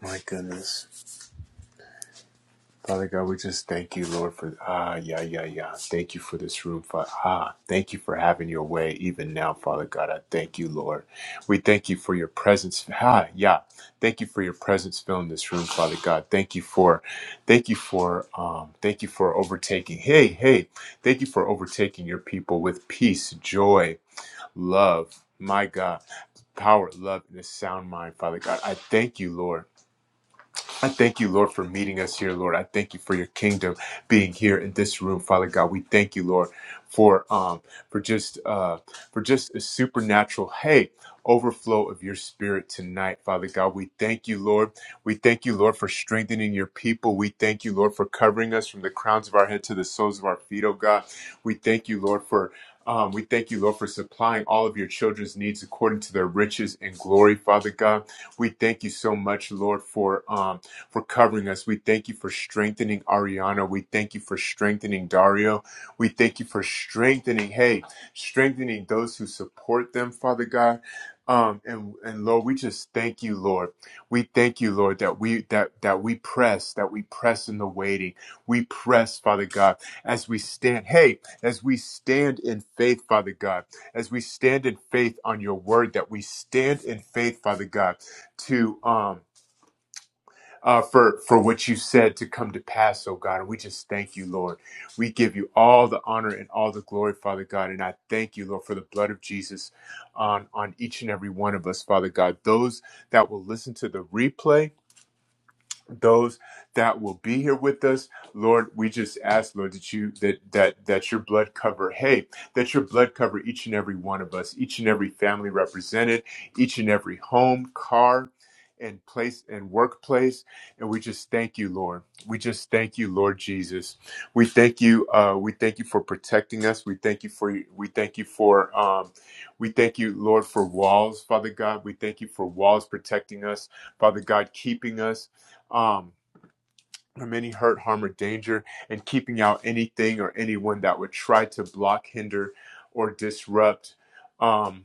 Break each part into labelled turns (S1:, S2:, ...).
S1: My goodness. Father God, we just thank you, Lord, for ah, yeah, yeah, yeah. Thank you for this room, Father. Ah, thank you for having your way even now, Father God. I thank you, Lord. We thank you for your presence. Ah, yeah. Thank you for your presence filling this room, Father God. Thank you for, thank you for, um, thank you for overtaking. Hey, hey, thank you for overtaking your people with peace, joy, love. My God, power, love, and a sound mind, Father God. I thank you, Lord. I thank you, Lord, for meeting us here, Lord. I thank you for your kingdom being here in this room, Father God. We thank you, Lord, for um for just uh for just a supernatural hey overflow of your spirit tonight, Father God. We thank you, Lord. We thank you, Lord, for strengthening your people. We thank you, Lord, for covering us from the crowns of our head to the soles of our feet, oh God. We thank you, Lord, for um, we thank you, Lord, for supplying all of your children's needs according to their riches and glory, Father God. We thank you so much, Lord, for um, for covering us. We thank you for strengthening Ariana. We thank you for strengthening Dario. We thank you for strengthening, hey, strengthening those who support them, Father God. Um, and, and Lord, we just thank you, Lord. We thank you, Lord, that we, that, that we press, that we press in the waiting. We press, Father God, as we stand, hey, as we stand in faith, Father God, as we stand in faith on your word, that we stand in faith, Father God, to, um, uh, for for what you said to come to pass, oh God. And we just thank you, Lord. We give you all the honor and all the glory, Father God. And I thank you, Lord, for the blood of Jesus on on each and every one of us, Father God. Those that will listen to the replay those that will be here with us lord we just ask lord that you that that that your blood cover hey that your blood cover each and every one of us each and every family represented each and every home car and place and workplace and we just thank you lord we just thank you lord jesus we thank you uh we thank you for protecting us we thank you for we thank you for um we thank you lord for walls father god we thank you for walls protecting us father god keeping us um, from any hurt, harm, or danger, and keeping out anything or anyone that would try to block, hinder, or disrupt. Um,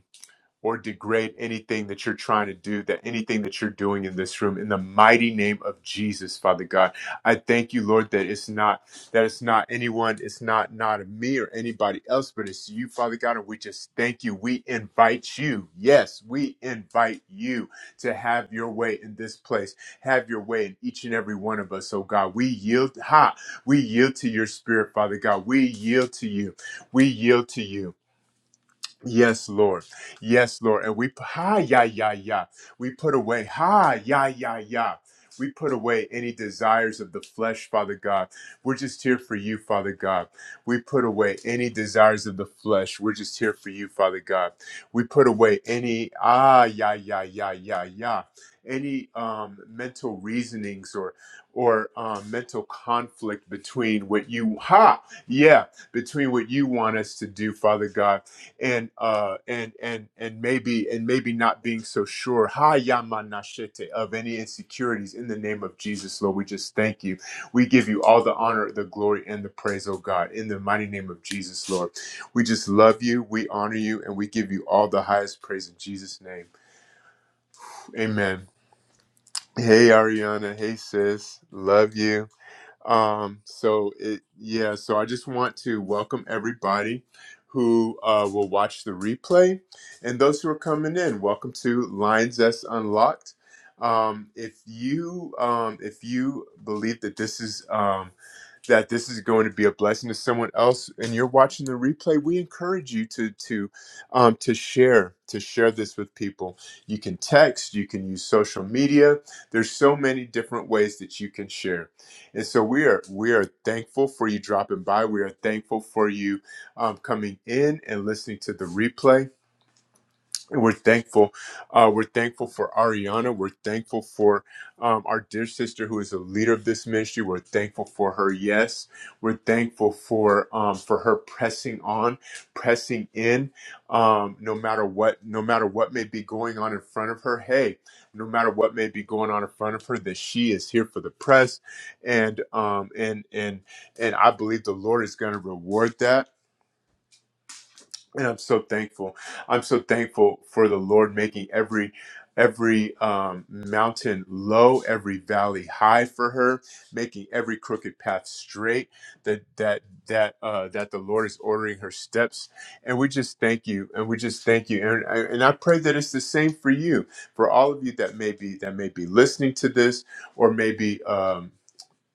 S1: or degrade anything that you're trying to do, that anything that you're doing in this room, in the mighty name of Jesus, Father God. I thank you, Lord, that it's not that it's not anyone, it's not not me or anybody else, but it's you, Father God, and we just thank you. We invite you. Yes, we invite you to have your way in this place. Have your way in each and every one of us, oh God. We yield, ha, we yield to your spirit, Father God. We yield to you. We yield to you. Yes, Lord. Yes, Lord. And we ha ya ya ya. We put away ha ya ya ya. We put away any desires of the flesh, Father God. We're just here for you, Father God. We put away any desires of the flesh. We're just here for you, Father God. We put away any ah ya ya ya ya ya. Any um, mental reasonings or or um, mental conflict between what you ha yeah between what you want us to do, Father God and uh and and and maybe and maybe not being so sure Ha Yamanashete, of any insecurities in the name of jesus lord we just thank you we give you all the honor the glory and the praise oh god in the mighty name of jesus lord we just love you we honor you and we give you all the highest praise in jesus name amen hey ariana hey sis love you um, so it, yeah, so I just want to welcome everybody who uh, will watch the replay and those who are coming in. Welcome to Lines S Unlocked. Um, if you um, if you believe that this is um, that this is going to be a blessing to someone else and you're watching the replay, we encourage you to to um, to share to share this with people. You can text, you can use social media. There's so many different ways that you can share. And so we are we are thankful for you dropping by. We are thankful for you um, coming in and listening to the replay. We're thankful. Uh, we're thankful for Ariana. We're thankful for um, our dear sister who is a leader of this ministry. We're thankful for her. Yes, we're thankful for um, for her pressing on, pressing in, um, no matter what, no matter what may be going on in front of her. Hey, no matter what may be going on in front of her, that she is here for the press, and um, and and and I believe the Lord is going to reward that and I'm so thankful. I'm so thankful for the Lord making every every um, mountain low, every valley high for her, making every crooked path straight. That that that uh, that the Lord is ordering her steps, and we just thank you, and we just thank you, and I- and I pray that it's the same for you, for all of you that may be that may be listening to this, or maybe. Um,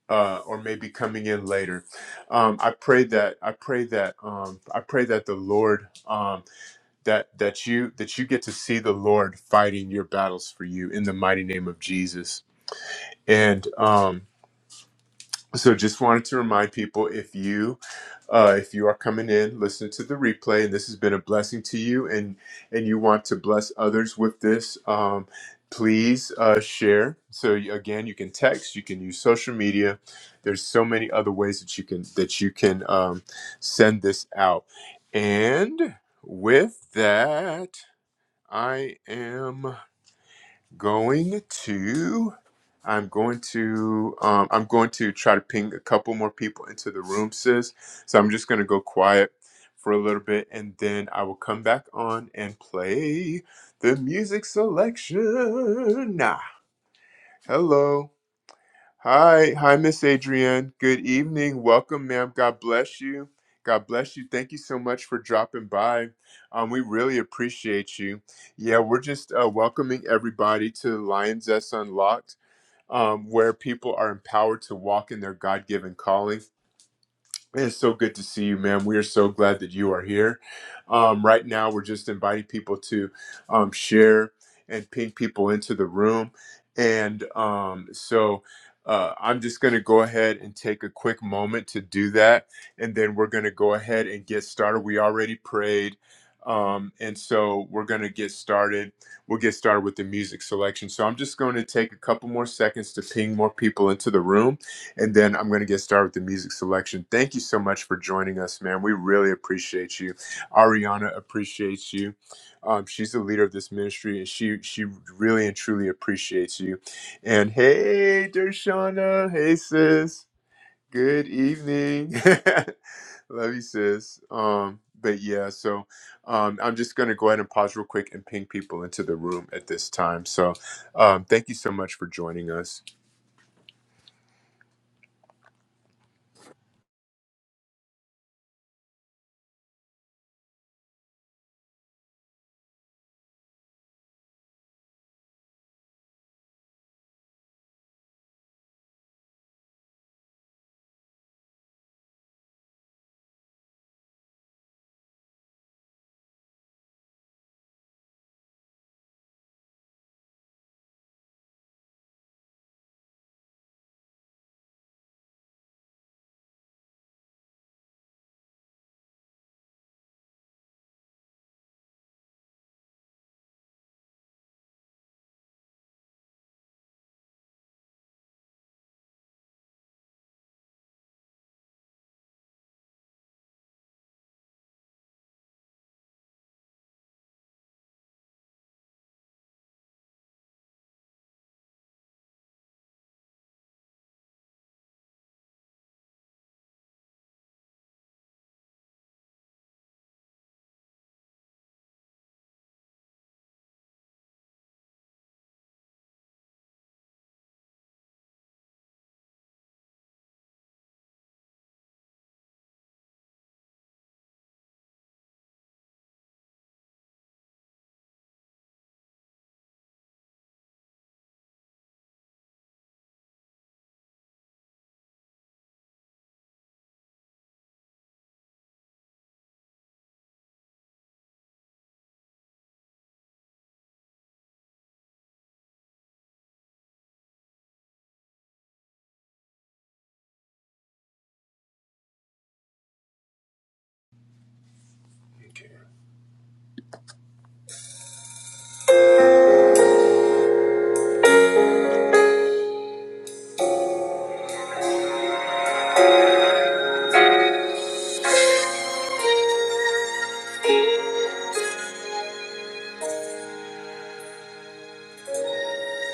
S1: uh, or maybe coming in later. Um, I pray that I pray that um, I pray that the Lord um, that that you that you get to see the Lord fighting your battles for you in the mighty name of Jesus. And um, so just wanted to remind people if you uh, if you are coming in, listen to the replay, and this has been a blessing to you, and and you want to bless others with this, um, please uh, share. So you- again, you can text, you can use social media. There's so many other ways that you can that you can um, send this out. And with that, I am going to I'm going to um, I'm going to try to ping a couple more people into the room, sis. So I'm just gonna go quiet for a little bit, and then I will come back on and play the music selection. Nah. Hello. Hi, hi, Miss Adrienne. Good evening. Welcome, ma'am. God bless you. God bless you. Thank you so much for dropping by. Um, we really appreciate you. Yeah, we're just uh, welcoming everybody to Lions S Unlocked, um, where people are empowered to walk in their God given calling. It's so good to see you, man. We are so glad that you are here. Um, right now, we're just inviting people to um, share and ping people into the room. And um, so uh, I'm just going to go ahead and take a quick moment to do that. And then we're going to go ahead and get started. We already prayed. Um, and so we're going to get started. We'll get started with the music selection. So I'm just going to take a couple more seconds to ping more people into the room and then I'm going to get started with the music selection. Thank you so much for joining us, man. We really appreciate you. Ariana appreciates you. Um, she's the leader of this ministry, and she she really and truly appreciates you. And hey, Dershana, hey sis, good evening. Love you, sis. Um, but yeah, so um, I'm just going to go ahead and pause real quick and ping people into the room at this time. So um, thank you so much for joining us.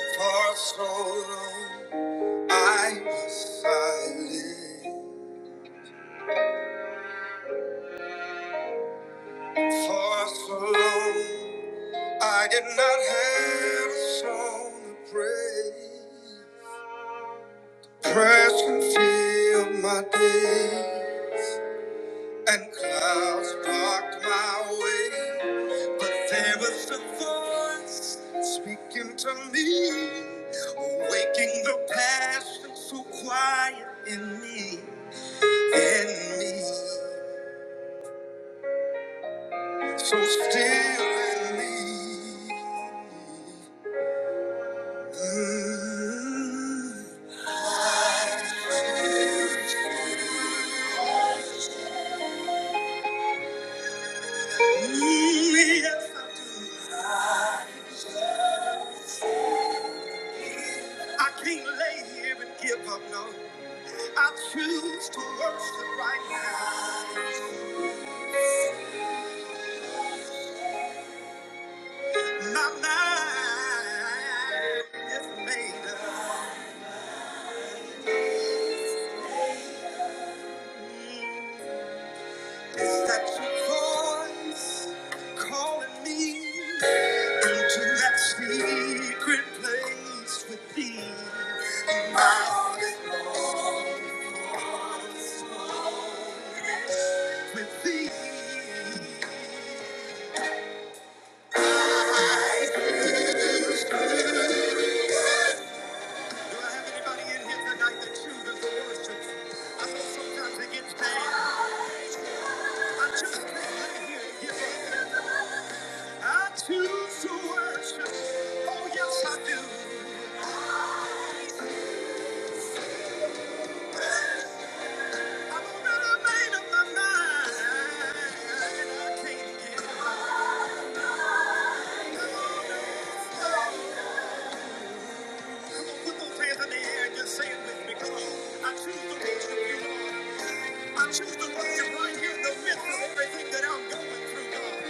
S1: For so long. I was silent for so long. I did not have a song to pray. Depression filled my day, and clouds blocked my way. But there was a voice speaking to me, awaking the passion so quiet in me, in me. So still in me. Mm, mm, yes, I do. I can't lay here and give up, no. I choose to worship right now. My mind is made up. Is that your voice calling me into that secret place with thee? My heart is lost with thee. I- Do I have anybody in here tonight that chooses to worship? I know sometimes it gets bad. I just can't lay here and give up. I choose to worship. Oh, yes, I do. I choose the worship right here in the midst of everything that I'm going through, God.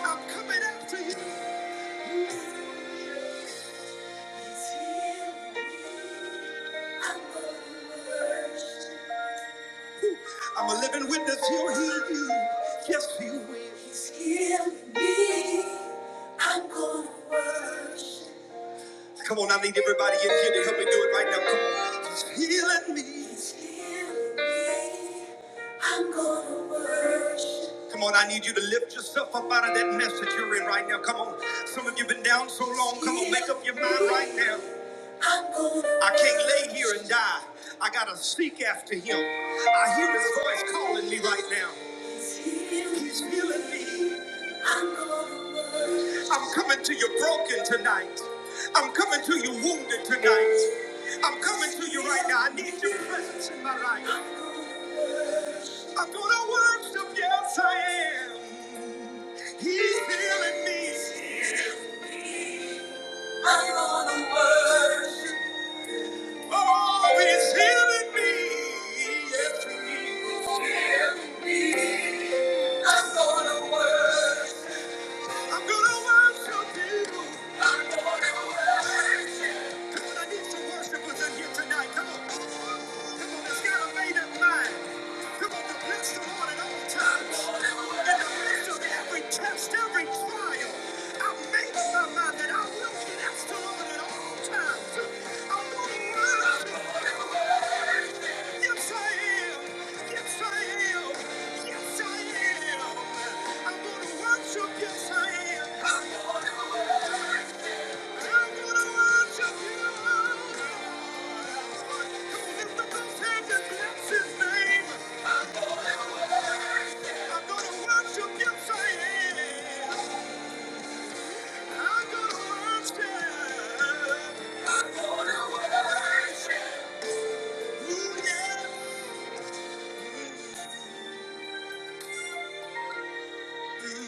S1: I'm coming after you. I'm a living witness, he'll heal you. Yes, he will. He's healing me. I'm gonna worship. Come on, I need everybody in here to help me do it right now. Come on. He's healing me. He's healing me. I'm gonna worship. Come on, I need you to lift yourself up out of that mess that you're in right now. Come on. Some of you have been down so long. Come on, make up your mind right now. I'm gonna I can't lay here and die. I gotta seek after him. I hear his voice calling me right now. He's healing me. I'm gonna worship. I'm coming to you broken tonight. I'm coming to you wounded tonight. I'm coming to you right now. I need your presence in my life. I'm gonna worship, yes I am. He's healing me. I'm gonna worship. Oh, he's healing me. Yes, he is. He's healing me. I'm gonna worship. I'm gonna worship you. I'm gonna worship. Come on, I need some worshipers in here tonight. Come on. Come on, it's made up mind. Come on, to bless the Lord at all times. In the midst of every test, every trial, I've made up my mind that I will bless the Lord at all times. I'm gonna worship. Yes, I am. Yes, I am. Yes, I am. I'm gonna worship. Yes, I am.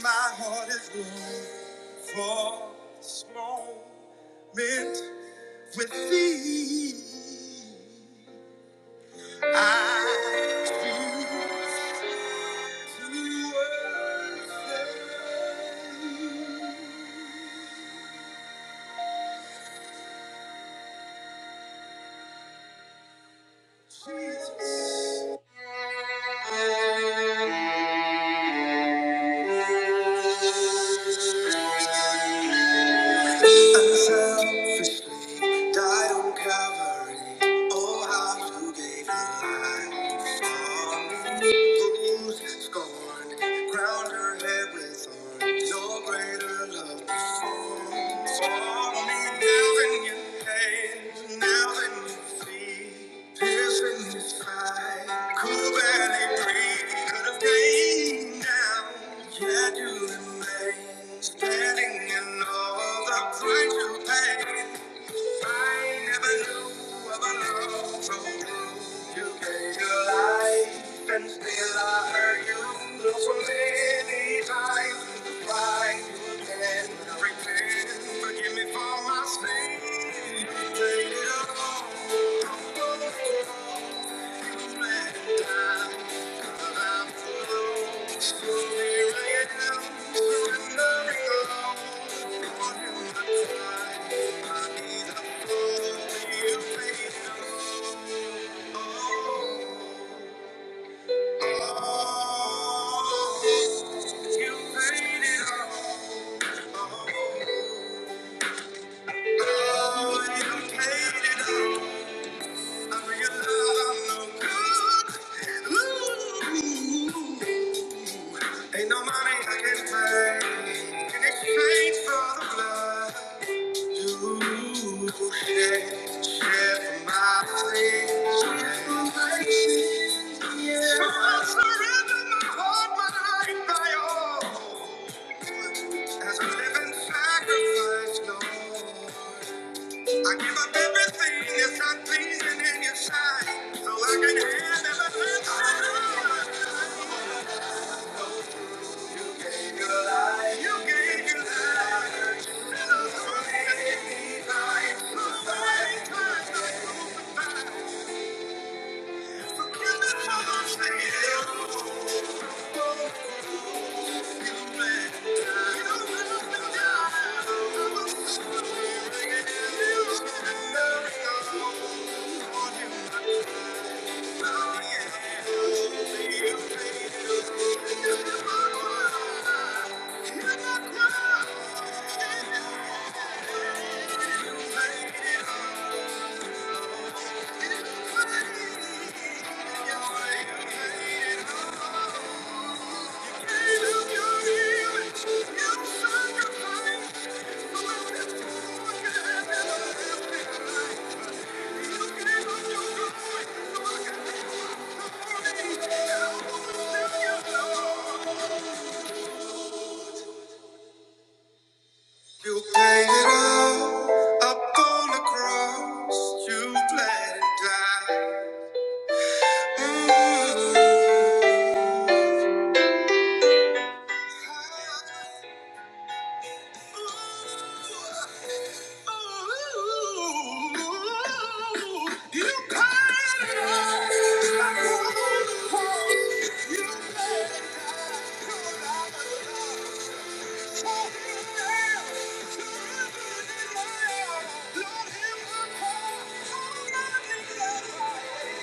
S1: My heart is warm for this moment with thee. I feel Selfishly died on Calvary. Oh, how you gave your life for me. bruised, scorned, crowned her head with thorns. No greater love. Standing in all the price you paid. I never knew of a love so true. You gave your life, and still I hurt you look so many times. Why you again? I repent. Forgive me for my sin. Take it all. don't go. You am going to Ain't no money I can pay in exchange for the blood. I give up everything that's not pleasing in your sight, so I can have everything. I gave You life, you gave your life, and I'm gonna give me life. My life was not crucified. Thank you. You paid it all up on the cross. You bled and died. Mm. Lord, hear my cry.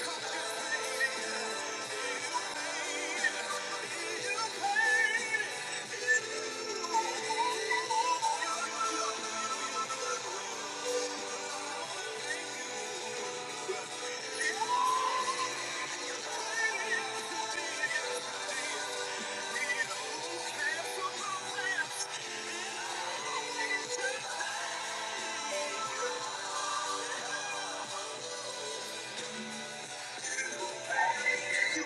S1: Thank you. You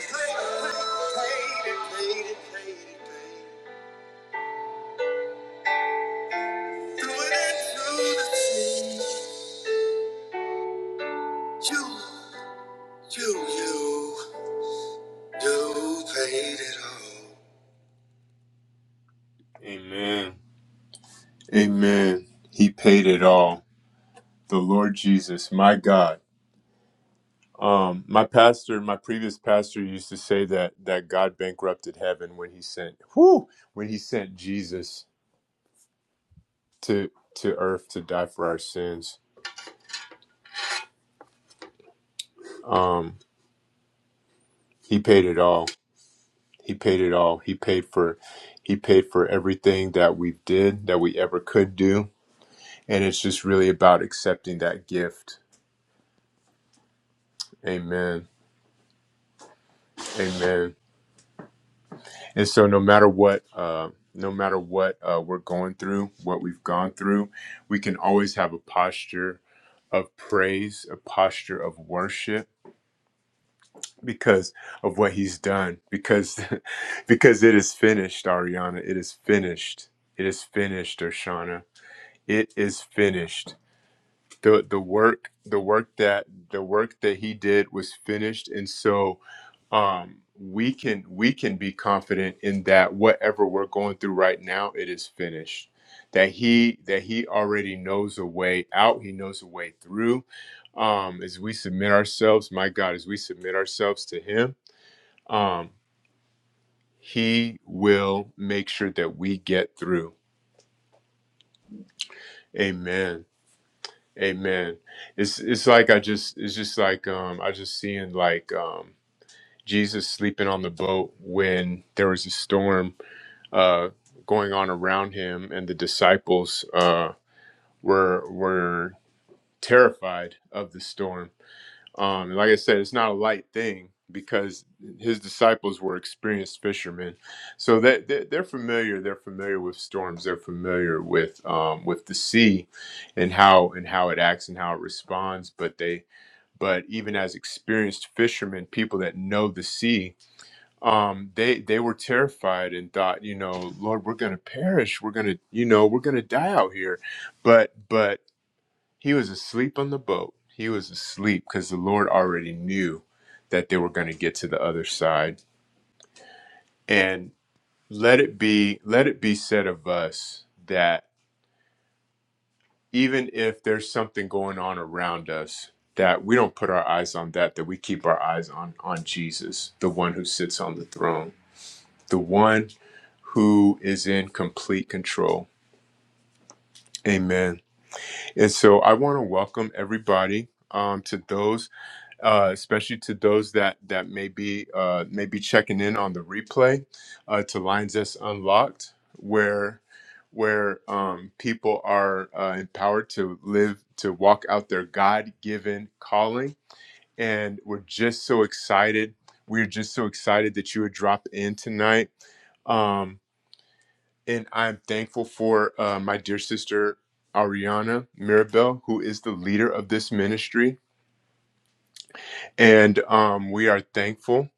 S1: paid it all. Amen. Amen. He paid it all. The Lord Jesus, my God. Um, my pastor, my previous pastor used to say that that God bankrupted heaven when he sent whew, when he sent Jesus to to earth to die for our sins. Um, he paid it all. He paid it all. He paid for he paid for everything that we did that we ever could do. And it's just really about accepting that gift. Amen. Amen. And so no matter what uh no matter what uh, we're going through, what we've gone through, we can always have a posture of praise, a posture of worship because of what he's done because because it is finished ariana it is finished it is finished oshana it is finished the the work the work that the work that he did was finished and so um we can we can be confident in that whatever we're going through right now it is finished that he that he already knows a way out he knows a way through um as we submit ourselves my god as we submit ourselves to him um he will make sure that we get through amen Amen. It's it's like I just it's just like um I just seeing like um Jesus sleeping on the boat when there was a storm uh going on around him and the disciples uh were were terrified of the storm um, and like I said, it's not a light thing because his disciples were experienced fishermen, so that that- they're familiar. They're familiar with storms. They're familiar with um, with the sea, and how and how it acts and how it responds. But they but even as experienced fishermen, people that know the sea, um, they they were terrified and thought, you know, Lord, we're gonna perish. We're gonna you know we're gonna die out here. But but he was asleep on the boat. He was asleep because the Lord already knew that they were going to get to the other side. And let it be let it be said of us that even if there's something going on around us that we don't put our eyes on that that we keep our eyes on on Jesus, the one who sits on the throne, the one who is in complete control. Amen. And so I want to welcome everybody um, to those uh, especially to those that that may be uh, may be checking in on the replay uh, to Lines That's Unlocked, where where um, people are uh, empowered to live to walk out their God given calling, and we're just so excited. We're just so excited that you would drop in tonight. Um, and I'm thankful for uh, my dear sister Ariana Mirabel, who is the leader of this ministry. And um, we are thankful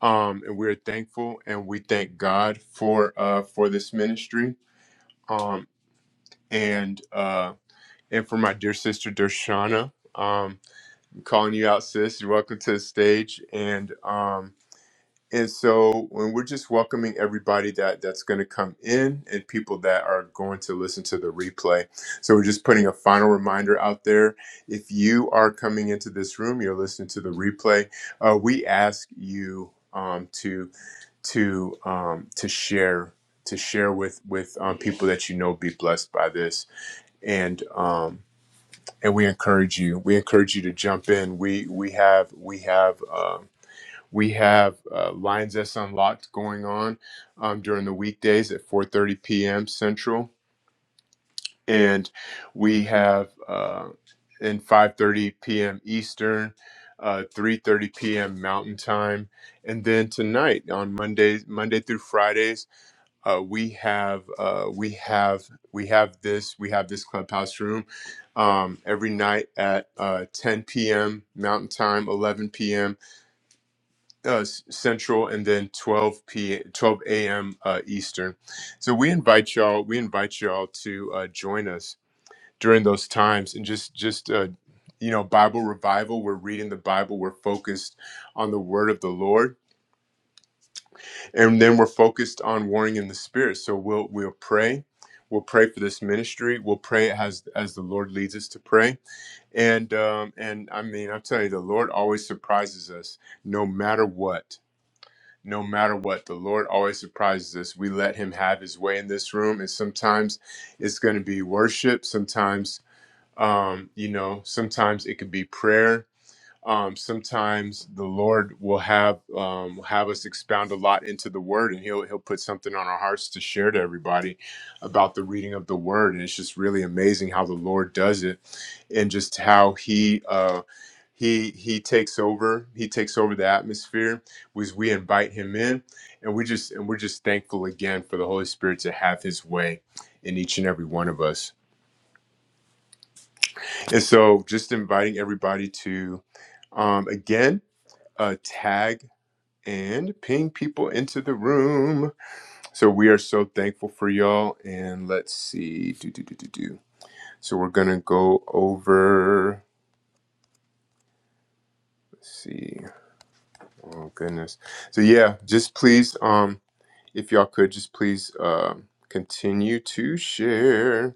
S1: um, and we're thankful and we thank God for uh, for this ministry um, and uh, and for my dear sister Dershana. Um, I'm calling you out, sis. You're welcome to the stage, and um, and so when we're just welcoming everybody that that's going to come in and people that are going to listen to the replay. So we're just putting a final reminder out there. If you are coming into this room, you're listening to the replay. Uh, we ask you. Um, to to um, to share to share with with um, people that you know be blessed by this and um, and we encourage you we encourage you to jump in we we have we have um, we have uh, lines that's unlocked going on um, during the weekdays at 4:30 p.m. Central and we have uh, in 5:30 p.m. Eastern uh, 3:30 p.m. Mountain Time, and then tonight on Mondays, Monday through Fridays uh, we have uh, we have we have this we have this clubhouse room um, every night at uh, 10 p.m. Mountain Time, 11 p.m. Uh, s- Central, and then 12 p 12 a.m. Uh, Eastern. So we invite y'all we invite y'all to uh, join us during those times and just just uh, you know Bible revival. We're reading the Bible. We're focused on the Word of the Lord and then we're focused on warring in the spirit so we'll we'll pray we'll pray for this ministry we'll pray as as the lord leads us to pray and um and i mean i will tell you the lord always surprises us no matter what no matter what the lord always surprises us we let him have his way in this room and sometimes it's going to be worship sometimes um you know sometimes it could be prayer um, sometimes the Lord will have um, have us expound a lot into the Word, and He'll He'll put something on our hearts to share to everybody about the reading of the Word, and it's just really amazing how the Lord does it, and just how He. Uh, he, he takes over he takes over the atmosphere was we invite him in and we just and we're just thankful again for the holy spirit to have his way in each and every one of us and so just inviting everybody to um, again uh, tag and ping people into the room. So we are so thankful for y'all. And let's see. Do, do, do, do, do. So we're going to go over. Let's see. Oh, goodness. So, yeah, just please, um, if y'all could, just please um continue to share.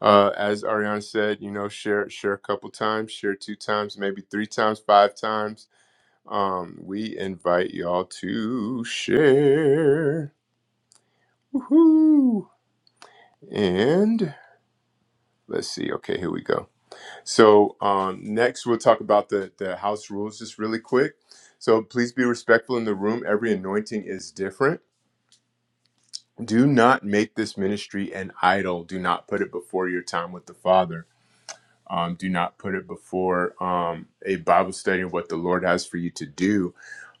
S1: Uh, as Ariana said, you know, share share a couple times, share two times, maybe three times, five times. Um, we invite y'all to share. Woohoo! And let's see. Okay, here we go. So um, next, we'll talk about the the house rules just really quick. So please be respectful in the room. Every anointing is different. Do not make this ministry an idol. Do not put it before your time with the Father. Um, do not put it before um, a Bible study of what the Lord has for you to do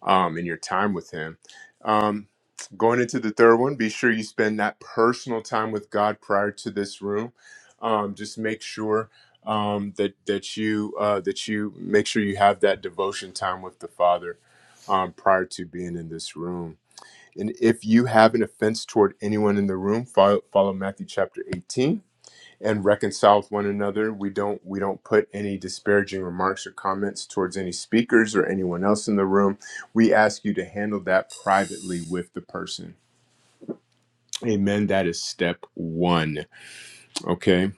S1: um, in your time with Him. Um, going into the third one, be sure you spend that personal time with God prior to this room. Um, just make sure um, that that you uh, that you make sure you have that devotion time with the Father um, prior to being in this room. And if you have an offense toward anyone in the room, follow, follow Matthew chapter 18 and reconcile with one another. We don't we don't put any disparaging remarks or comments towards any speakers or anyone else in the room. We ask you to handle that privately with the person. Amen. That is step one. Okay.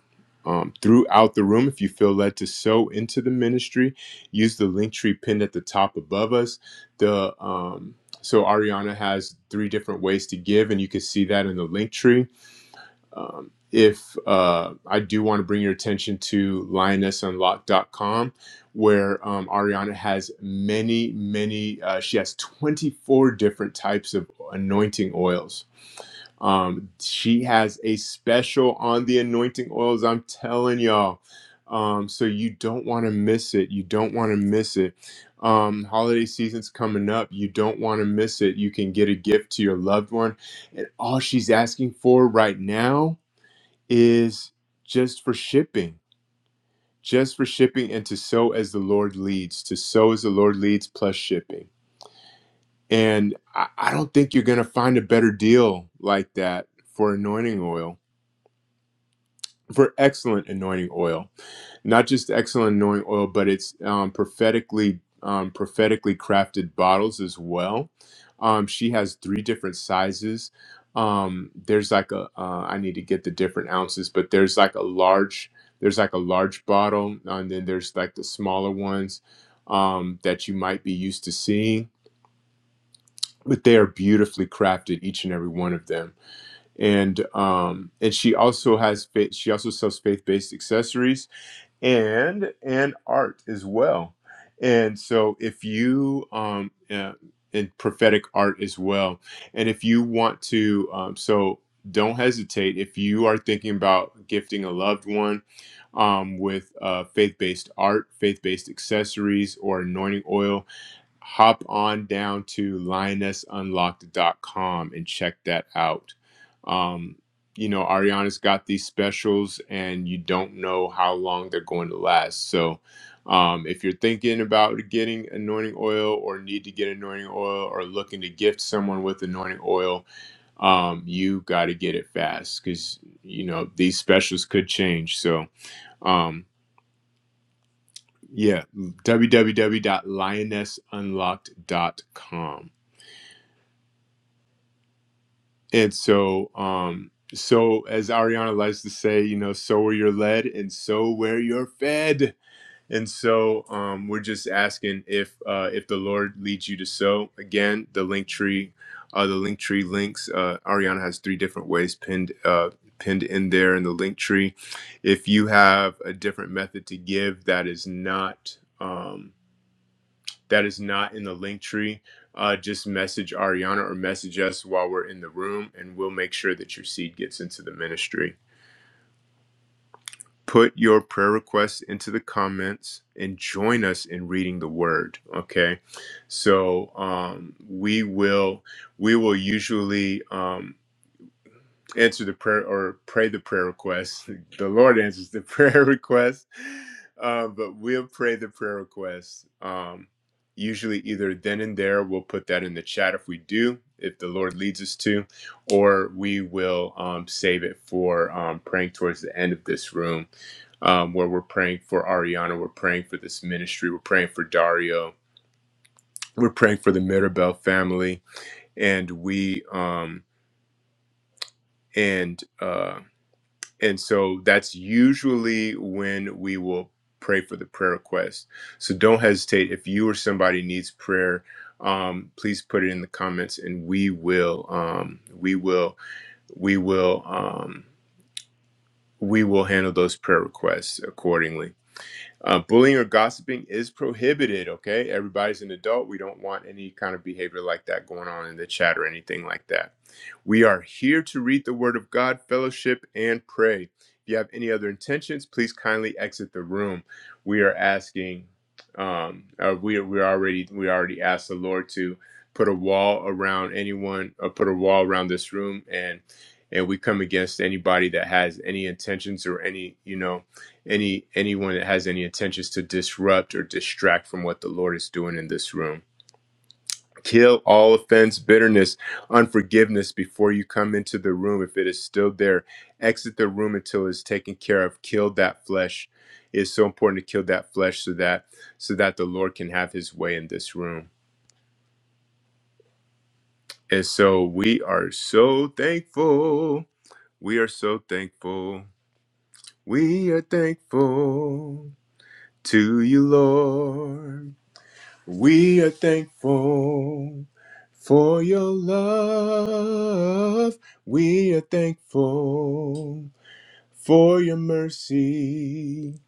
S1: Um, throughout the room, if you feel led to sow into the ministry, use the link tree pinned at the top above us. The um, so Ariana has three different ways to give, and you can see that in the link tree um, if uh, I do want to bring your attention to lionessunlocked.com, where um, Ariana has many, many, uh, she has 24 different types of anointing oils. Um, she has a special on the anointing oils, I'm telling y'all. Um, so you don't want to miss it. You don't want to miss it. Um, holiday season's coming up. You don't want to miss it. You can get a gift to your loved one. And all she's asking for right now is just for shipping, just for shipping and to sow as the Lord leads, to sow as the Lord leads plus shipping. And I, I don't think you're going to find a better deal like that for anointing oil for excellent anointing oil, not just excellent anointing oil, but it's um, prophetically um, prophetically crafted bottles as well. Um, she has three different sizes. Um, there's like a uh, I need to get the different ounces, but there's like a large there's like a large bottle, and then there's like the smaller ones um, that you might be used to seeing. But they are beautifully crafted, each and every one of them and um and she also has faith she also sells faith-based accessories and and art as well. And so if you um uh, and prophetic art as well, and if you want to um so don't hesitate if you are thinking about gifting a loved one um, with uh, faith-based art, faith-based accessories, or anointing oil hop on down to lionessunlocked.com and check that out. Um, you know, Ariana's got these specials, and you don't know how long they're going to last. So, um, if you're thinking about getting anointing oil, or need to get anointing oil, or looking to gift someone with anointing oil, um, you got to get it fast because you know these specials could change. So, um, yeah, www.lionessunlocked.com. And so, um, so as Ariana likes to say, you know, so are you're led, and so where you're fed. And so, um, we're just asking if uh, if the Lord leads you to sow. Again, the link tree, uh, the link tree links. Uh, Ariana has three different ways pinned uh, pinned in there in the link tree. If you have a different method to give that is not. Um, that is not in the link tree, uh, just message Ariana or message us while we're in the room, and we'll make sure that your seed gets into the ministry. Put your prayer requests into the comments and join us in reading the word. Okay, so um, we will we will usually. Um, answer the prayer or pray the prayer request. The Lord answers the prayer request, uh, but we'll pray the prayer request. Um, usually, either then and there, we'll put that in the chat if we do, if the Lord leads us to, or we will um, save it for um, praying towards the end of this room, um, where we're praying for Ariana, we're praying for this ministry, we're praying for Dario, we're praying for the Mirabel family, and we um, and. uh, And so that's usually when we will pray for the prayer request. So don't hesitate. If you or somebody needs prayer, um, please put it in the comments and we will, um, we will, we will, um, we will handle those prayer requests accordingly. Uh, bullying or gossiping is prohibited, okay? Everybody's an adult. We don't want any kind of behavior like that going on in the chat or anything like that. We are here to read the Word of God, fellowship, and pray. If you have any other intentions, please kindly exit the room. We are asking, um, uh, we we already we already asked the Lord to put a wall around anyone, or put a wall around this room, and and we come against anybody that has any intentions or any you know any anyone that has any intentions to disrupt or distract from what the Lord is doing in this room. Kill all offense, bitterness, unforgiveness before you come into the room. If it is still there, exit the room until it's taken care of. Kill that flesh. It's so important to kill that flesh so that so that the Lord can have His way in this room. And so we are so thankful. We are so thankful. We are thankful to you, Lord. We are thankful for your love. We are thankful for your mercy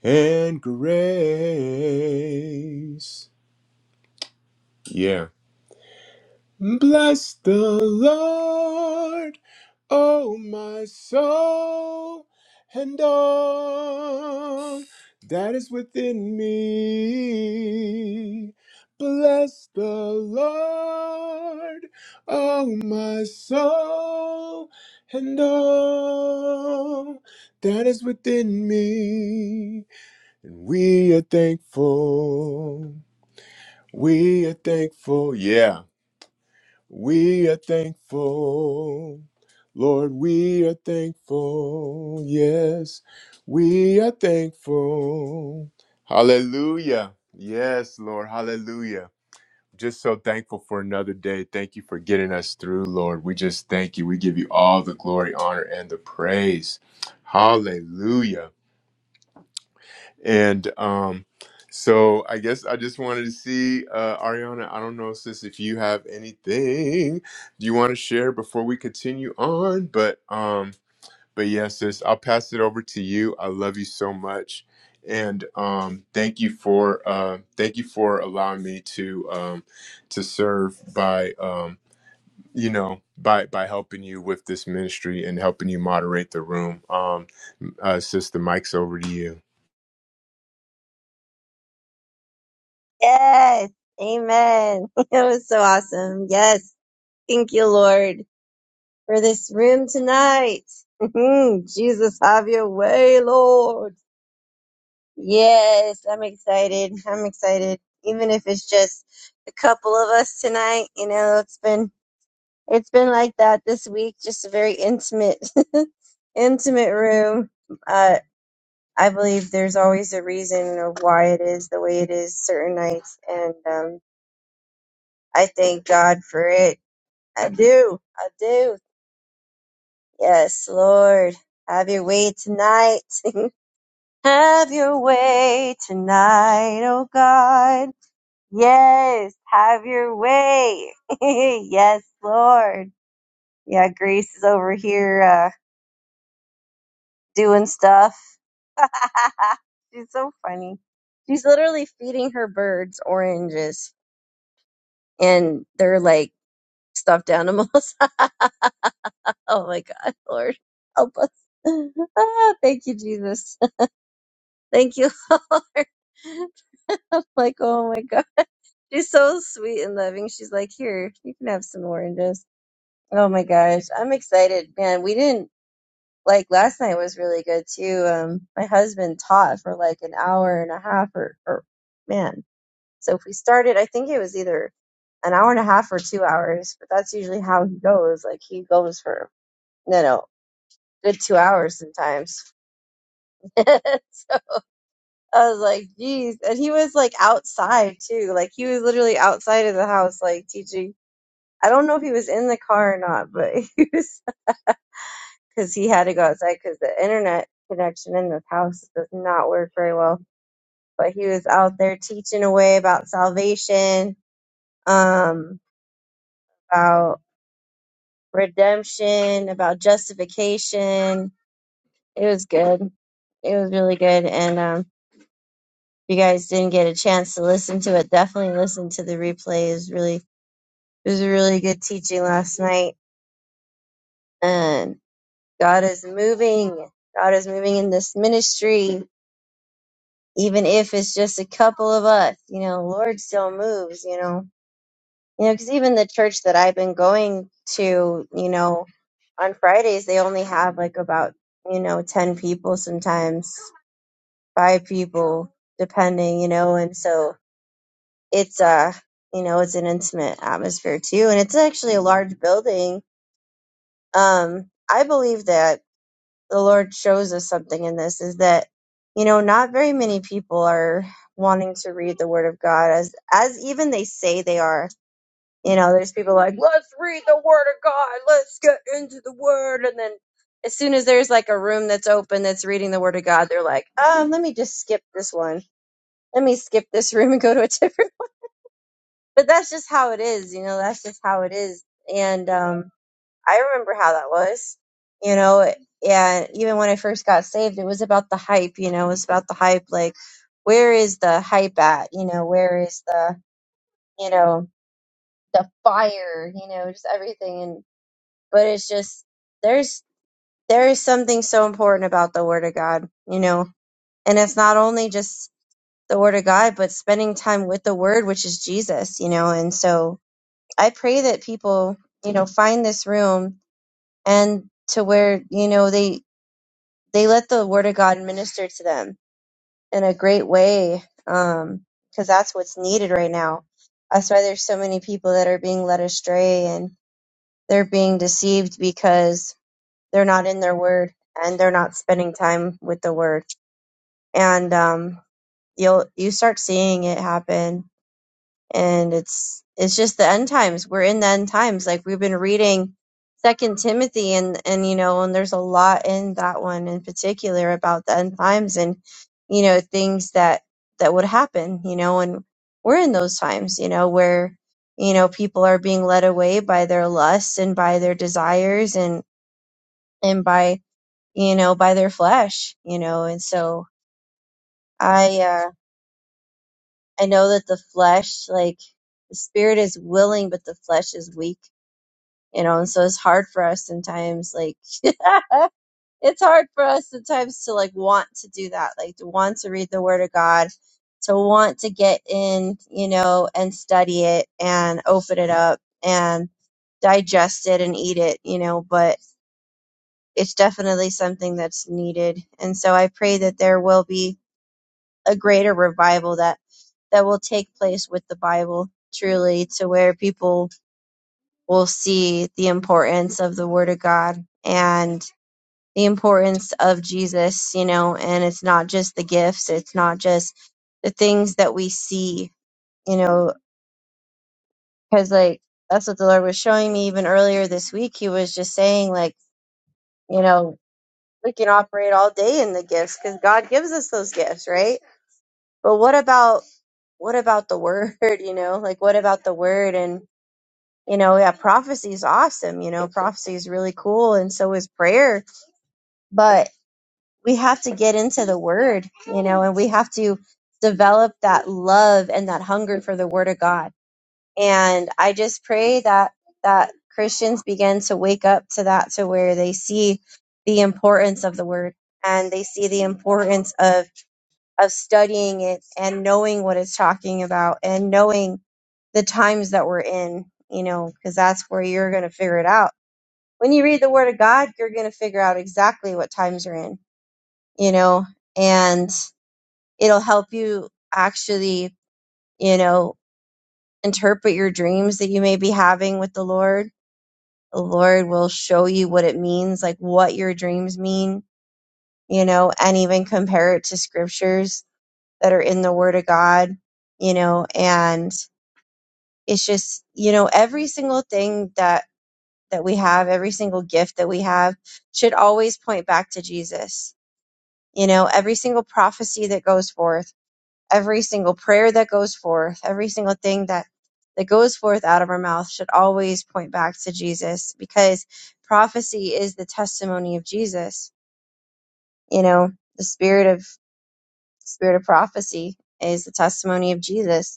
S1: and grace. Yeah. Bless the Lord, O my soul, and all that is within me. Bless the Lord, O my soul, and all that is within me. And we are thankful. We are thankful. Yeah. We are thankful. Lord, we are thankful. Yes, we are thankful. Hallelujah. Yes, Lord. Hallelujah. Just so thankful for another day. Thank you for getting us through, Lord. We just thank you. We give you all the glory, honor, and the praise. Hallelujah. And um, so I guess I just wanted to see, uh, Ariana, I don't know, sis, if you have anything you want to share before we continue on. But um, but yeah, sis, I'll pass it over to you. I love you so much. And um, thank you for uh, thank you for allowing me to um, to serve by um, you know by by helping you with this ministry and helping you moderate the room. Um, uh, sis, the mic's over to you.
S2: Yes. Amen. That was so awesome. Yes. Thank you, Lord, for this room tonight. Mhm. Jesus, have your way, Lord. Yes. I'm excited. I'm excited. Even if it's just a couple of us tonight, you know, it's been, it's been like that this week. Just a very intimate, intimate room. Uh, I believe there's always a reason of why it is the way it is certain nights. And, um, I thank God for it. I do. I do. Yes, Lord. Have your way tonight. have your way tonight, oh God. Yes, have your way. yes, Lord. Yeah, Grace is over here uh, doing stuff. She's so funny. She's literally feeding her birds oranges, and they're like stuffed animals. Oh my God, Lord, help us. Ah, thank you, Jesus. Thank you, Lord. I'm like, oh my God. She's so sweet and loving. She's like, here, you can have some oranges. Oh my gosh. I'm excited. Man, we didn't like last night was really good too. Um, my husband taught for like an hour and a half or, or man. So if we started, I think it was either an hour and a half or two hours, but that's usually how he goes. Like he goes for, no, no, good two hours sometimes so I was like, geez. And he was like outside too. Like he was literally outside of the house, like teaching. I don't know if he was in the car or not, but he was, because he had to go outside because the internet connection in this house does not work very well. But he was out there teaching away about salvation, um, about redemption, about justification. It was good. It was really good. And, um, you guys didn't get a chance to listen to it, definitely listen to the replay. It was really it was a really good teaching last night. And God is moving. God is moving in this ministry, even if it's just a couple of us. You know, Lord still moves. You know, you know, because even the church that I've been going to, you know, on Fridays they only have like about you know ten people sometimes, five people depending. You know, and so it's uh you know it's an intimate atmosphere too and it's actually a large building um i believe that the lord shows us something in this is that you know not very many people are wanting to read the word of god as as even they say they are you know there's people like let's read the word of god let's get into the word and then as soon as there's like a room that's open that's reading the word of god they're like um let me just skip this one let me skip this room and go to a different but that's just how it is, you know, that's just how it is. And um I remember how that was, you know, and even when I first got saved, it was about the hype, you know, it was about the hype, like where is the hype at? You know, where is the you know, the fire, you know, just everything and but it's just there's there is something so important about the word of God, you know. And it's not only just the word of God, but spending time with the word, which is Jesus, you know, and so I pray that people, you know, find this room and to where, you know, they they let the word of God minister to them in a great way um because that's what's needed right now. That's why there's so many people that are being led astray and they're being deceived because they're not in their word and they're not spending time with the word. And um you'll you start seeing it happen and it's it's just the end times we're in the end times like we've been reading second timothy and and you know and there's a lot in that one in particular about the end times and you know things that that would happen you know and we're in those times you know where you know people are being led away by their lusts and by their desires and and by you know by their flesh you know and so I. uh I know that the flesh, like the spirit is willing, but the flesh is weak, you know, and so it's hard for us sometimes, like, it's hard for us sometimes to like want to do that, like to want to read the word of God, to want to get in, you know, and study it and open it up and digest it and eat it, you know, but it's definitely something that's needed. And so I pray that there will be a greater revival that that will take place with the Bible truly to where people will see the importance of the word of God and the importance of Jesus, you know, and it's not just the gifts, it's not just the things that we see, you know, cuz like that's what the Lord was showing me even earlier this week. He was just saying like, you know, we can operate all day in the gifts cuz God gives us those gifts, right? but what about what about the word you know like what about the word and you know yeah prophecy is awesome you know prophecy is really cool and so is prayer but we have to get into the word you know and we have to develop that love and that hunger for the word of god and i just pray that that christians begin to wake up to that to where they see the importance of the word and they see the importance of of studying it and knowing what it's talking about and knowing the times that we're in, you know, because that's where you're going to figure it out. When you read the Word of God, you're going to figure out exactly what times you're in, you know, and it'll help you actually, you know, interpret your dreams that you may be having with the Lord. The Lord will show you what it means, like what your dreams mean, you know, and even compare it to scriptures that are in the Word of God, you know, and it's just you know every single thing that that we have every single gift that we have should always point back to jesus you know every single prophecy that goes forth every single prayer that goes forth every single thing that that goes forth out of our mouth should always point back to jesus because prophecy is the testimony of jesus you know the spirit of spirit of prophecy is the testimony of jesus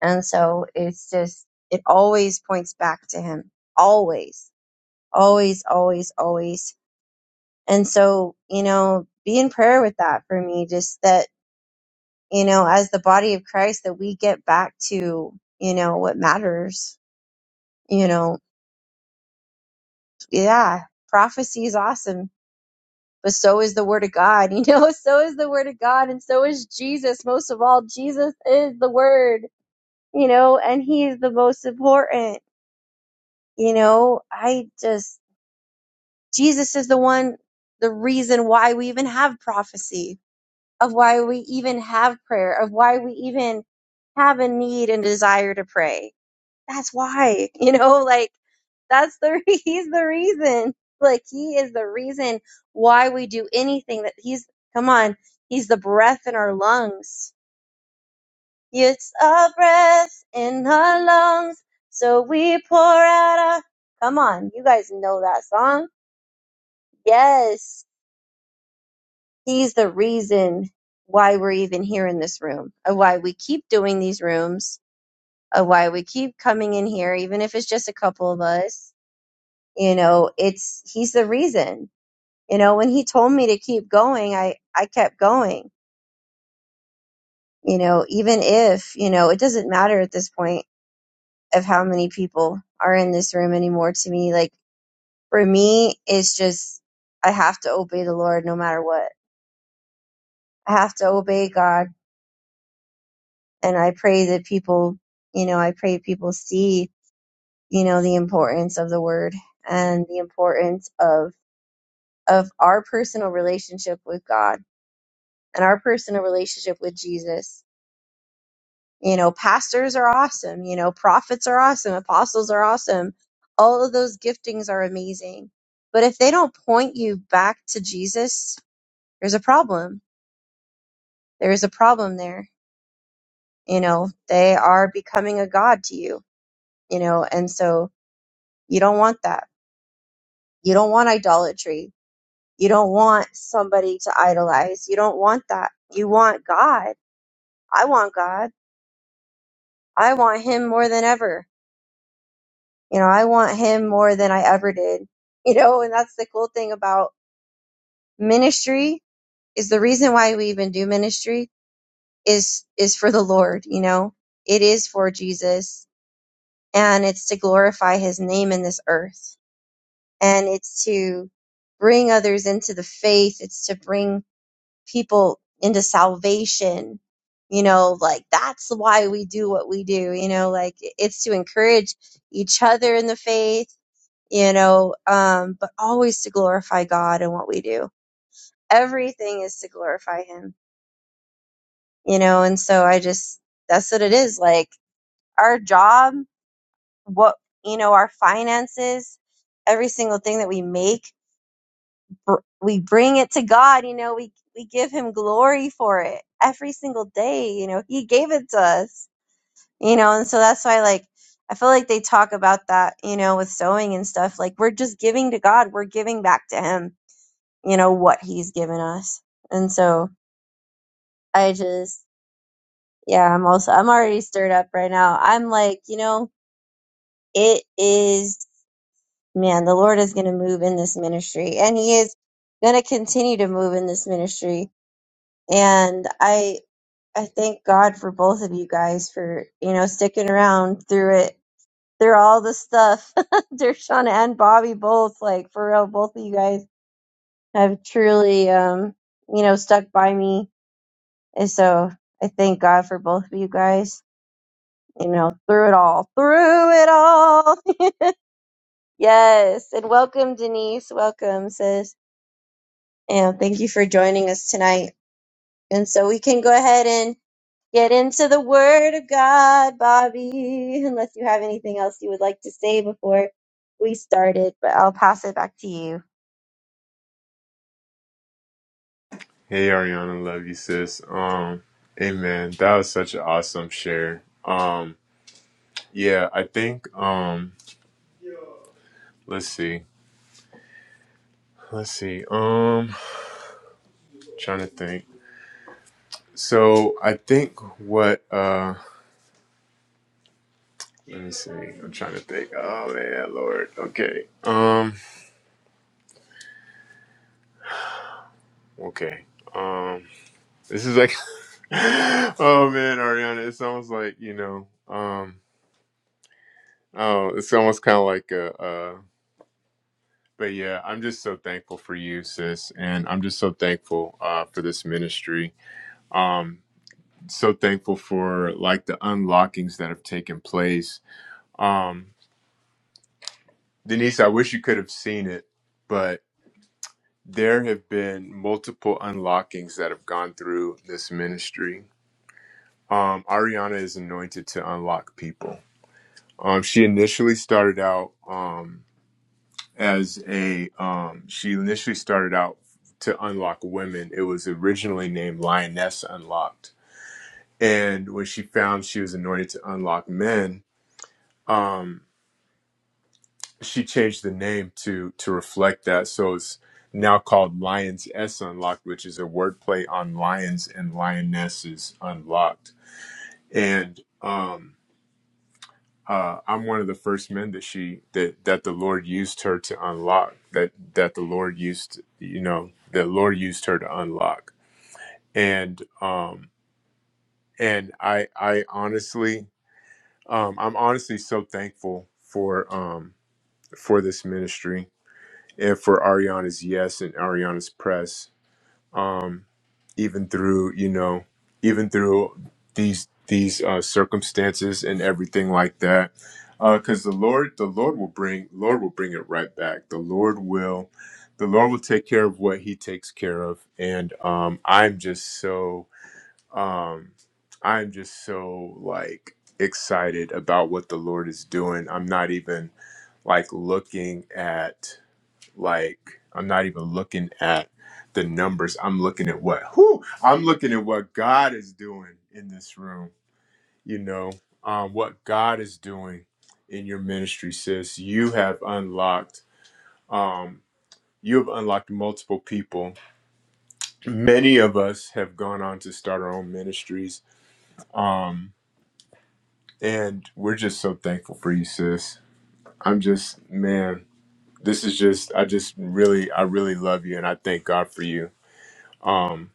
S2: And so it's just, it always points back to him. Always, always, always, always. And so, you know, be in prayer with that for me, just that, you know, as the body of Christ, that we get back to, you know, what matters, you know, yeah, prophecy is awesome. But so is the word of God, you know, so is the word of God, and so is Jesus. Most of all, Jesus is the word, you know, and he is the most important you know, I just Jesus is the one, the reason why we even have prophecy, of why we even have prayer, of why we even have a need and desire to pray. That's why, you know, like that's the he's the reason. Like he is the reason why we do anything that he's come on, he's the breath in our lungs. It's a breath in our lungs, so we pour out a come on, you guys know that song. Yes He's the reason why we're even here in this room, of why we keep doing these rooms, of why we keep coming in here, even if it's just a couple of us. You know, it's he's the reason. You know, when he told me to keep going, I I kept going. You know, even if you know it doesn't matter at this point of how many people are in this room anymore. To me, like for me, it's just I have to obey the Lord no matter what. I have to obey God and I pray that people, you know, I pray people see, you know, the importance of the word and the importance of of our personal relationship with God and our personal relationship with Jesus. You know, pastors are awesome, you know, prophets are awesome, apostles are awesome. All of those giftings are amazing. But if they don't point you back to Jesus, there's a problem. There is a problem there. You know, they are becoming a god to you, you know, and so you don't want that You don't want idolatry. You don't want somebody to idolize. You don't want that. You want God. I want God. I want Him more than ever. You know, I want Him more than I ever did. You know, and that's the cool thing about ministry is the reason why we even do ministry is, is for the Lord. You know, it is for Jesus and it's to glorify His name in this earth and it's to bring others into the faith. It's to bring people into salvation. You know, like that's why we do what we do. You know, like it's to encourage each other in the faith, you know, um, but always to glorify God in what we do. Everything is to glorify Him, you know, and so I just, that's what it is. Like our job, what, you know, our finances, every single thing that we make br- we bring it to God, you know, we we give him glory for it every single day, you know. He gave it to us, you know, and so that's why like I feel like they talk about that, you know, with sowing and stuff. Like we're just giving to God, we're giving back to him, you know, what he's given us. And so I just yeah, I'm also I'm already stirred up right now. I'm like, you know, it is man, the Lord is going to move in this ministry and he is going to continue to move in this ministry and I I thank God for both of you guys for you know sticking around through it through all the stuff. Dershana and Bobby both like for real. Both of you guys have truly um you know stuck by me, and so I thank God for both of you guys. You know through it all, through it all. yes, and welcome Denise, welcome sis, and thank you for joining us tonight. And so we can go ahead and Get into the Word of God, Bobby, unless you have anything else you would like to say before we started, but I'll pass it back to you.
S1: Hey Ariana, love you sis. Um, hey man, that was such an awesome share. Um, yeah, I think um, let's see, let's see. Um, trying to think. So I think what uh, let me see. I'm trying to think. Oh man, Lord. Okay. Um, okay. Um, this is like, oh man, Ariana, it's almost like you know. Um, oh, it's almost kind of like a. but yeah, I'm just so thankful for you, sis, and I'm just so thankful uh, for this ministry. Um, so thankful for like the unlockings that have taken place. Um, Denise, I wish you could have seen it, but there have been multiple unlockings that have gone through this ministry. Um, Ariana is anointed to unlock people. Um, she initially started out. Um, as a um she initially started out to unlock women it was originally named lioness unlocked and when she found she was anointed to unlock men um she changed the name to to reflect that so it's now called lions s unlocked which is a wordplay on lions and lionesses unlocked and um uh, I'm one of the first men that she that that the Lord used her to unlock that that the Lord used you know the Lord used her to unlock and um and I I honestly um I'm honestly so thankful for um for this ministry and for Ariana's yes and Ariana's press um, even through you know even through these these uh, circumstances and everything like that because the lord the lord will bring lord will bring it right back the lord will the lord will take care of what he takes care of and um, i'm just so um, i'm just so like excited about what the lord is doing i'm not even like looking at like I'm not even looking at the numbers. I'm looking at what who I'm looking at what God is doing in this room. You know, um, what God is doing in your ministry, sis. You have unlocked um you have unlocked multiple people. Many of us have gone on to start our own ministries. Um and we're just so thankful for you, sis. I'm just man, this is just I just really I really love you and I thank God for you. Um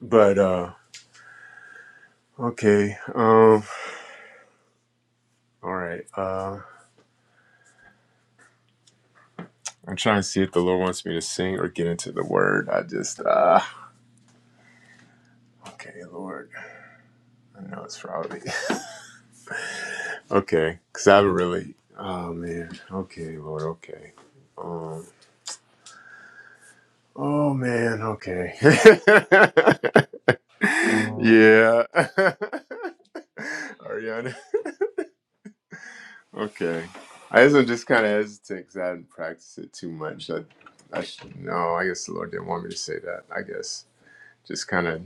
S1: But uh okay. Um all right. Uh I'm trying to see if the Lord wants me to sing or get into the word. I just uh okay, Lord. I know it's probably okay, because I haven't really oh man. Okay, Lord, okay. Um Oh man, okay. yeah. Ariana. Okay. I guess I'm just kinda hesitant because I haven't practiced it too much. I, I should, no, I guess the Lord didn't want me to say that. I guess just kind of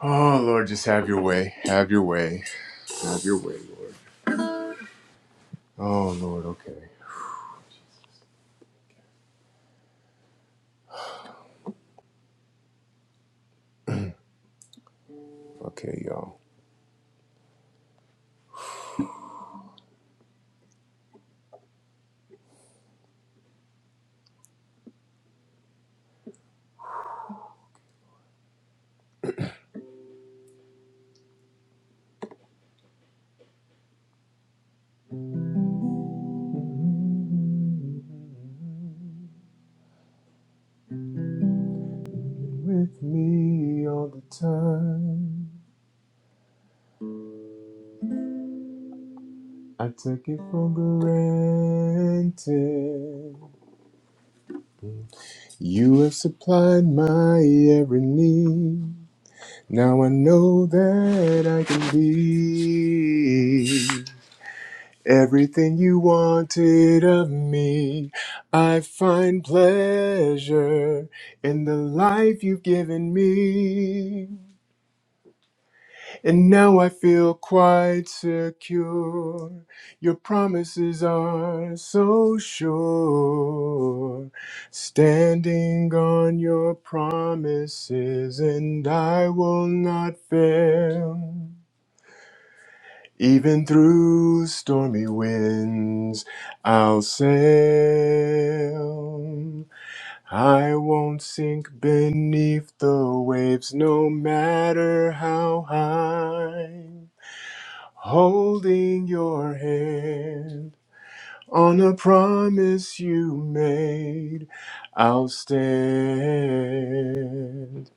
S1: Oh, Lord, just have your way. Have your way. Have your way, Lord. Oh, Lord, okay. Okay, y'all. With me all the time. I took it for granted. You have supplied my every need. Now I know that I can be. Everything you wanted of me, I find pleasure in the life you've given me. And now I feel quite secure. Your promises are so sure. Standing on your promises, and I will not fail. Even through stormy winds, I'll sail. I won't sink beneath the waves, no matter how high. Holding your hand on a promise you made, I'll stand.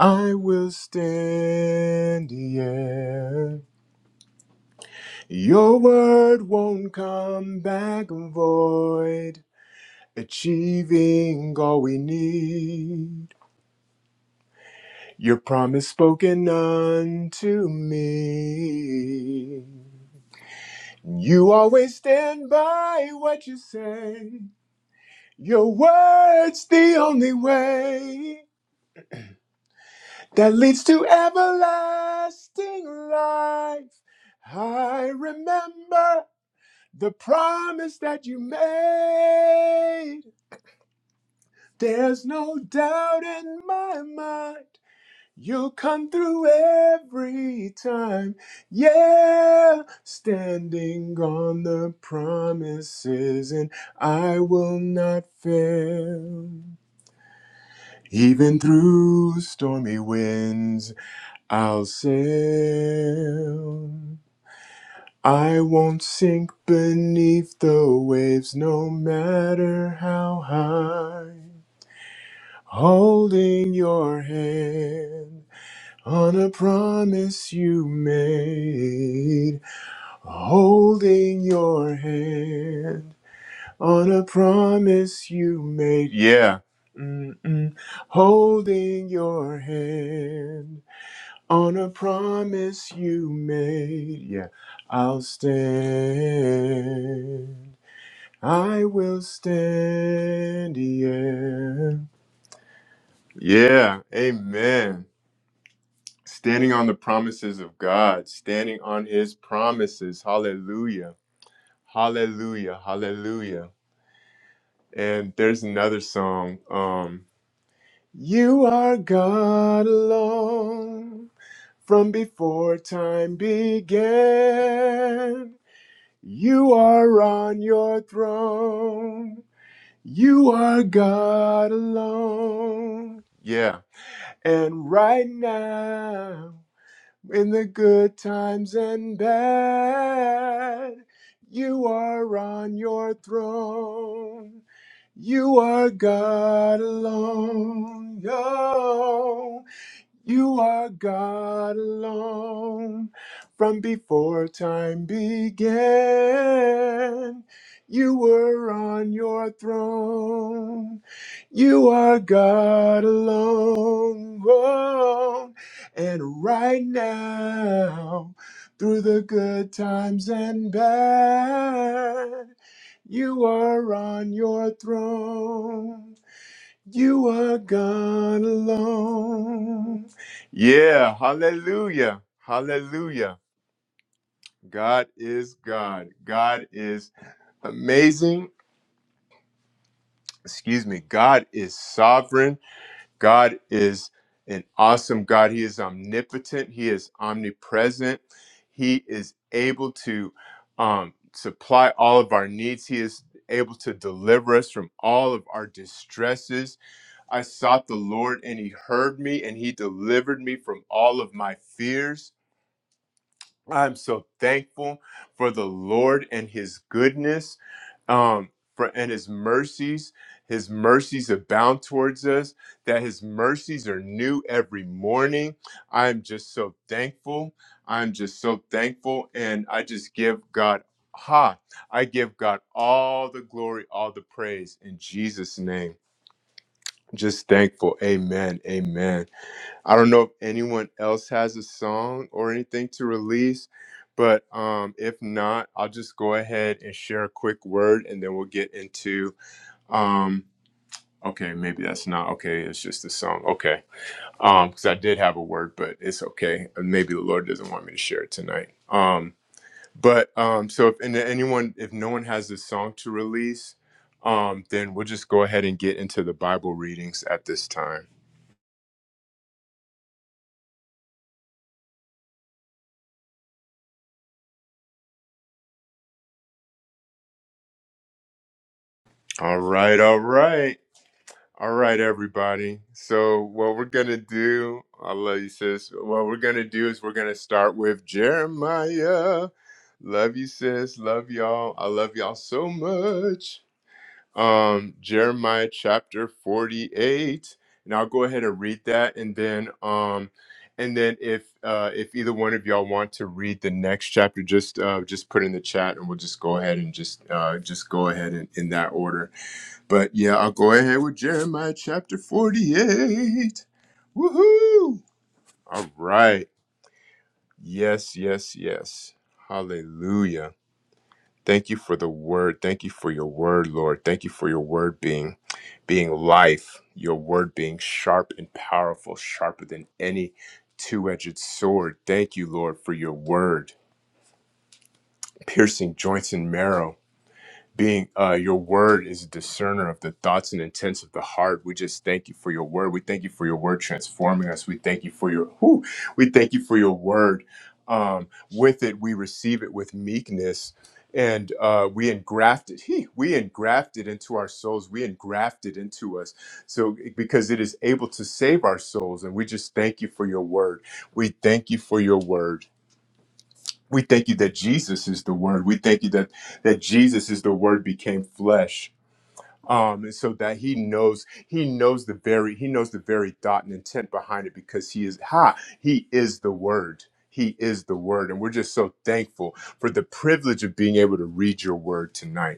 S1: I will stand, yeah. Your word won't come back void, achieving all we need. Your promise spoken unto me. You always stand by what you say. Your word's the only way that leads to everlasting life. I remember the promise that you made. There's no doubt in my mind. You'll come through every time. Yeah, standing on the promises, and I will not fail. Even through stormy winds, I'll sail. I won't sink beneath the waves, no matter how high. Holding your hand on a promise you made. Holding your hand on a promise you made. Yeah. Mm-mm. Holding your hand on a promise you made. Yeah. I'll stand. I will stand. Yeah. Yeah. Amen. standing on the promises of God, standing on his promises. Hallelujah. Hallelujah. Hallelujah. And there's another song. Um, you are God alone from before time began. You are on your throne. You are God alone. Yeah. And right now. In the good times and bad, you are on your throne. You are God alone. Oh, you are God alone from before time began. You were on your throne. You are God alone. And right now, through the good times and bad, you are on your throne. You are God alone. Yeah, hallelujah. Hallelujah. God is God. God is amazing. Excuse me. God is sovereign. God is an awesome God. He is omnipotent. He is omnipresent. He is able to um, supply all of our needs. He is able to deliver us from all of our distresses. I sought the Lord and he heard me and he delivered me from all of my fears. I'm so thankful for the Lord and his goodness um, for, and his mercies. His mercies abound towards us, that his mercies are new every morning. I'm just so thankful. I'm just so thankful. And I just give God, ha, I give God all the glory, all the praise in Jesus' name. Just thankful. Amen. Amen. I don't know if anyone else has a song or anything to release, but um, if not, I'll just go ahead and share a quick word and then we'll get into. Um, okay, maybe that's not okay. It's just a song. Okay. Because I did have a word, but it's okay. Maybe the Lord doesn't want me to share it tonight. Um, but um, so if and anyone, if no one has a song to release, um, then we'll just go ahead and get into the Bible readings at this time. All right, all right. All right, everybody. So, what we're going to do, I love you, sis. What we're going to do is we're going to start with Jeremiah. Love you, sis. Love y'all. I love y'all so much. Um, Jeremiah chapter 48. And I'll go ahead and read that. And then, um, and then if uh, if either one of y'all want to read the next chapter, just uh, just put in the chat, and we'll just go ahead and just uh, just go ahead in, in that order. But yeah, I'll go ahead with Jeremiah chapter 48. Woohoo! All right. Yes, yes, yes. Hallelujah. Thank you for the word. Thank you for your word, Lord. Thank you for your word being being life, your word being sharp and powerful, sharper than any two-edged sword. Thank you, Lord, for your word, piercing joints and marrow being uh, your word is a discerner of the thoughts and intents of the heart. We just thank you for your word. We thank you for your word transforming us. We thank you for your whew, we thank you for your word. Um, with it, we receive it with meekness, and uh, we engraft it. He, we engraft it into our souls. We engraft it into us. So because it is able to save our souls, and we just thank you for your word. We thank you for your word. We thank you that Jesus is the Word. We thank you that that Jesus is the Word became flesh. Um, and so that he knows, he knows the very, he knows the very thought and intent behind it because he is ha, he is the Word. He is the Word, and we're just so thankful for the privilege of being able to read your Word tonight.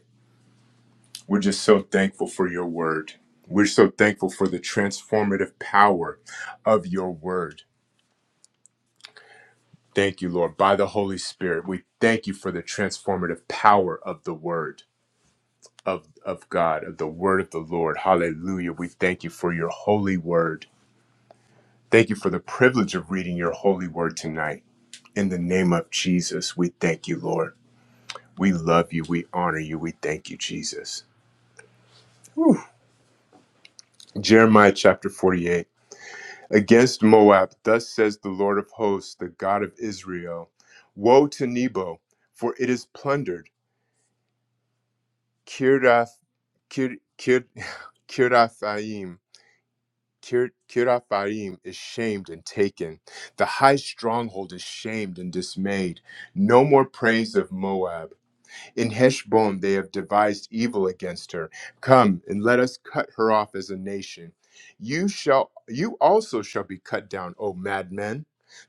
S1: We're just so thankful for your Word. We're so thankful for the transformative power of your Word Thank you, Lord. By the Holy Spirit, we thank you for the transformative power of the word of, of God, of the word of the Lord. Hallelujah. We thank you for your holy word. Thank you for the privilege of reading your holy word tonight. In the name of Jesus, we thank you, Lord. We love you. We honor you. We thank you, Jesus. Whew. Jeremiah chapter 48. Against Moab, thus says the Lord of hosts, the God of Israel Woe to Nebo, for it is plundered Kirath, Kir, Kir, Kirathaim. Kir, Kirathaim is shamed and taken. The high stronghold is shamed and dismayed. No more praise of Moab. In Heshbon they have devised evil against her. Come and let us cut her off as a nation. You shall you also shall be cut down, O madmen.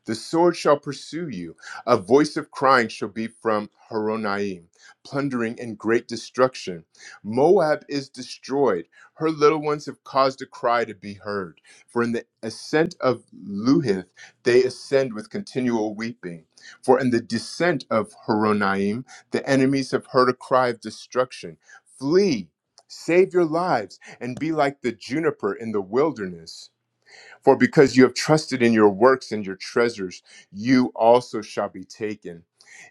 S1: The sword shall pursue you. A voice of crying shall be from Horonaim, plundering and great destruction. Moab is destroyed. Her little ones have caused a cry to be heard. For in the ascent of Luhith they ascend with continual weeping. For in the descent of Horonaim the enemies have heard a cry of destruction. Flee, save your lives, and be like the juniper in the wilderness. For because you have trusted in your works and your treasures, you also shall be taken.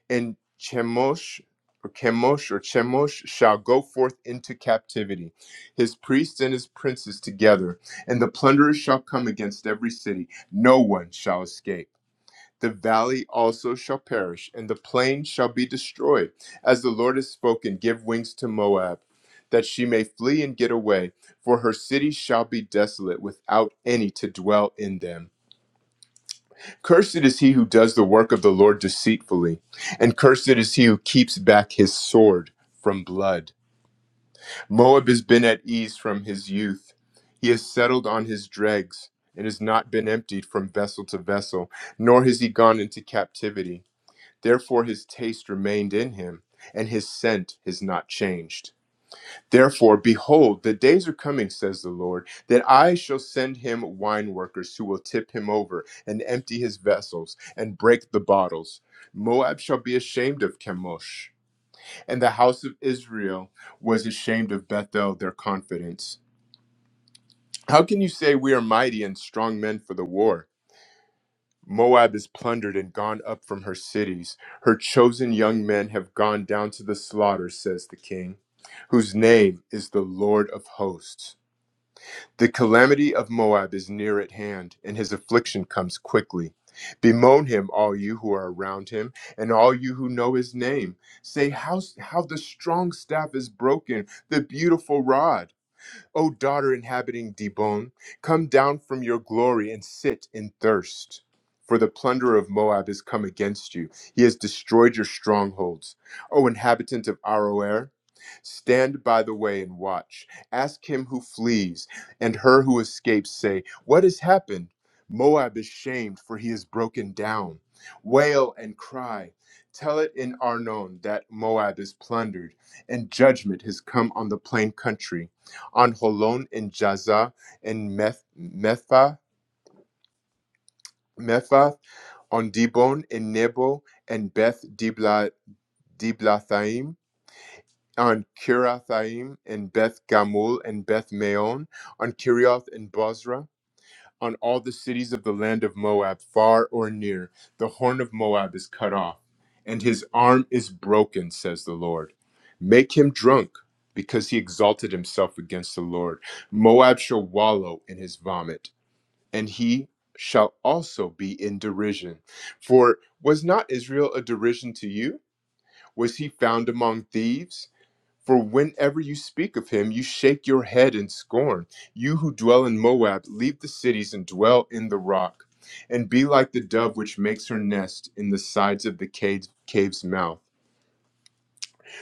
S1: And Chemosh or Chemosh or Chemosh shall go forth into captivity, his priests and his princes together, and the plunderers shall come against every city. No one shall escape the valley also shall perish, and the plain shall be destroyed. As the Lord has spoken, give wings to Moab, that she may flee and get away, for her cities shall be desolate, without any to dwell in them. Cursed is he who does the work of the Lord deceitfully, and cursed is he who keeps back his sword from blood. Moab has been at ease from his youth, he has settled on his dregs. And has not been emptied from vessel to vessel, nor has he gone into captivity. Therefore his taste remained in him, and his scent is not changed. Therefore, behold, the days are coming, says the Lord, that I shall send him wine workers who will tip him over and empty his vessels and break the bottles. Moab shall be ashamed of Chemosh, and the house of Israel was ashamed of Bethel, their confidence. How can you say we are mighty and strong men for the war? Moab is plundered and gone up from her cities. Her chosen young men have gone down to the slaughter, says the king, whose name is the Lord of hosts. The calamity of Moab is near at hand, and his affliction comes quickly. Bemoan him, all you who are around him, and all you who know his name. Say how, how the strong staff is broken, the beautiful rod. O daughter inhabiting Dibon, come down from your glory and sit in thirst. For the plunderer of Moab has come against you. He has destroyed your strongholds. O inhabitant of Aroer, stand by the way and watch. Ask him who flees and her who escapes, say, What has happened? Moab is shamed, for he is broken down. Wail and cry. Tell it in Arnon that Moab is plundered, and judgment has come on the plain country on Holon in Jaza, and Meth, Metha, Methath, on Dibon in Nebo, and Beth Dibla, Diblathaim, on Kirathaim, and Beth Gamul, and Beth Maon, on Kirioth and Bozrah, on all the cities of the land of Moab, far or near. The horn of Moab is cut off, and his arm is broken, says the Lord. Make him drunk, because he exalted himself against the Lord. Moab shall wallow in his vomit and he shall also be in derision. For was not Israel a derision to you? Was he found among thieves? For whenever you speak of him, you shake your head in scorn. You who dwell in Moab, leave the cities and dwell in the rock, and be like the dove which makes her nest in the sides of the cave, cave's mouth.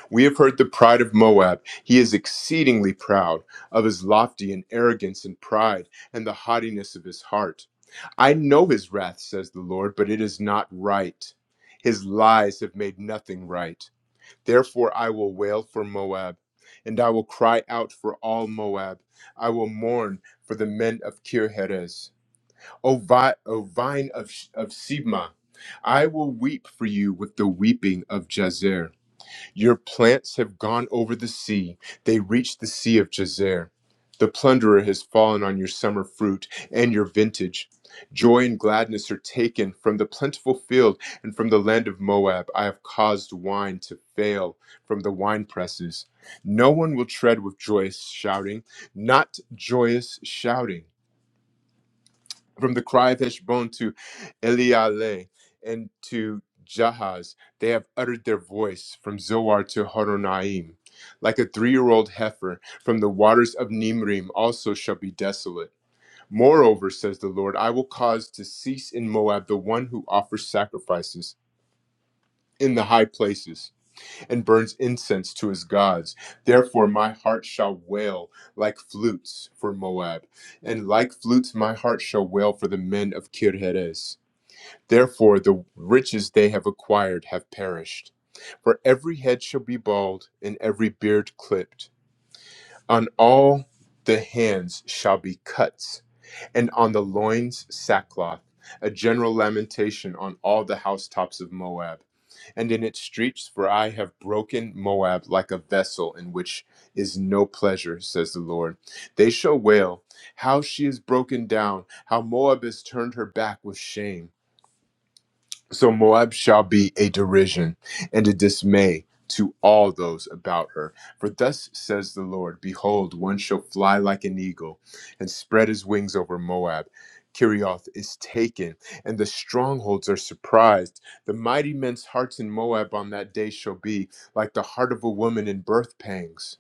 S1: We have heard the pride of Moab. He is exceedingly proud of his lofty and arrogance and pride and the haughtiness of his heart. I know his wrath, says the Lord, but it is not right. His lies have made nothing right. Therefore, I will wail for Moab, and I will cry out for all Moab. I will mourn for the men of Kirheres. O, vi- o vine of, of Sibma, I will weep for you with the weeping of Jazer. Your plants have gone over the sea. They reached the sea of Jazer. The plunderer has fallen on your summer fruit and your vintage. Joy and gladness are taken from the plentiful field and from the land of Moab. I have caused wine to fail from the wine presses. No one will tread with joyous shouting, not joyous shouting from the cry of Heshbon to Eliale and to Jahaz, they have uttered their voice from Zoar to Horonaim. Like a three year old heifer, from the waters of Nimrim also shall be desolate. Moreover, says the Lord, I will cause to cease in Moab the one who offers sacrifices in the high places and burns incense to his gods. Therefore, my heart shall wail like flutes for Moab, and like flutes, my heart shall wail for the men of Kirheres. Therefore, the riches they have acquired have perished. For every head shall be bald, and every beard clipped. On all the hands shall be cuts and on the loins sackcloth, a general lamentation on all the housetops of Moab, and in its streets, for I have broken Moab like a vessel in which is no pleasure, says the Lord. They shall wail, How she is broken down, how Moab has turned her back with shame. So Moab shall be a derision and a dismay to all those about her. For thus says the Lord Behold, one shall fly like an eagle and spread his wings over Moab. Kirioth is taken, and the strongholds are surprised. The mighty men's hearts in Moab on that day shall be like the heart of a woman in birth pangs.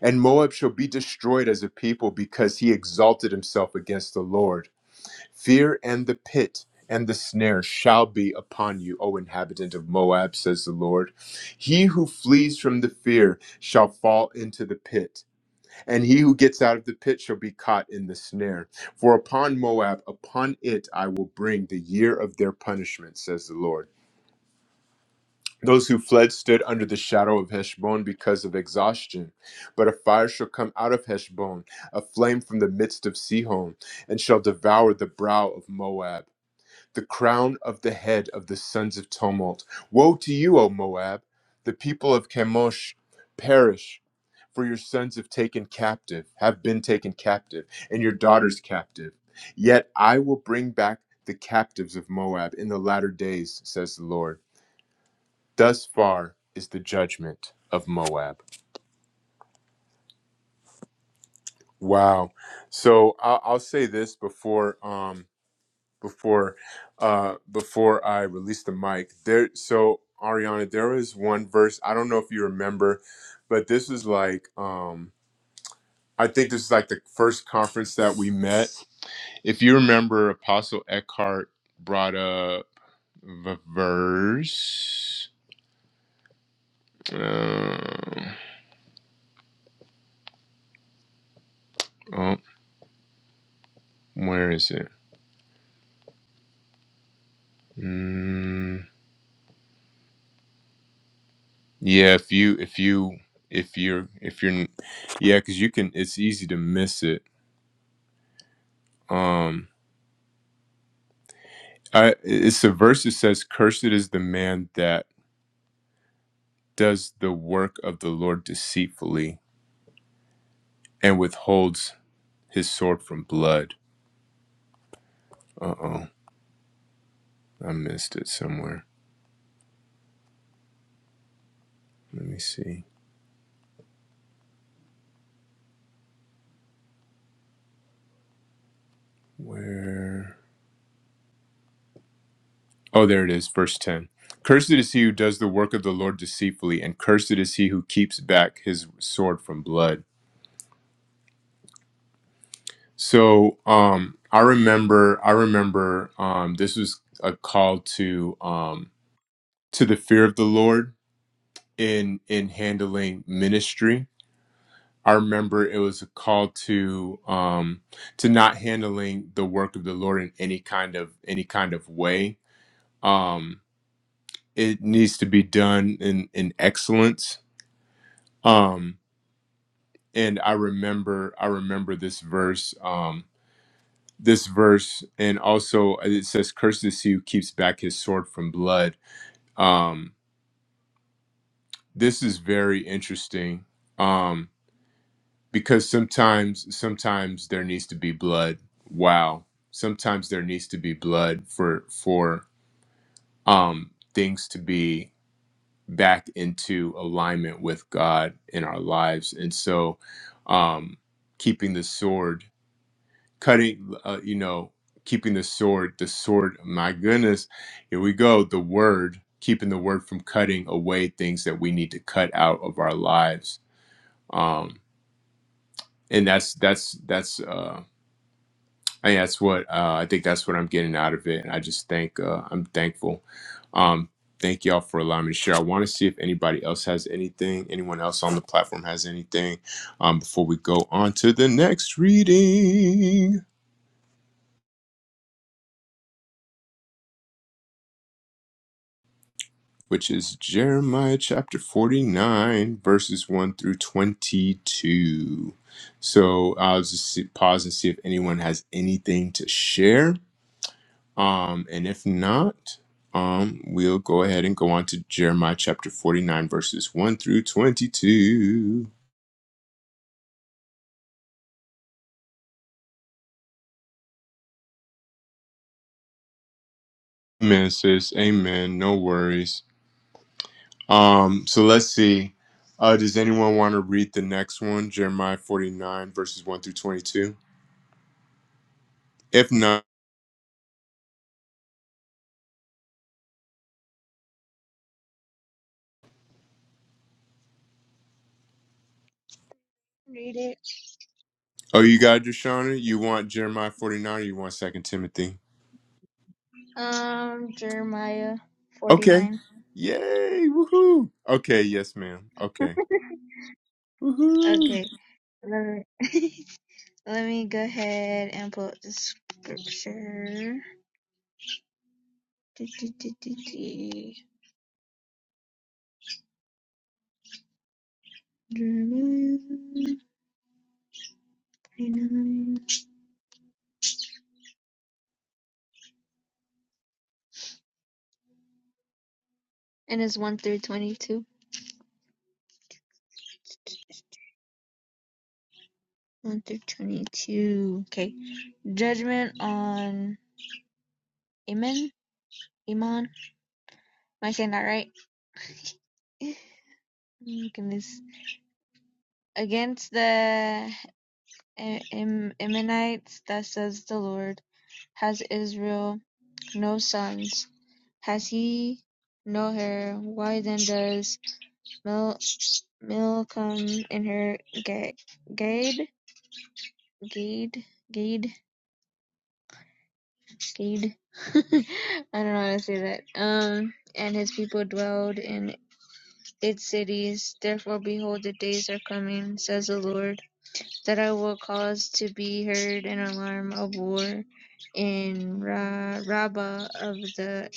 S1: And Moab shall be destroyed as a people because he exalted himself against the Lord. Fear and the pit and the snare shall be upon you, O inhabitant of Moab, says the Lord. He who flees from the fear shall fall into the pit, and he who gets out of the pit shall be caught in the snare. For upon Moab, upon it I will bring the year of their punishment, says the Lord. Those who fled stood under the shadow of Heshbon because of exhaustion. But a fire shall come out of Heshbon, a flame from the midst of Sihon, and shall devour the brow of Moab the crown of the head of the sons of tumult. Woe to you, O Moab! The people of Chemosh perish, for your sons have taken captive, have been taken captive, and your daughters captive. Yet I will bring back the captives of Moab in the latter days, says the Lord. Thus far is the judgment of Moab. Wow. So I'll, I'll say this before. Um, before uh before I release the mic. There so Ariana, there is one verse, I don't know if you remember, but this is like um I think this is like the first conference that we met. If you remember Apostle Eckhart brought up the verse. Uh, oh, where is it? Mm, yeah, if you if you if you're if you're yeah, because you can it's easy to miss it. Um I, it's the verse that says, Cursed is the man that does the work of the Lord deceitfully and withholds his sword from blood. Uh oh, I missed it somewhere. Let me see. Where? Oh, there it is, verse 10. Cursed is he who does the work of the Lord deceitfully, and cursed is he who keeps back his sword from blood. So, um, I remember, I remember, um, this was a call to, um, to the fear of the Lord in in handling ministry. I remember it was a call to um, to not handling the work of the Lord in any kind of any kind of way. Um, it needs to be done in in excellence. Um, and I remember I remember this verse um, this verse, and also it says, "Cursed is he who keeps back his sword from blood." Um, this is very interesting Um, because sometimes sometimes there needs to be blood wow sometimes there needs to be blood for for um things to be back into alignment with god in our lives and so um keeping the sword cutting uh, you know keeping the sword the sword my goodness here we go the word keeping the word from cutting away things that we need to cut out of our lives um and that's that's that's uh And that's what uh, I think. That's what I'm getting out of it, and I just thank. Uh, I'm thankful. Um, thank y'all for allowing me to share. I want to see if anybody else has anything. Anyone else on the platform has anything um, before we go on to the next reading, which is Jeremiah chapter 49, verses 1 through 22. So I'll just see, pause and see if anyone has anything to share. Um, and if not, um, we'll go ahead and go on to Jeremiah chapter 49, verses 1 through 22. Amen, sis. Amen. No worries. Um, so let's see. Uh, does anyone want to read the next one? Jeremiah 49, verses 1 through 22. If not,
S3: Read it.
S1: oh, you got it, Shauna? You want Jeremiah 49 or you want Second Timothy?
S3: Um, Jeremiah
S1: Okay.
S3: 49.
S1: Yay. Woohoo. Okay. Yes, ma'am. Okay.
S3: Okay. Let me, let me go ahead and pull up the scripture. Do-do-do-do-do. Jeremiah 49. And it's 1 through 22. 1 through 22. Okay. Judgment on Iman. Iman. Am I saying that right? Oh my goodness. Against the Ammonites, thus says the Lord. Has Israel no sons? Has he no hair? Why then does Mil Milcom inherit Gad? Gade Gade Gade Gade? I don't know how to say that. Um, and his people dwelled in its cities. Therefore, behold, the days are coming, says the Lord, that I will cause to be heard an alarm of war in Ra- Rabbah of the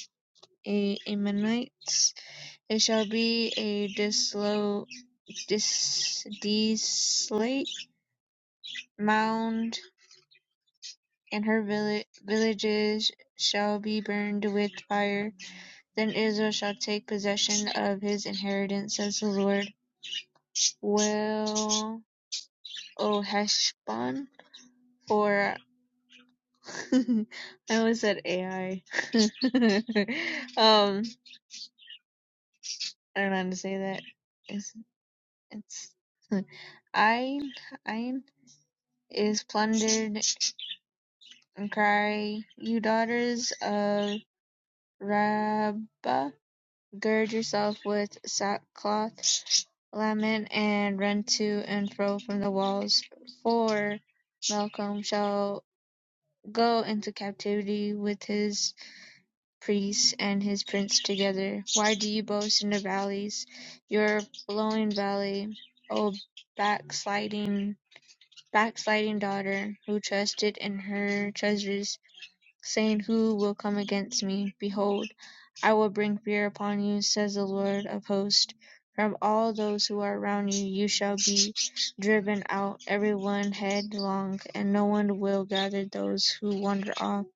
S3: A- Ammonites It shall be a desolate dis, desolate mound, and her villi- villages shall be burned with fire. Then Israel shall take possession of his inheritance, says the Lord. Well, O Heshbon, for I always said AI. um, I don't know how to say that. It's, it's Ain, Ain is plundered and cry, You daughters of Rabbah, gird yourself with sackcloth, lament, and run to and fro from the walls. For Malcolm shall go into captivity with his priests and his prince together. Why do you boast in the valleys, your flowing valley, O backsliding, backsliding daughter, who trusted in her treasures? saying, Who will come against me? Behold, I will bring fear upon you, says the Lord of hosts. From all those who are around you, you shall be driven out, every one headlong, and no one will gather those who wander off.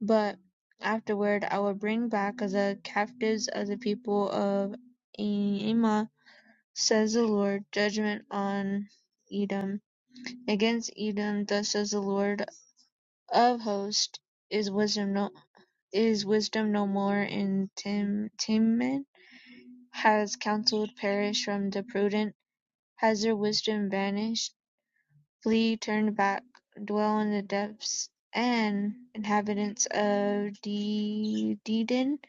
S3: But afterward, I will bring back the captives of the people of Emma, says the Lord, judgment on Edom. Against Edom, thus says the Lord of hosts, is wisdom. No is wisdom no more in Has counsel perished from the prudent? Has their wisdom vanished? Flee, turn back, dwell in the depths, and inhabitants of Dedan,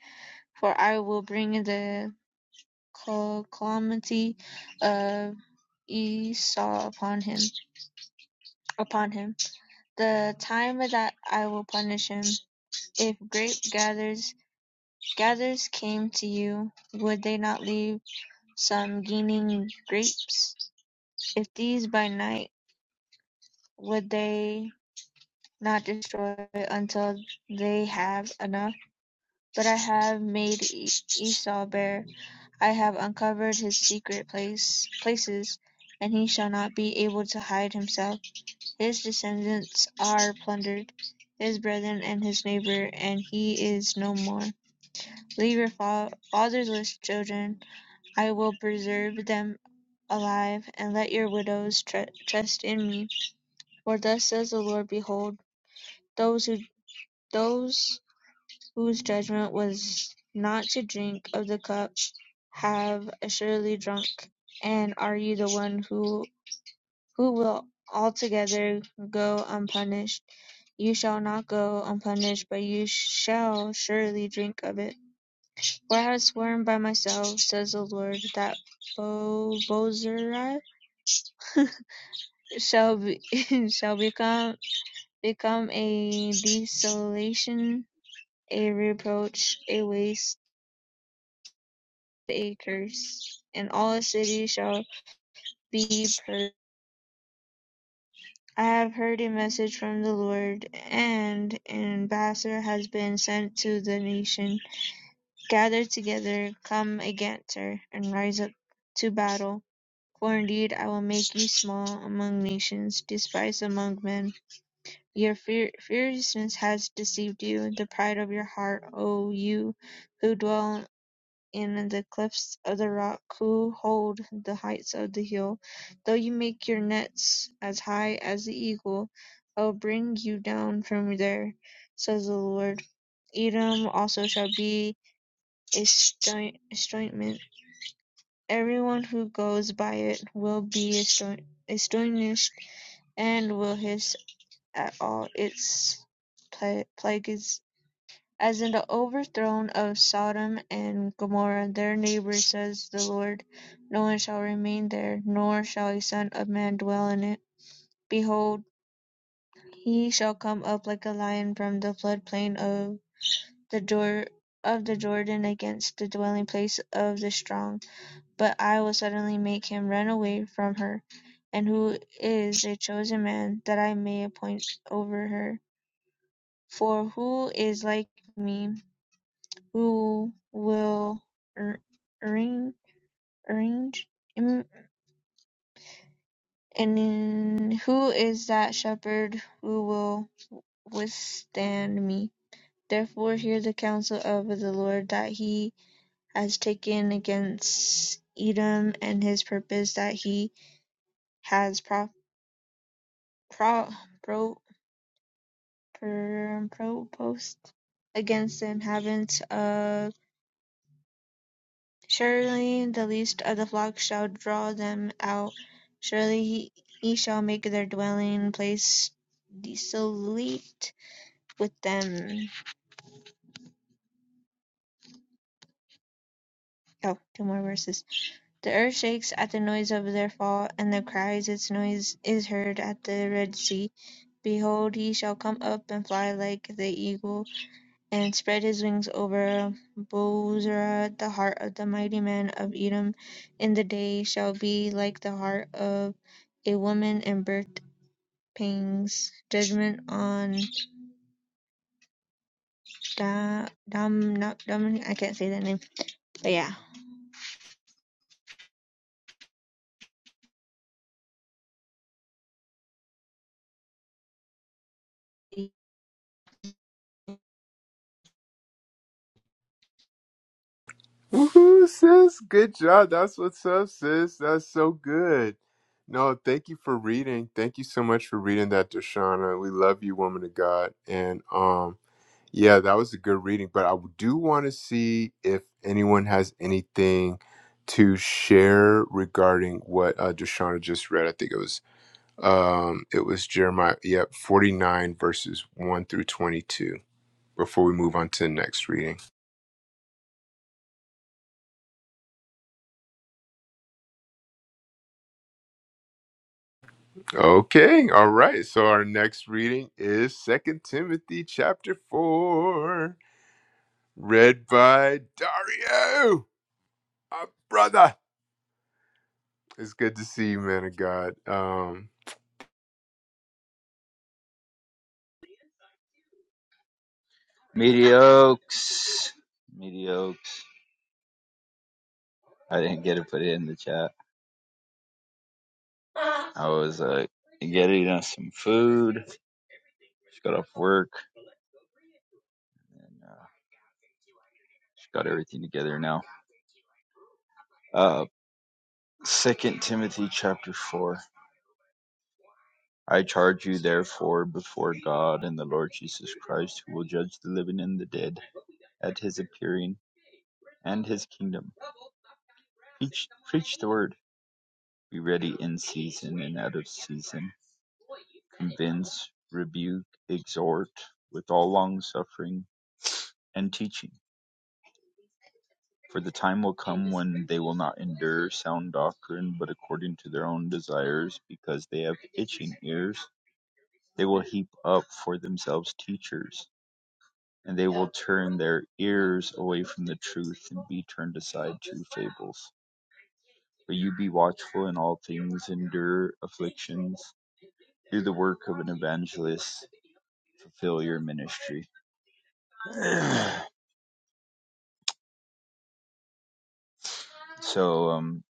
S3: for I will bring the calamity of Esau upon him. Upon him, the time of that I will punish him. If grape gathers gathers came to you, would they not leave? some gaining grapes? If these by night, would they not destroy until they have enough? But I have made E- Esau bare. I have uncovered his secret place places, and he shall not be able to hide himself. His descendants are plundered, his brethren and his neighbor, and he is no more. Leave your fa- fatherless children. I will preserve them alive, and let your widows tre- trust in me. For thus says the Lord: Behold, those who those whose judgment was not to drink of the cup have assuredly drunk. And are you the one who who will altogether go unpunished? You shall not go unpunished, but you shall surely drink of it. For I have sworn by myself, says the Lord, that Bo- Bozrah shall be shall become become a desolation, a reproach, a waste, a curse, and all the city shall be purged. I have heard a message from the Lord, and an ambassador has been sent to the nation. Gather together, come against her, and rise up to battle. For indeed I will make you small among nations, despised among men. Your fear, fierceness has deceived you, the pride of your heart, O you who dwell in the cliffs of the rock, who hold the heights of the hill. Though you make your nets as high as the eagle, I will bring you down from there, says the Lord. Edom also shall be a stoi- Everyone who goes by it will be astonished and will hiss at all its plagues. As in the overthrow of Sodom and Gomorrah, their neighbour, says the Lord, no one shall remain there, nor shall a son of man dwell in it. Behold, he shall come up like a lion from the floodplain of the Jor- of the Jordan against the dwelling place of the strong, but I will suddenly make him run away from her. And who is a chosen man that I may appoint over her? For who is like me who will arrange arrange him, and who is that shepherd who will withstand me? Therefore hear the counsel of the Lord that he has taken against Edom and his purpose that he has pro- pro- pro- pro- proposed against the inhabitants of Surely the least of the flock shall draw them out; surely he he shall make their dwelling place desolate with them. Oh, two more verses. The earth shakes at the noise of their fall, and the cries, its noise is heard at the Red Sea. Behold, he shall come up and fly like the eagle. and spread his wings over Bozrah. The heart of the mighty man of Edom in the day shall be like the heart of a woman in birth pangs. Judgment on da, dam, not, dam, I can't say that name, but yeah.
S1: Woohoo, sis. Good job. That's what's up, sis. That's so good. No, thank you for reading. Thank you so much for reading that, Dashana. We love you, woman of God. And um, yeah, that was a good reading. But I do want to see if anyone has anything to share regarding what uh, Dashana just read. I think it was um, it was Jeremiah, yep, 49 verses 1 through 22 before we move on to the next reading. Okay, all right. So our next reading is Second Timothy chapter four, read by Dario, our brother. It's good to see you, man of God. Um,
S4: Mediocres. Mediocres. I didn't get to put it in the chat. I was uh, getting us some food. Just got off work and uh, just got everything together now. Uh, Second Timothy chapter four. I charge you therefore before God and the Lord Jesus Christ, who will judge the living and the dead at His appearing and His kingdom. Preach, preach the word. Be ready in season and out of season Convince, rebuke, exhort with all longsuffering and teaching: for the time will come when they will not endure sound doctrine, but according to their own desires, because they have itching ears, they will heap up for themselves teachers and they will turn their ears away from the truth and be turned aside to fables. But you be watchful in all things, endure afflictions, do the work of an evangelist, fulfill your ministry. so, um,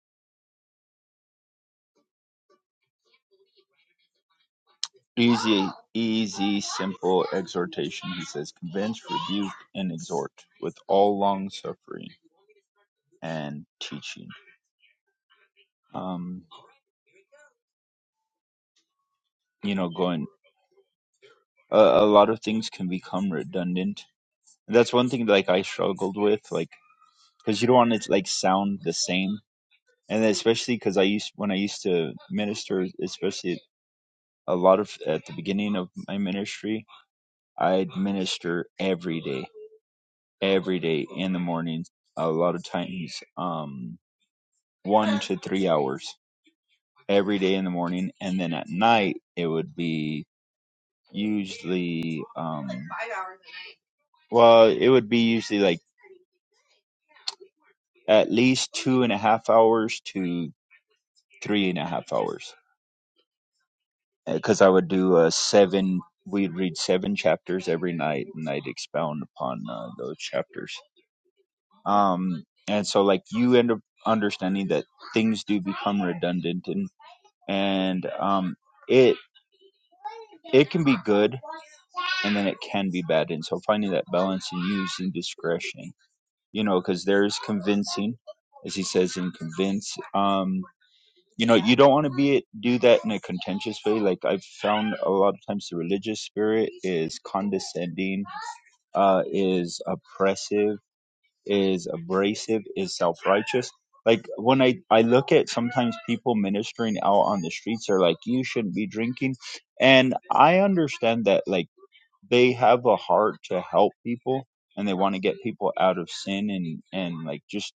S4: easy, easy, simple exhortation. He says, convince, rebuke, and exhort with all long suffering and teaching. Um, you know, going, a, a lot of things can become redundant And that's one thing that, like I struggled with, like because you don't want it to like sound the same, and then especially because I used when I used to minister, especially a lot of at the beginning of my ministry, I'd minister every day, every day in the morning, a lot of times, um, one to three hours every day in the morning, and then at night it would be usually um well, it would be usually like at least two and a half hours to. three and a half hours because I would do uh, seven. We'd read seven chapters every night, and I'd expound upon uh, those chapters. Um, and so, like, you end up understanding that things do become redundant, and and um, it it can be good, and then it can be bad. And so, finding that balance and using discretion, you know, because there is convincing, as he says in convince. Um, you know you don't want to be it do that in a contentious way like i've found a lot of times the religious spirit is condescending uh is oppressive is abrasive is self-righteous like when i i look at sometimes people ministering out on the streets are like you shouldn't be drinking and i understand that like they have a heart to help people and they want to get people out of sin and and like just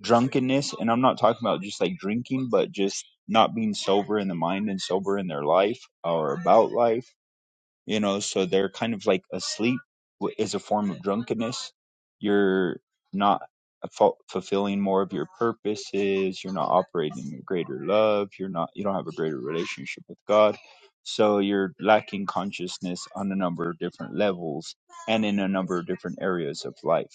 S4: drunkenness and i'm not talking about just like drinking but just not being sober in the mind and sober in their life or about life you know so they're kind of like asleep wh- is a form of drunkenness you're not fu- fulfilling more of your purposes you're not operating in greater love you're not you don't have a greater relationship with god so you're lacking consciousness on a number of different levels and in a number of different areas of life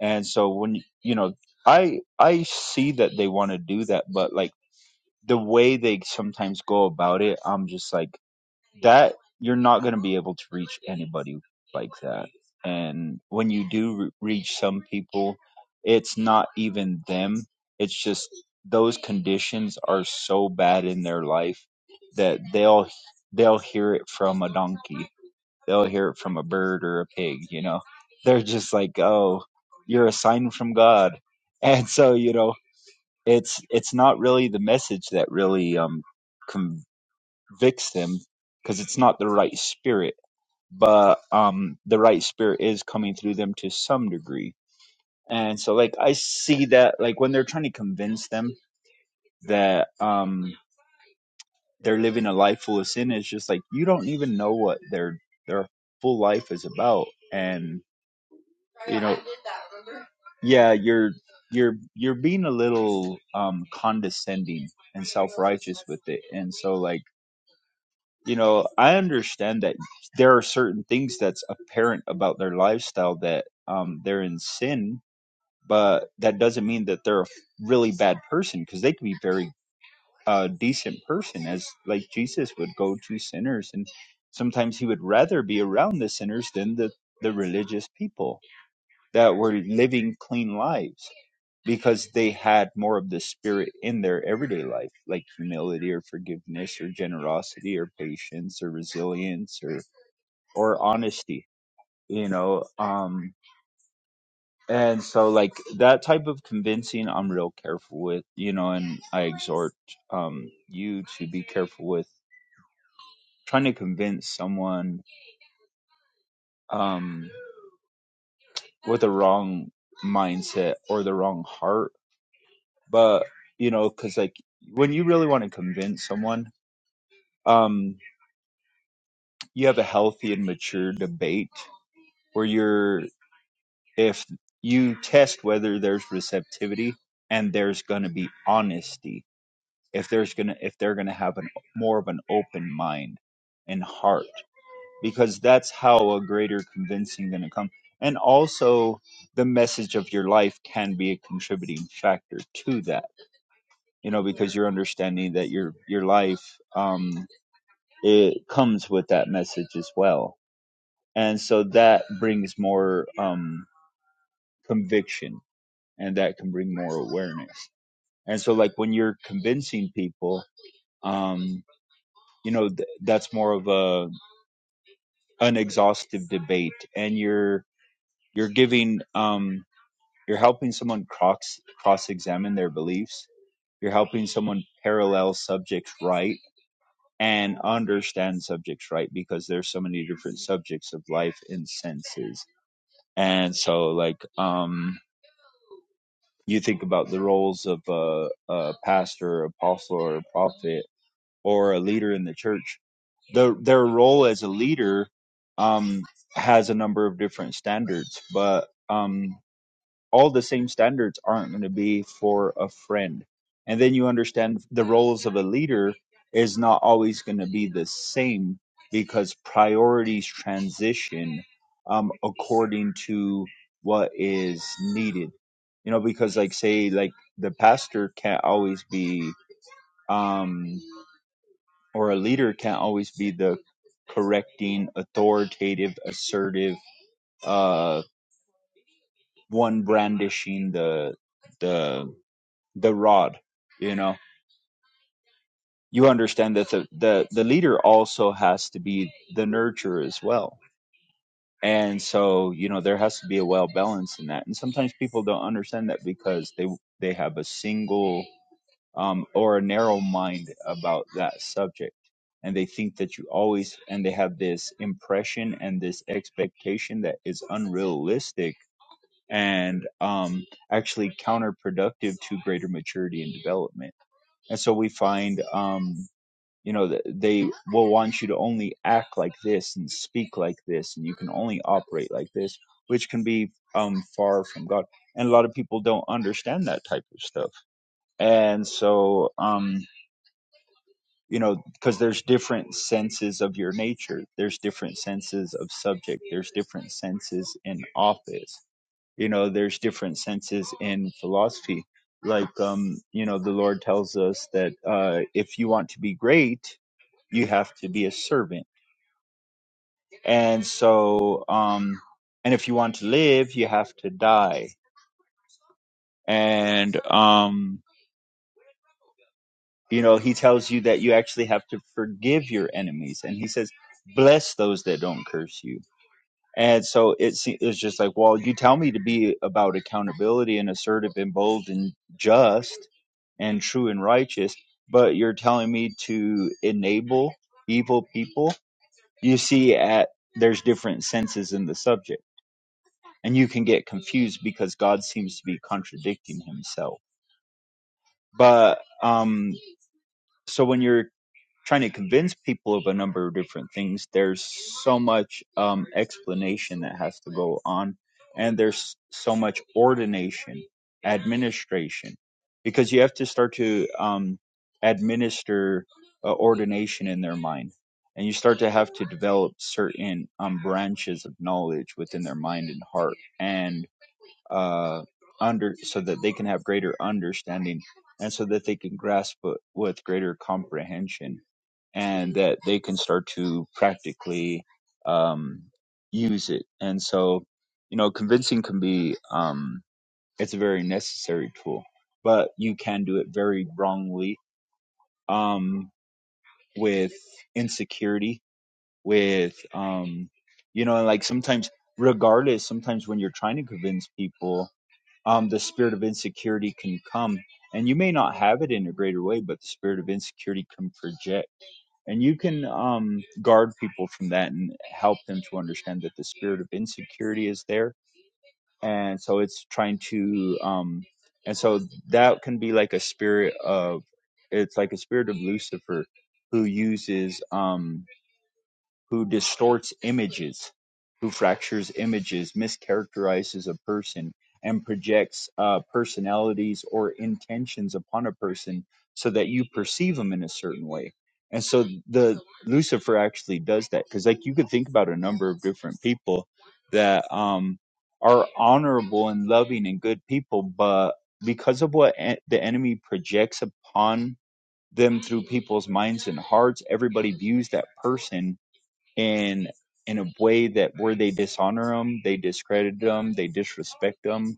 S4: and so when you know, I I see that they want to do that, but like the way they sometimes go about it, I'm just like that you're not going to be able to reach anybody like that. And when you do re- reach some people, it's not even them. It's just those conditions are so bad in their life that they'll they'll hear it from a donkey. They'll hear it from a bird or a pig, you know they're just like, "Oh, you're a sign from God," and so you know, it's it's not really the message that really um, convicts them because it's not the right spirit, but um, the right spirit is coming through them to some degree, and so like I see that like when they're trying to convince them that um they're living a life full of sin, it's just like you don't even know what their their full life is about, and. you know yeah you're you're you're being a little um condescending and self-righteous with it and so like you know i understand that there are certain things that's apparent about their lifestyle that um they're in sin but that doesn't mean that they're a really bad person because they can be very uh decent person as like jesus would go to sinners and sometimes he would rather be around the sinners than the the religious people that were living clean lives because they had more of the spirit in their everyday life, like humility or forgiveness or generosity or patience or resilience or or honesty, you know. Um and so like that type of convincing I'm real careful with, you know, and I exhort um you to be careful with trying to convince someone um with a wrong mindset or the wrong heart but you know because like when you really want to convince someone um you have a healthy and mature debate where you're if you test whether there's receptivity and there's going to be honesty if there's going to if they're going to have an more of an open mind and heart because that's how a greater convincing going to come and also the message of your life can be a contributing factor to that you know because you're understanding that your your life um, it comes with that message as well. And so that brings more um, conviction and that can bring more awareness. And so, like, when you're convincing people, um, you know, th- that's more of a an exhaustive debate and you're you're giving um, you're helping someone cross cross examine their beliefs. You're helping someone parallel subjects right and understand subjects right because there's so many different subjects of life and senses And so, like, um, you think about the roles of a, a pastor, apostle, or prophet, or a leader in the church. The, their role as a leader um, has a number of different standards, but um, all the same standards aren't going to be for a friend. And then you understand the roles of a leader is not always going to be the same because priorities transition um, according to what is needed. You know, because like say like the pastor can't always be um, or a leader can't always be the correcting, authoritative, assertive, uh, one brandishing the the the rod you know you understand that the, the the leader also has to be the nurturer as well and so you know there has to be a well balance in that and sometimes people don't understand that because they they have a single um or a narrow mind about that subject and they think that you always and they have this impression and this expectation that is unrealistic and um actually counterproductive to greater maturity and development And so we find, um, you know, that they will want you to only act like this and speak like this, and you can only operate like this, which can be um, far from God. And a lot of people don't understand that type of stuff. And so, um, you know, because there's different senses of your nature, there's different senses of subject, there's different senses in office you know there's different senses in philosophy like um you know the lord tells us that uh if you want to be great you have to be a servant and so um and if you want to live you have to die and um you know he tells you that you actually have to forgive your enemies and he says bless those that don't curse you and so it se- it's just like well you tell me to be about accountability and assertive and bold and just and true and righteous, but you're telling me to enable evil people. You see, at there's different senses in the subject, and you can get confused because God seems to be contradicting Himself. But um, so when you're trying to convince people of a number of different things there's so much um, explanation that has to go on and there's so much ordination administration because you have to start to um, administer uh, ordination in their mind and you start to have to develop certain um, branches of knowledge within their mind and heart and uh, under so that they can have greater understanding and so that they can grasp it with greater comprehension and that they can start to practically um, use it and so you know convincing can be um, it's a very necessary tool but you can do it very wrongly um, with insecurity with um, you know like sometimes regardless sometimes when you're trying to convince people um, the spirit of insecurity can come. And you may not have it in a greater way, but the spirit of insecurity can project. And you can um, guard people from that and help them to understand that the spirit of insecurity is there. And so it's trying to, um, and so that can be like a spirit of, it's like a spirit of Lucifer who uses, um who distorts images, who fractures images, mischaracterizes a person, and projects uh, personalities or intentions upon a person so that you perceive them in a certain way. And so the Lucifer actually does that because, like, you could think about a number of different people that um, are honorable and loving and good people, but because of what en- the enemy projects upon them through people's minds and hearts, everybody views that person in in a way that where they dishonor them, they discredit them, they disrespect them,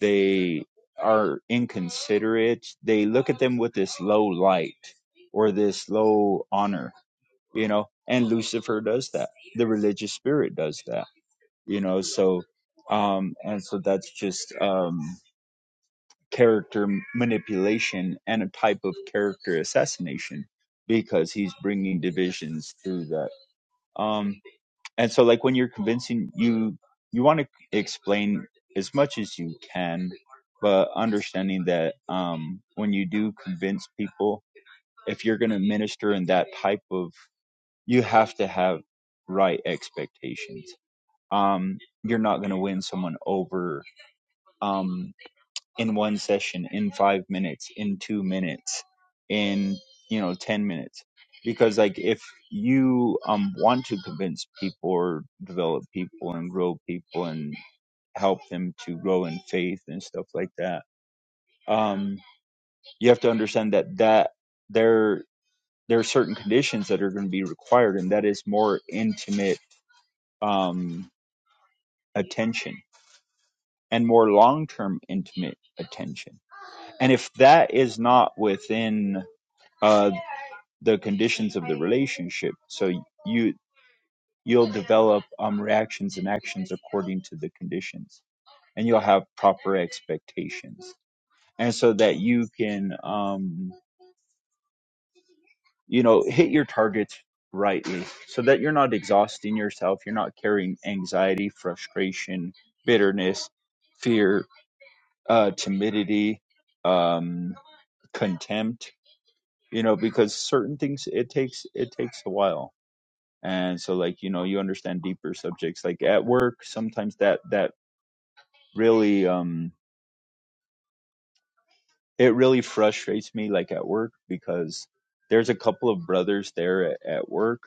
S4: they are inconsiderate. They look at them with this low light or this low honor, you know. And Lucifer does that. The religious spirit does that, you know. So, um, and so that's just um, character manipulation and a type of character assassination because he's bringing divisions through that. Um, and so like when you're convincing you you want to explain as much as you can but understanding that um when you do convince people if you're going to minister in that type of you have to have right expectations um you're not going to win someone over um, in one session, in five minutes, in two minutes, in you know ten minutes. Because like if you um want to convince people or develop people and grow people and help them to grow in faith and stuff like that, um, you have to understand that that there there are certain conditions that are going to be required, and that is more intimate um attention and more long term intimate attention. And if that is not within uh, the conditions of the relationship. So you you'll develop um, reactions and actions according to the conditions, and you'll have proper expectations, and so that you can um, you know hit your targets rightly, so that you're not exhausting yourself, you're not carrying anxiety, frustration, bitterness, fear, uh, timidity, um, contempt. You know, because certain things it takes it takes a while and so like you know you understand deeper subjects like at work sometimes that that really um it really frustrates me like at work because there's a couple of brothers there at, at work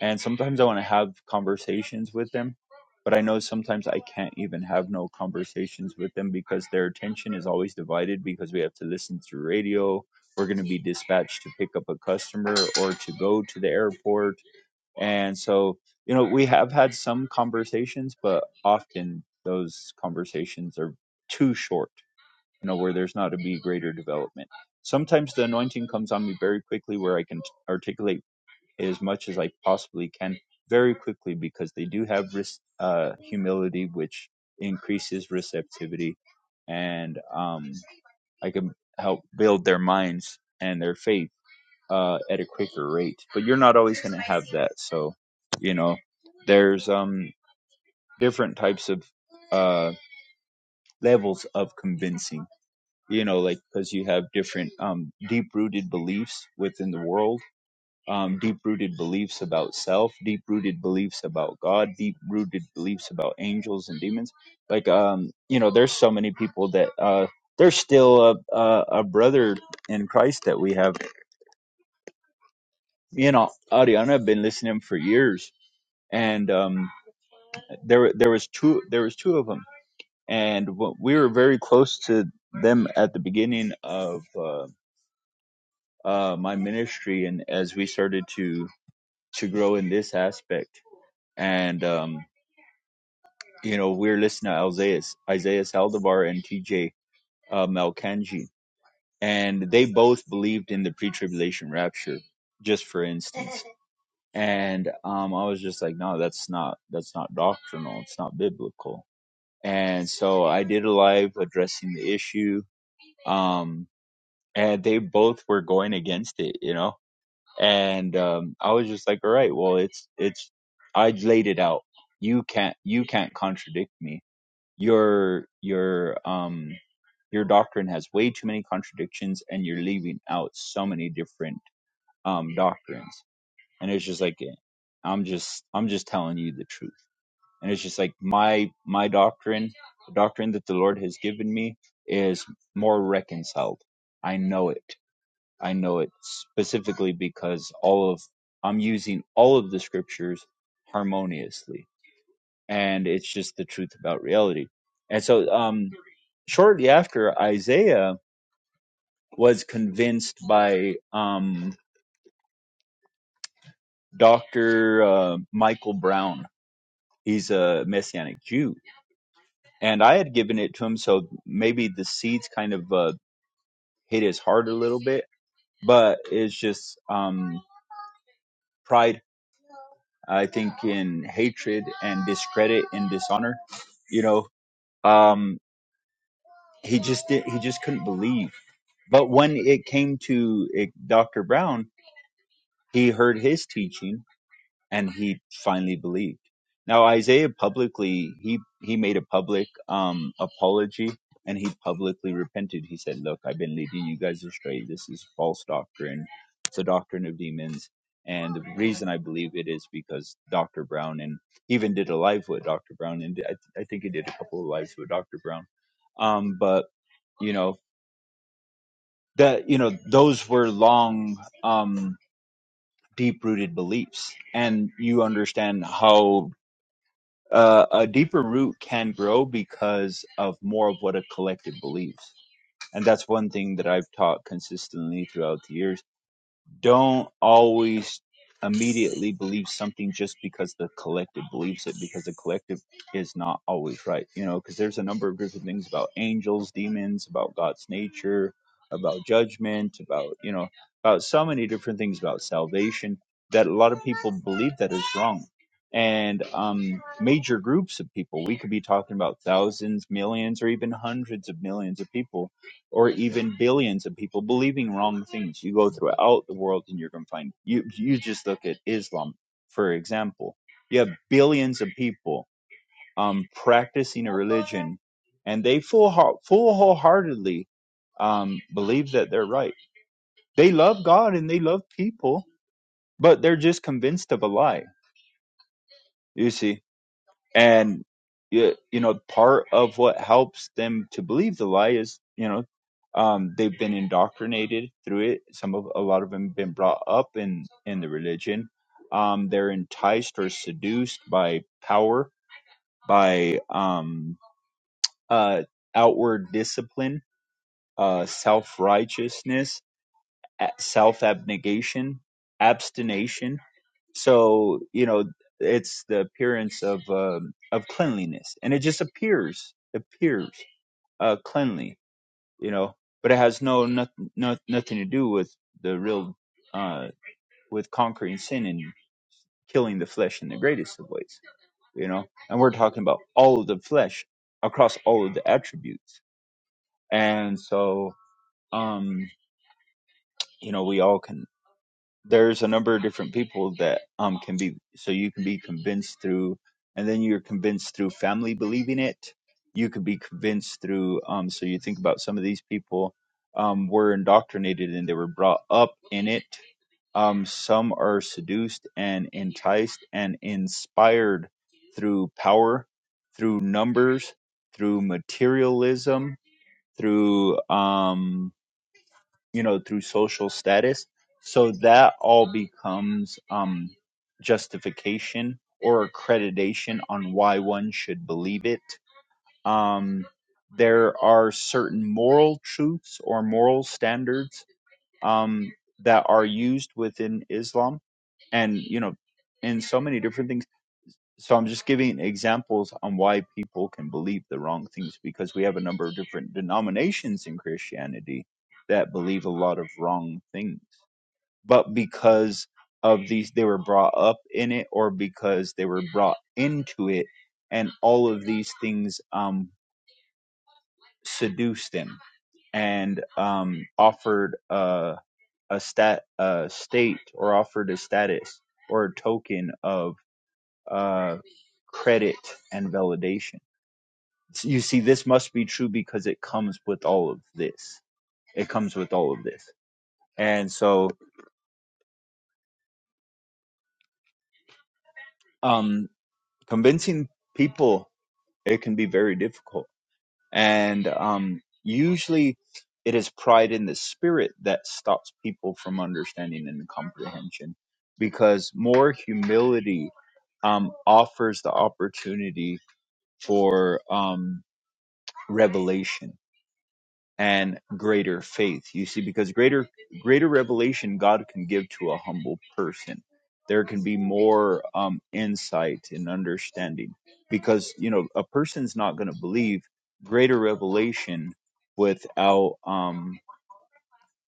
S4: and sometimes i want to have conversations with them but i know sometimes i can't even have no conversations with them because their attention is always divided because we have to listen to radio we're going to be dispatched to pick up a customer or to go to the airport And so, you know, we have had some conversations, but often those conversations are too short, you know, where there's not a be greater development. Sometimes the anointing comes on me very quickly where I can articulate as much as I possibly can very quickly because they do have res- uh, humility, which increases receptivity. And um, I can help build their minds and their faith uh, at a quicker rate. But you're not always going to have that. So, you know, there's um different types of uh, levels of convincing. You know, like because you have different um, deep-rooted beliefs within the world, um, deep-rooted beliefs about self, deep-rooted beliefs about God, deep-rooted beliefs about angels and demons. Like, um, you know, there's so many people that uh, there's still a, a a brother in Christ that we have. You know, Ariana, I've been listening for years, and um, there there was two there was two of them, and wh- we were very close to them at the beginning of uh, uh, my ministry, and as we started to to grow in this aspect, and um, you know we were listening to Isaiah Isaiah Saldivar and T.J. Uh, Malkanji, and they both believed in the pre-tribulation rapture, just for instance. And um, I was just like, no, that's not that's not doctrinal. It's not biblical and so I did a live addressing the issue. Um, and they both were going against it, you know. And um, I was just like, all right, well, it's it's I laid it out. You can't you can't contradict me. Your your um your doctrine has way too many contradictions, and you're leaving out so many different um doctrines. And it's just like I'm just I'm just telling you the truth and it's just like my my doctrine the doctrine that the lord has given me is more reconciled i know it i know it specifically because all of i'm using all of the scriptures harmoniously and it's just the truth about reality and so um shortly after isaiah was convinced by um dr uh, michael brown he's a messianic jew and I had given it to him, so maybe the seeds kind of uh, hit his heart a little bit. But it's just um, pride, I think, in hatred and discredit and dishonor. You know, um, he just did, he just couldn't believe. But when it came to it, Dr. Brown, he heard his teaching and he finally believed. Now Isaiah publicly he he made a public um apology and he publicly repented. He said, "Look, I've been leading you guys astray. This is false doctrine. It's a doctrine of demons." And the reason I believe it is because Dr. Brown and he even did a live with Dr. Brown, and I, th- I think he did a couple of lives with Dr. Brown. Um, but you know that you know those were long um deep rooted beliefs and you understand how uh, a deeper root can grow because of more of what a collective believes. And that's one thing that I've taught consistently throughout the years don't always immediately believe something just because the collective believes it because the collective is not always right you know because there's a number of different things about angels demons about god's nature about judgment about you know about so many different things about salvation that a lot of people believe that is wrong and um major groups of people we could be talking about thousands millions or even hundreds of millions of people or even billions of people believing wrong things. You go throughout the world and you're going to find you you just look at Islam for example. You have billions of people um practicing a religion and they full full wholeheartedly um believe that they're right. They love God and they love people, but they're just convinced of a lie. You see and you, you know part of what helps them to believe the lie is you know um, they've been indoctrinated through it some of a lot of them been brought up in in the religion um, they're enticed or seduced by power by um, uh, outward discipline uh, self-righteousness self-abnegation abstination so you know it's the appearance of um, of cleanliness and it just appears appears uh cleanly you know but it has no nothing no, nothing to do with the real uh with conquering sin and killing the flesh in the greatest of ways you know and we're talking about all of the flesh across all of the attributes and so um you know we all can there's a number of different people that um can be so you can be convinced through and then you're convinced through family believing it you could be convinced through um so you think about some of these people um were indoctrinated and they were brought up in it um some are seduced and enticed and inspired through power through numbers through materialism through um you know through social status so that all becomes um justification or accreditation on why one should believe it um there are certain moral truths or moral standards um that are used within islam and you know in so many different things so i'm just giving examples on why people can believe the wrong things because we have a number of different denominations in christianity that believe a lot of wrong things but because of these they were brought up in it or because they were brought into it and all of these things um seduced them and um offered a a stat a state or offered a status or a token of uh credit and validation So you see this must be true because it comes with all of this it comes with all of this and so um convincing people it can be very difficult. And um, usually it is pride in the spirit that stops people from understanding and comprehension because more humility um, offers the opportunity for um, revelation and greater faith. You see, because greater greater revelation God can give to a humble person. There can be more um, insight and understanding because you know a person's not going to believe greater revelation without um,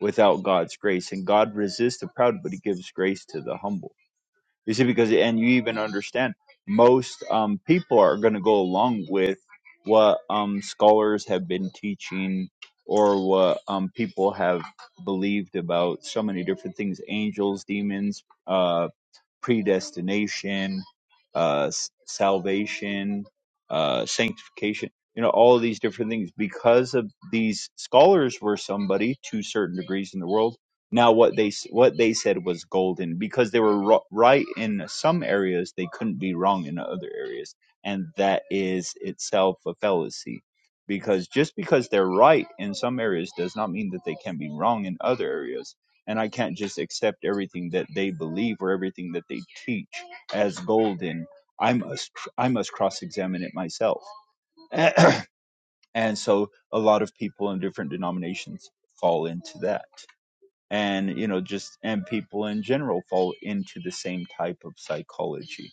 S4: without God's grace. And God resists the proud, but He gives grace to the humble you see, because and you even understand most um, people are going to go along with what um, scholars have been teaching or what um, people have believed about so many different things angels demons uh predestination, uh, s- salvation, uh, sanctification, you know, all of these different things. Because of these scholars were somebody to certain degrees in the world. Now, what they s- what they said was golden because they were ro- right in some areas, they couldn't be wrong in other areas, and that is itself a fallacy. Because just because they're right in some areas does not mean that they can be wrong in other areas and I can't just accept everything that they believe or everything that they teach as golden. I must I must cross examine it myself, and so a lot of people in different denominations fall into that, and you know just and people in general fall into the same type of psychology.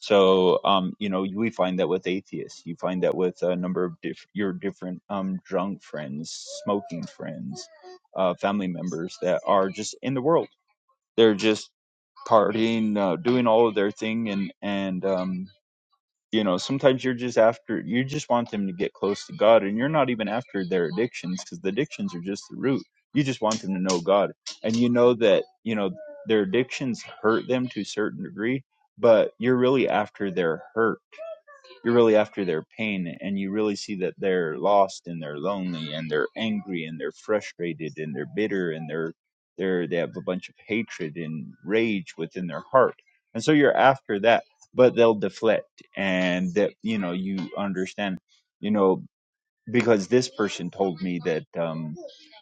S4: So um, you know we find that with atheists, you find that with a number of diff- your different um drunk friends, smoking friends, uh, family members that are just in the world they're just partying, uh, doing all of their thing, and and um, you know sometimes you're just after you just want them to get close to God, and you're not even after their addictions because the addictions are just the root. You just want them to know God, and you know that you know their addictions hurt them to a certain degree, but you're really after their hurt you're really after their pain, and you really see that they're lost and they're lonely and they're angry and they're frustrated and they're bitter and they're they're they have a bunch of hatred and rage within their heart, and so you're after that. But they'll deflect, and that you know you understand, you know, because this person told me that um,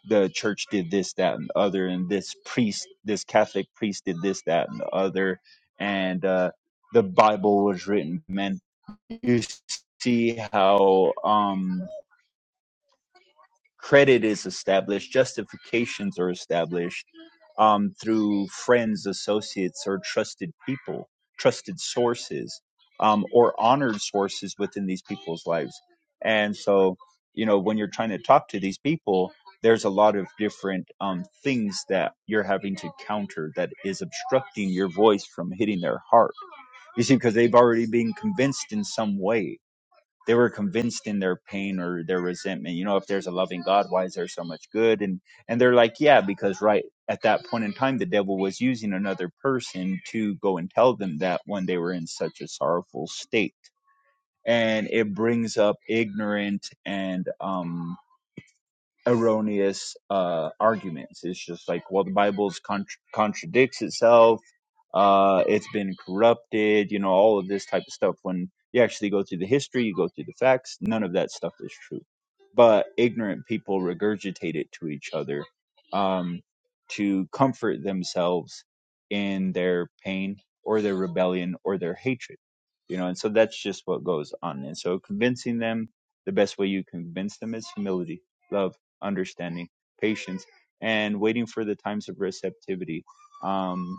S4: the church did this, that, and the other, and this priest, this Catholic priest did this, that, and the other, and uh, the Bible was written by men you see how um, credit is established, justifications are established um, through friends, associates, or trusted people, trusted sources, um, or honored sources within these people's lives. And so, you know, when you're trying to talk to these people, there's a lot of different um, things that you're having to counter that is obstructing your voice from hitting their heart. You see, because they've already been convinced in some way they were convinced in their pain or their resentment you know if there's a loving god why is there so much good and and they're like yeah because right at that point in time the devil was using another person to go and tell them that when they were in such a sorrowful state and it brings up ignorant and um erroneous uh, arguments. It's just like, well, the Bible con- contradicts itself. Uh, it's been corrupted. You know, all of this type of stuff. When you actually go through the history, you go through the facts. None of that stuff is true. But ignorant people regurgitate it to each other um, to comfort themselves in their pain or their rebellion or their hatred. You know, and so that's just what goes on. And so convincing them, the best way you convince them is humility love understanding, patience, and waiting for the times of receptivity. Um,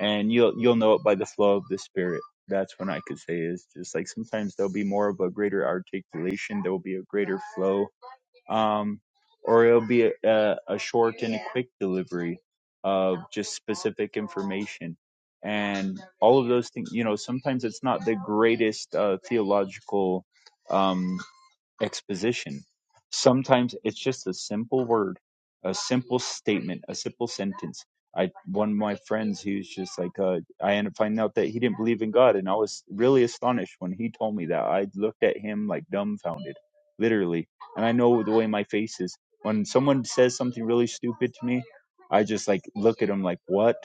S4: and you'll you'll know it by the flow of the Spirit. That's what I could say is just like sometimes there'll be more of a greater articulation, there will be a greater flow, um, or it'll be a, a, a short and a quick delivery of just specific information and all of those things you know sometimes it's not the greatest uh, theological um, exposition. Sometimes it's just a simple word, a simple statement, a simple sentence. I one of my friends, he was just like, uh, I ended up finding out that he didn't believe in God, and I was really astonished when he told me that. I looked at him like dumbfounded, literally. And I know the way my face is when someone says something really stupid to me. I just like look at him like, what?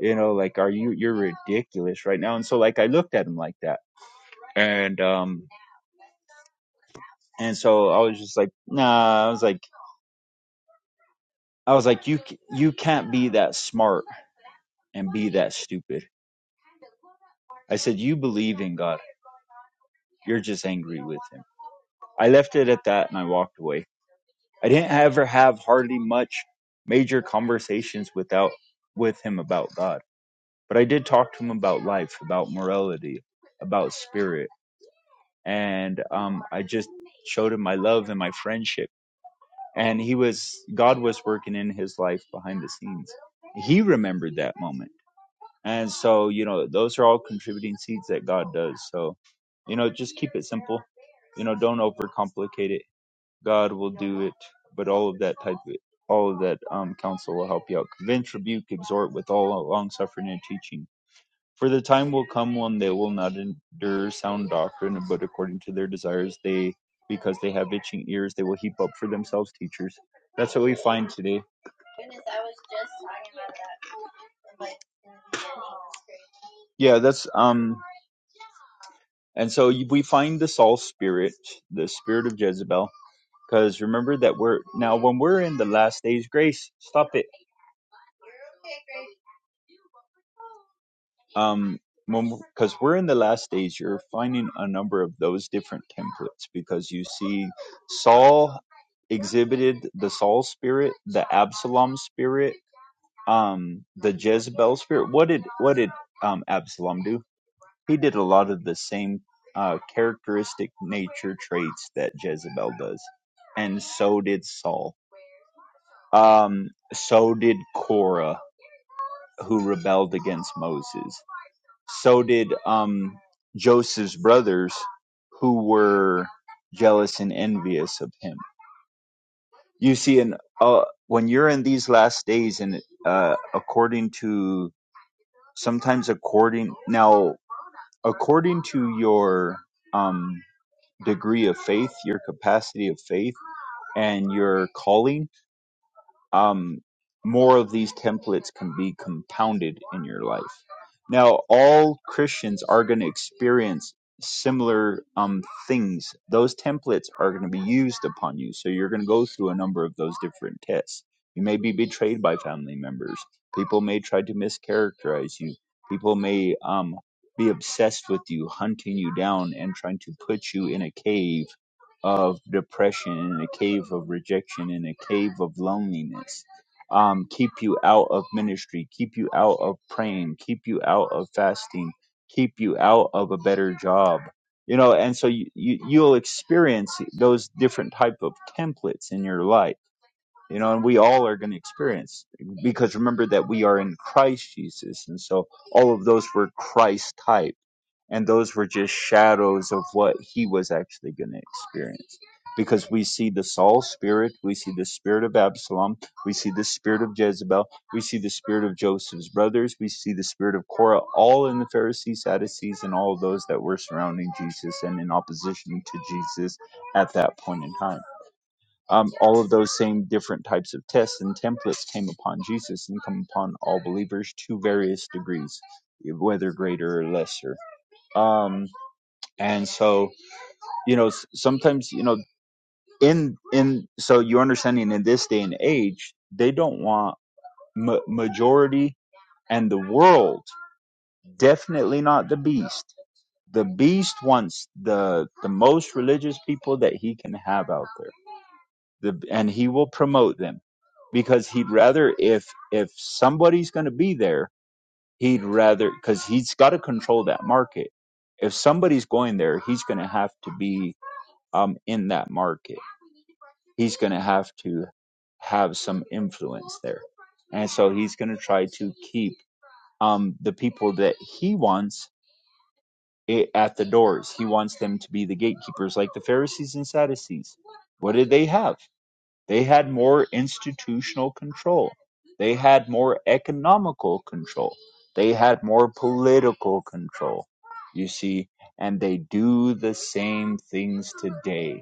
S4: You know, like, are you? You're ridiculous right now. And so like I looked at him like that, and um and so I was just like, nah, I was like, I was like, you, c- you can't be that smart and be that stupid. I said, you believe in God. You're just angry with him. I left it at that and I walked away. I didn't ever have hardly much major conversations without with him about God. But I did talk to him about life, about morality, about spirit. And um, I just showed him my love and my friendship. and he was god was working in his life behind the scenes he remembered that moment and so you know those are all contributing seeds that god does so you know just keep it simple you know don't overcomplicate it god will do it but all of that type of all of that um counsel will help you out convince rebuke exhort with all long suffering and teaching for the time will come when they will not endure sound doctrine, but according to their desires, they, because they have itching ears, they will heap up for themselves teachers. That's what we find today. Yeah, that's um, and so we find the Saul spirit, the spirit of Jezebel, because remember that we're now when we're in the last days grace. Stop it um because we're in the last days you're finding a number of those different templates because you see saul exhibited the saul spirit the absalom spirit um the jezebel spirit what did what did um absalom do he did a lot of the same uh characteristic nature traits that jezebel does and so did saul um so did korah who rebelled against moses so did um, Joseph's brothers, who were jealous and envious of him. You see, and uh, when you're in these last days, and uh, according to sometimes according now according to your um, degree of faith, your capacity of faith, and your calling um, more of these templates can be compounded in your life. Now, all Christians are going to experience similar um, things. Those templates are going to be used upon you. So you're going to go through a number of those different tests. You may be betrayed by family members. People may try to mischaracterize you. People may um, be obsessed with you, hunting you down and trying to put you in a cave of depression, in the cave of rejection, in the cave of loneliness. Um, keep you out of ministry, keep you out of praying, keep you out of fasting, keep you out of a better job. You know, and so you, you you'll experience those different type of templates in your life. You know, and we all are going to experience because remember that we are in Christ Jesus, and so all of those were Christ type and those were just shadows of what he was actually going to experience because we see the Saul spirit, we see the spirit of Absalom, we see the spirit of Jezebel, we see the spirit of Joseph's brothers, we see the spirit of Korah, all in the Pharisees, Sadducees, and all of those that were surrounding Jesus and in opposition to Jesus at that point in time. Um, all of those same different types of tests and templates came upon Jesus and come upon all believers to various degrees, whether greater or lesser. Um, and so you know s- sometimes you know in in so you're understanding in this day and age they don't want ma- majority and the world definitely not the beast the beast wants the the most religious people that he can have out there the, and he will promote them because he'd rather if if somebody's going to be there he'd rather because he's got to control that market if somebody's going there he's going to have to be um in that market he's going to have to have some influence there. And so he's going to try to keep um, the people that he wants eh, at the doors. He wants them to be the gatekeepers, like the Pharisees and Sadducees. What did they have? They had more institutional control, they had more economical control, they had more political control, you see, and they do the same things today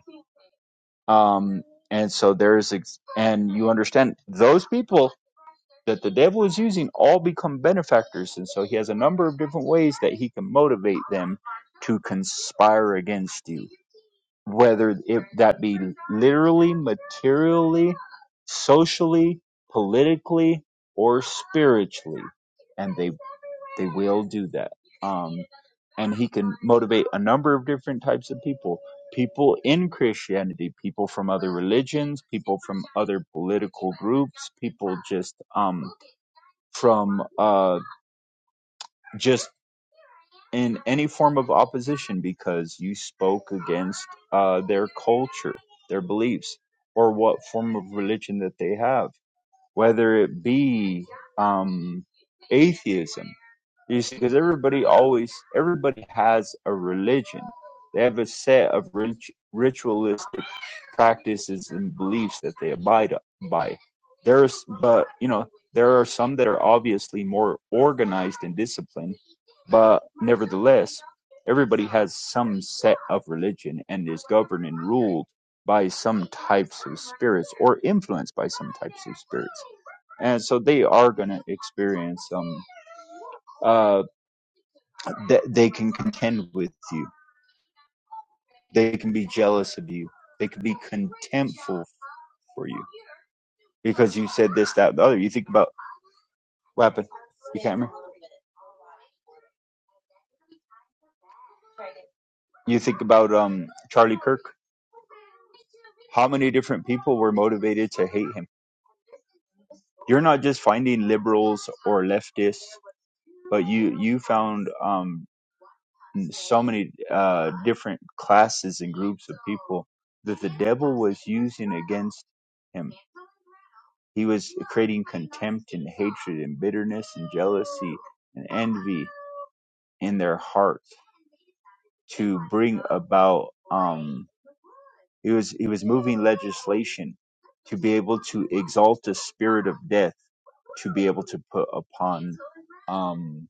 S4: um, and so there's ex- and you understand those people that the devil is using all become benefactors and so he has a number of different ways that he can motivate them to conspire against you whether it that be literally materially socially politically or spiritually and they. They will do that. Um, and he can motivate a number of different types of people people in christianity people from other religions people from other political groups people just um from uh just in any form of opposition because you spoke against uh their culture their beliefs or what form of religion that they have whether it be um atheism You see, because everybody always, everybody has a religion. They have a set of rit- ritualistic practices and beliefs that they abide by. There's, but you know, there are some that are obviously more organized and disciplined, but nevertheless, everybody has some set of religion and is governed and ruled by some types of spirits or influenced by some types of spirits. And so they are going to experience some uh, that they can contend with you. They can be jealous of you. They can be contemptful for you because you said this, that, the other. You think about what happened? You can't remember. You think about um Charlie Kirk. How many different people were motivated to hate him? You're not just finding liberals or leftists, but you you found um so many uh different classes and groups of people that the devil was using against him. He was creating contempt and hatred and bitterness and jealousy and envy in their hearts to bring about um he was he was moving legislation to be able to exalt a spirit of death to be able to put upon um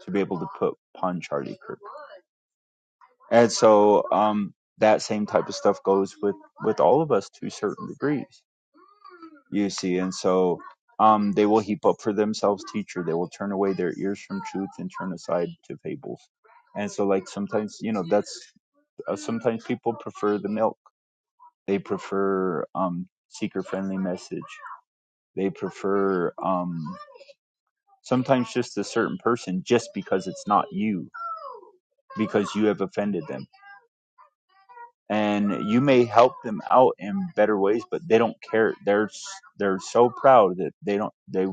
S4: to be able to put upon Charlie Kirk. And so um that same type of stuff goes with with all of us to certain degrees. You see, and so um, they will heap up for themselves teacher. They will turn away their ears from truth and turn aside to fables. And so, like sometimes, you know, that's uh, sometimes people prefer the milk. They prefer um, seeker friendly message. They prefer um, sometimes just a certain person just because it's not you because you have offended them. And you may help them out in better ways, but they don't care. They're s- they're so proud that they don't. they.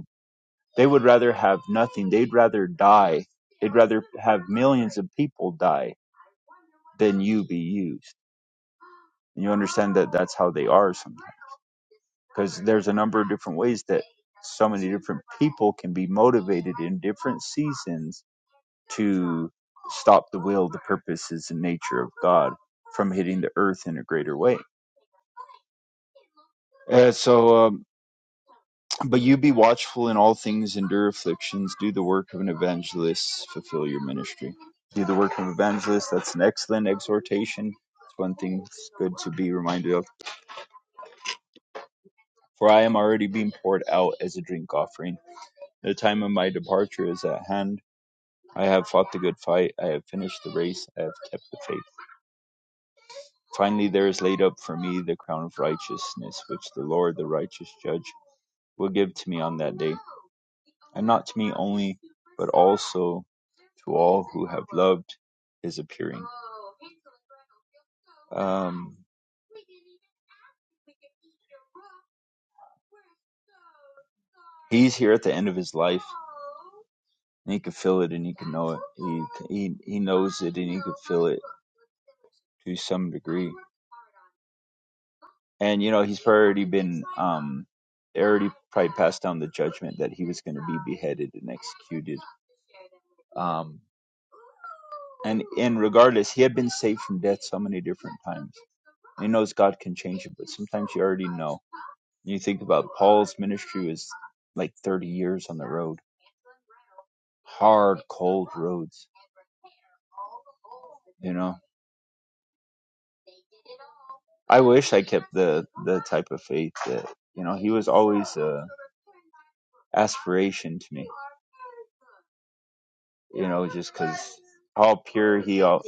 S4: They would rather have nothing. They'd rather die. They'd rather have millions of people die than you be used. And you understand that that's how they are sometimes. Because there's a number of different ways that so many different people can be motivated in different seasons to stop the will, the purposes, and nature of God from hitting the earth in a greater way. Uh, so, um, But you be watchful in all things, endure afflictions, do the work of an evangelist, fulfill your ministry. Do the work of an evangelist. That's an excellent exhortation. It's one thing it's good to be reminded of. For I am already being poured out as a drink offering. The time of my departure is at hand. I have fought the good fight. I have finished the race. I have kept the faith. Finally, there is laid up for me the crown of righteousness, which the Lord, the righteous judge, will give to me on that day, and not to me only, but also to all who have loved his appearing. Um, he's here at the end of his life, and he can feel it, and he can know it. He he he knows it, and he can feel it to some degree. And you know, he's already been um, already probably passed down the judgment that he was going to be beheaded and executed. Um, and and regardless, he had been saved from death so many different times. He knows God can change it, but sometimes you already know. You think about Paul's ministry was like 30 years on the road, hard, cold roads. You know, I wish I kept the the type of faith that you know he was always a aspiration to me. You know, just because how pure he all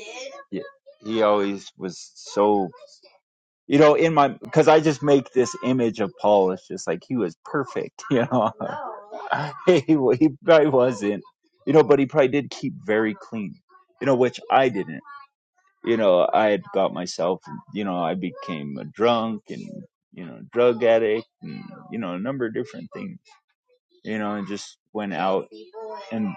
S4: he always was so you know, in my because I just make this image of Paul as just like he was perfect, you know. he he probably wasn't, you know, but he probably did keep very clean, you know, which I didn't. You know, I had got myself, you know, I became a drunk and you know drug addict and you know a number of different things, you know, and just went out and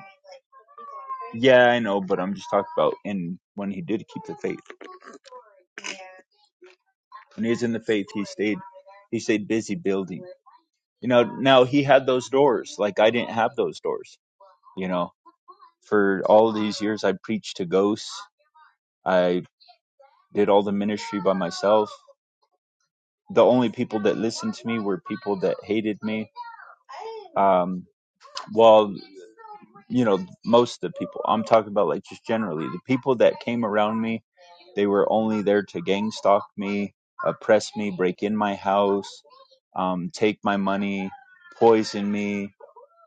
S4: yeah, I know, but I'm just talking about and when he did keep the faith. When he was in the faith, he stayed he stayed busy building you know now he had those doors like i didn't have those doors you know for all these years i preached to ghosts i did all the ministry by myself the only people that listened to me were people that hated me um, well, you know most of the people i'm talking about like just generally the people that came around me they were only there to gang stalk me oppress me break in my house um, take my money poison me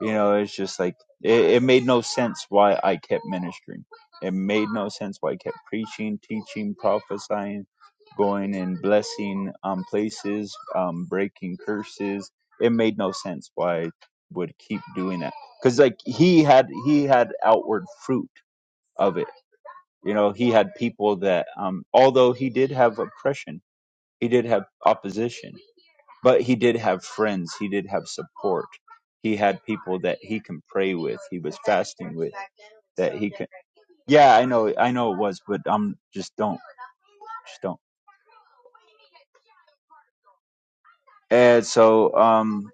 S4: you know it's just like it, it made no sense why i kept ministering it made no sense why i kept preaching teaching prophesying going and blessing um, places um, breaking curses it made no sense why i would keep doing that because like he had he had outward fruit of it you know he had people that um although he did have oppression he did have opposition but he did have friends he did have support he had people that he can pray with he was fasting with that he can yeah i know i know it was but i'm just don't just don't and so um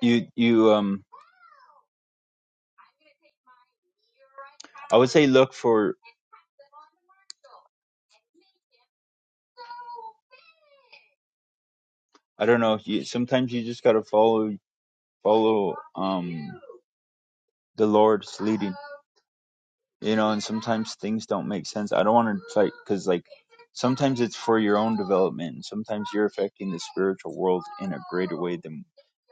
S4: you you um i would say look for I don't know. You, sometimes you just gotta follow follow um the Lord's leading, you know. And sometimes things don't make sense. I don't want to fight because like sometimes it's for your own development. And sometimes you're affecting the spiritual world in a greater way than,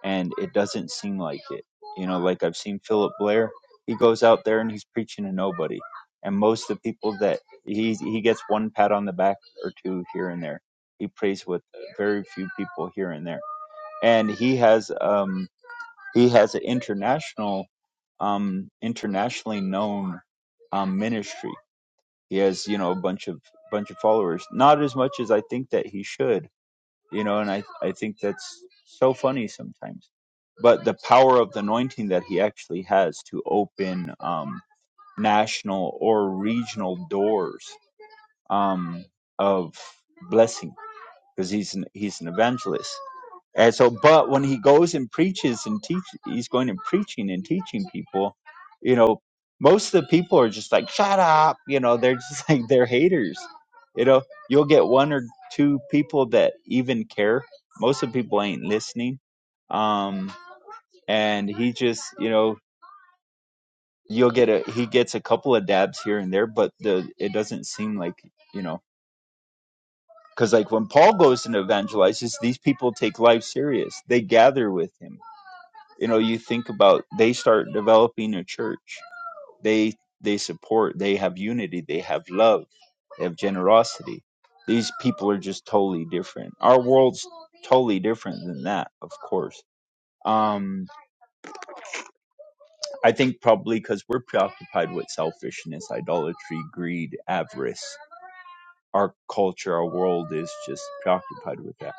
S4: and it doesn't seem like it. You know, like I've seen Philip Blair. He goes out there and he's preaching to nobody, and most of the people that he he gets one pat on the back or two here and there. He prays with very few people here and there and he has um he has an international um internationally known um ministry he has you know a bunch of bunch of followers not as much as i think that he should you know and i i think that's so funny sometimes but the power of the anointing that he actually has to open um national or regional doors um of blessing because he's an, he's an evangelist and so, but when he goes and preaches and teach, he's going and preaching and teaching people. You know, most of the people are just like, "Shut up!" You know, they're just like they're haters. You know, you'll get one or two people that even care. Most of the people ain't listening. Um, and he just, you know, you'll get a he gets a couple of dabs here and there, but the it doesn't seem like you know. Because like when Paul goes and evangelizes, these people take life serious. They gather with him you know you think about they start developing a church they they support they have unity they have love they have generosity these people are just totally different our world's totally different than that of course um i think probably because we're preoccupied with selfishness idolatry greed avarice our culture our world is just preoccupied with that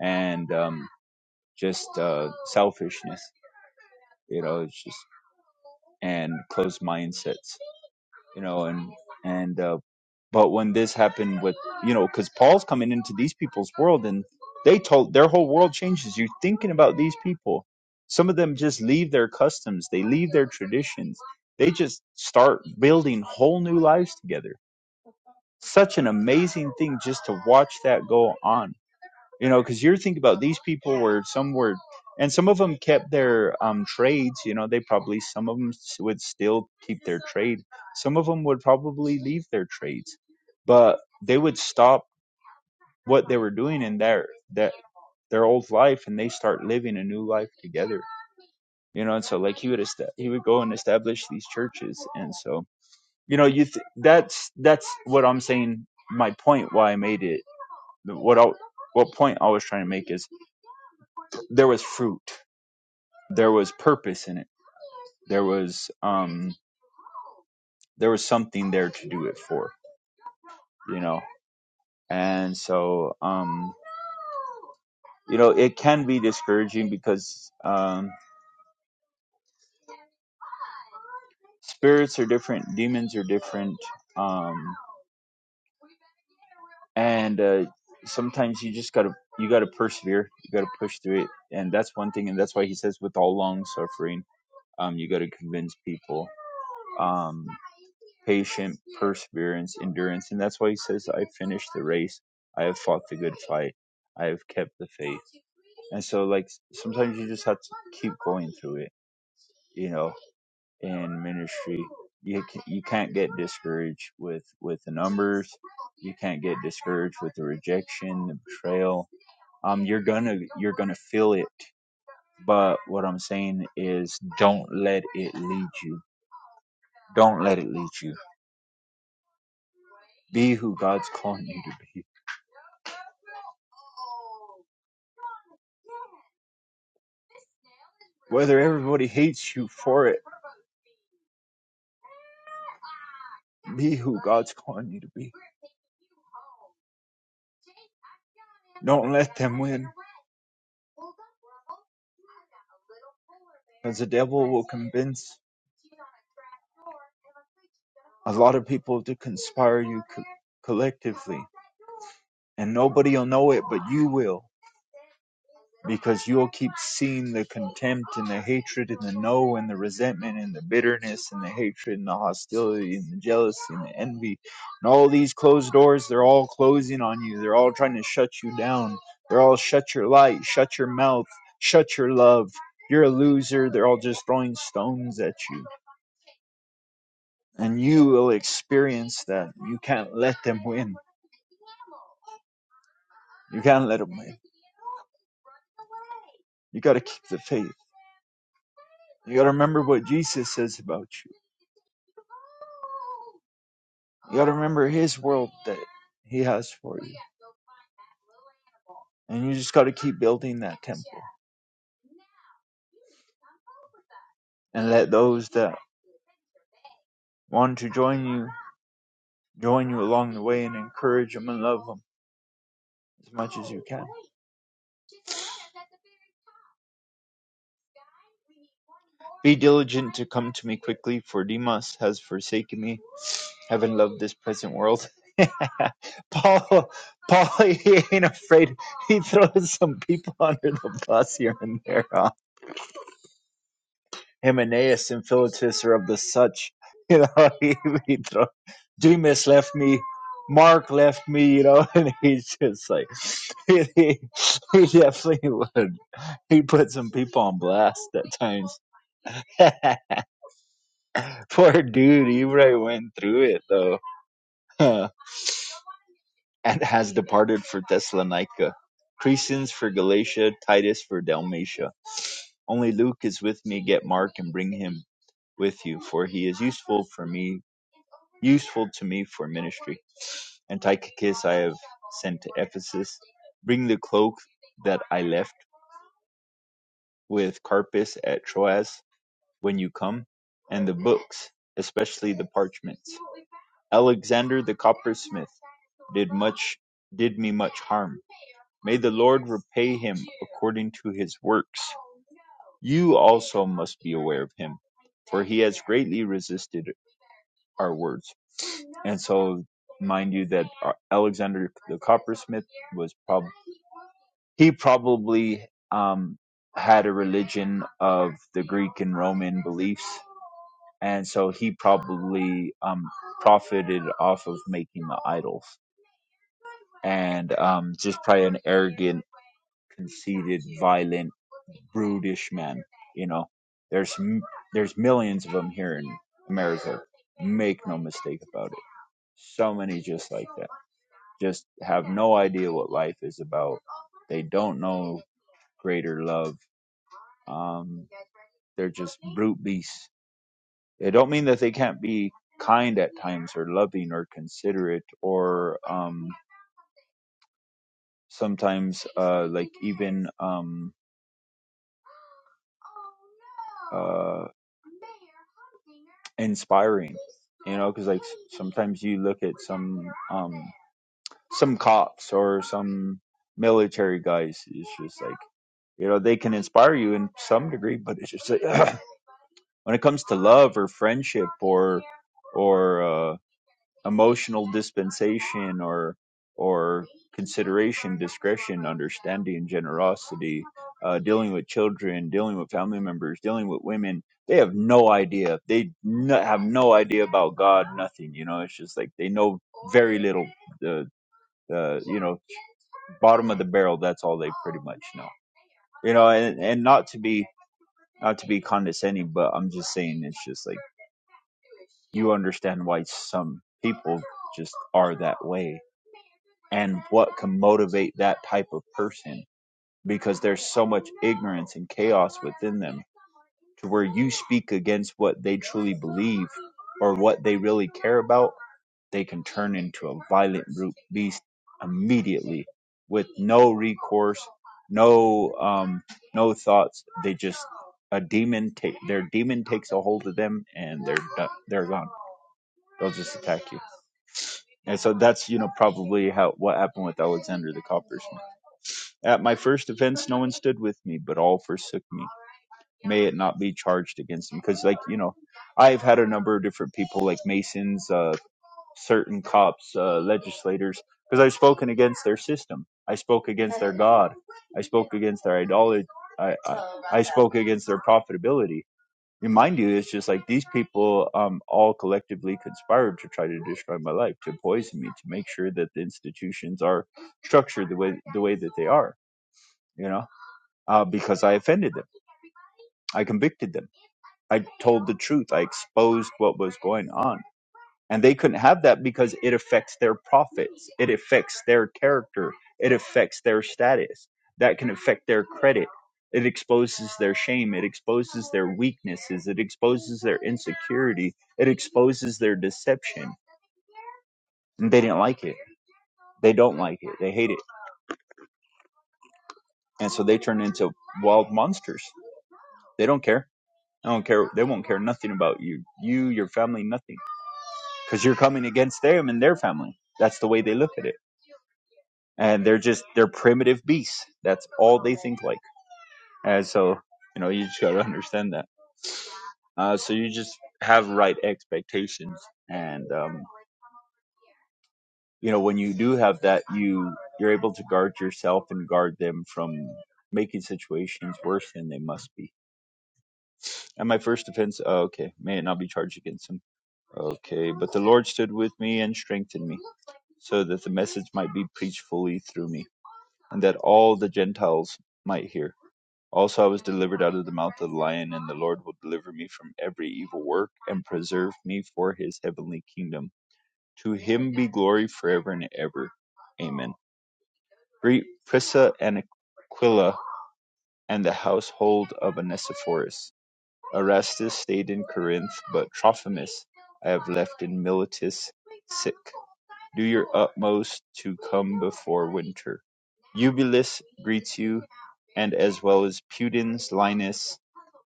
S4: and um just uh selfishness you know it's just and closed mindsets you know, and and uh, but when this happened with you know, because Paul's coming into these people's world and they told their whole world changes. You're thinking about these people. Some of them just leave their customs, they leave their traditions, they just start building whole new lives together. Such an amazing thing just to watch that go on you know because you're thinking about these people were some were and some of them kept their um, trades you know they probably some of them would still keep their trade some of them would probably leave their trades but they would stop what they were doing in their that their old life and they start living a new life together you know and so like he would est- he would go and establish these churches and so you know you th- that's that's what i'm saying my point why i made it what I, what point i was trying to make is there was fruit there was purpose in it. There was um there was something there to do it for, you know. And so um you know, it can be discouraging because um spirits are different, demons are different. Um and uh sometimes you just got to you got to persevere, you got to push through it. And that's one thing and that's why he says with all long suffering, um you got to convince people. Um patient perseverance, endurance. And that's why he says, I finished the race. I have fought the good fight. I have kept the faith. And so, like, sometimes you just have to keep going through it, you know, in ministry. You, ca- you can't get discouraged with, with the numbers. You can't get discouraged with the rejection, the betrayal. Um, you're gonna you're gonna feel it, but what I'm saying is, don't let it lead you. Don't let it lead you be who God's calling you to be. Whether everybody hates you for it, be who God's calling you to be. Don't let them win, because the devil will convince a lot of people to conspire you co- collectively, and nobody will know it, but you will. because you'll keep seeing the contempt and the hatred and the no and the resentment and the bitterness and the hatred and the hostility and the jealousy and the envy and all these closed doors they're all closing on you they're all trying to shut you down they're all shut your light shut your mouth shut your love you're a loser they're all just throwing stones at you and you will experience that you can't let them win you can't let them win you got to keep the faith You gotta remember what Jesus says about you. You gotta remember His world that He has for you. And you just gotta keep building that temple and let those that want to join you join you along the way and encourage them and love them as much as you can. Be diligent to come to me quickly, for Demas has forsaken me, having loved this present world. Paul, Paul, he ain't afraid. He throws some people under the bus here and there. huh? Hymenaeus and Philetus are of the such. You know, he, he throw, Demas left me. Mark left me, you know, and he's just like, he, he, he definitely would. He put some people on blast at times. Poor dude, Ibra went through it though, and has departed for Thessalonica, Crescens for Galatia, Titus for Dalmatia. Only Luke is with me. Get Mark and bring him with you, for he is useful for me, useful to me for ministry. And Tychicus I have sent to Ephesus. Bring the cloak that I left with Carpus at Troas when you come, and the books, especially the parchments. Alexander the coppersmith did much did me much harm. May the Lord repay him according to his works. You also must be aware of him, for he has greatly resisted our words. And so, mind you, that uh, Alexander the coppersmith was prob he probably um, had a religion of the Greek and Roman beliefs, and so he probably um, profited off of making the idols and um, just probably an arrogant, conceited, violent, brutish man. You know, there's there's millions of them here in America. Make no mistake about it. So many just like that. Just have no idea what life is about. They don't know greater love. Um, they're just brute beasts. It don't mean that they can't be kind at times or loving or considerate or um, sometimes uh, like even um, uh inspiring you know because like s- sometimes you look at some um some cops or some military guys it's just like you know they can inspire you in some degree but it's just like, when it comes to love or friendship or or uh, emotional dispensation or or consideration discretion understanding generosity uh, dealing with children dealing with family members dealing with women they have no idea they no, have no idea about god nothing you know it's just like they know very little the the you know bottom of the barrel that's all they pretty much know you know and, and not to be not to be condescending but i'm just saying it's just like you understand why some people just are that way and what can motivate that type of person because there's so much ignorance and chaos within them to where you speak against what they truly believe or what they really care about they can turn into a violent brute beast immediately with no recourse no um no thoughts they just a demon take their demon takes a hold of them and they're done, they're gone they'll just attack you and so that's you know probably how what happened with alexander the coppersmith At my first offense, no one stood with me, but all forsook me. May it not be charged against them. Because, like, you know, I've had a number of different people, like Masons, uh, certain cops, uh, legislators, because I've spoken against their system. I spoke against their God. I spoke against their idolatry. I, I, I spoke against their profitability. And mind you, it's just like these people um, all collectively conspired to try to destroy my life, to poison me, to make sure that the institutions are structured the way the way that they are. You know, uh, because I offended them. I convicted them. I told the truth. I exposed what was going on. And they couldn't have that because it affects their profits, it affects their character, it affects their status. That can affect their credit. It exposes their shame, it exposes their weaknesses, it exposes their insecurity, it exposes their deception. And they didn't like it. They don't like it. They hate it. And so they turn into wild monsters. They don't care I don't care. They won't care nothing about you, you, your family, nothing, because you're coming against them and their family. That's the way they look at it, and they're just they're primitive beasts. That's all they think like, and so you know you just gotta understand that. Uh, so you just have right expectations, and um, you know when you do have that, you you're able to guard yourself and guard them from making situations worse than they must be. And my first offense, oh, okay, may it not be charged against him Okay, but the Lord stood with me and strengthened me, so that the message might be preached fully through me, and that all the Gentiles might hear. Also, I was delivered out of the mouth of the lion, and the Lord will deliver me from every evil work and preserve me for his heavenly kingdom. To him be glory forever and ever. Amen. Greet Prissa and Aquila and the household of Onesiphorus. Erastus stayed in Corinth, but Trophimus I have left in Miletus Do your utmost to come before winter. Eubulus greets you, and as well as Pudens, Linus,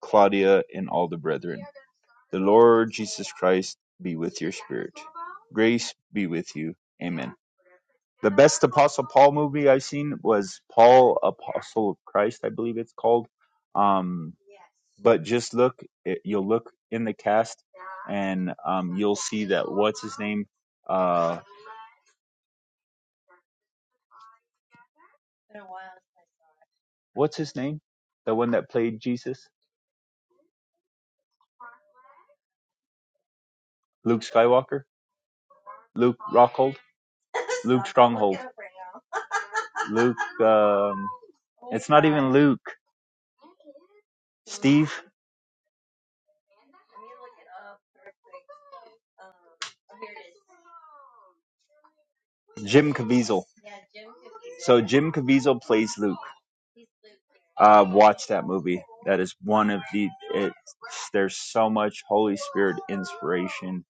S4: Claudia, and all the brethren. The Lord Jesus Christ be with your spirit. Grace be with you. Amen. The best Apostle Paul movie I've seen was Paul Apostle of Christ, I believe it's called. Um, but just look, it, you'll look in the cast, and um, you'll see that what's his name, uh, what's his name? The one that played Jesus? Luke Skywalker? Luke Rockhold? Luke Stronghold? Luke, um, it's not even Luke. Steve? Jim Caviezel. So Jim Caviezel plays Luke. Uh, watch that movie. That is one of the, it's, there's so much Holy Spirit inspiration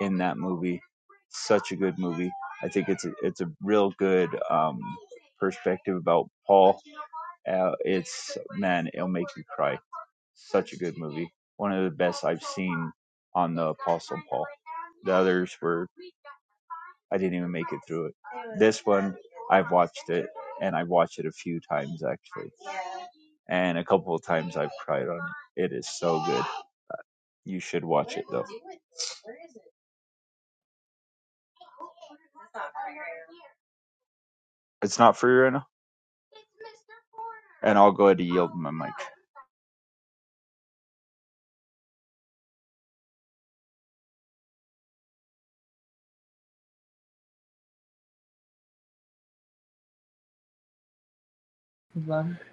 S4: in that movie. Such a good movie. I think it's a, it's a real good um, perspective about Paul Uh, it's man, it'll make you cry. Such a good movie. One of the best I've seen on the Apostle Paul. The others were I didn't even make it through it. This one I've watched it and I've watched it a few times actually. And a couple of times I've cried on it. It is so good. You should watch it though. It's not free right now. And I'll go ahead and yield my mic.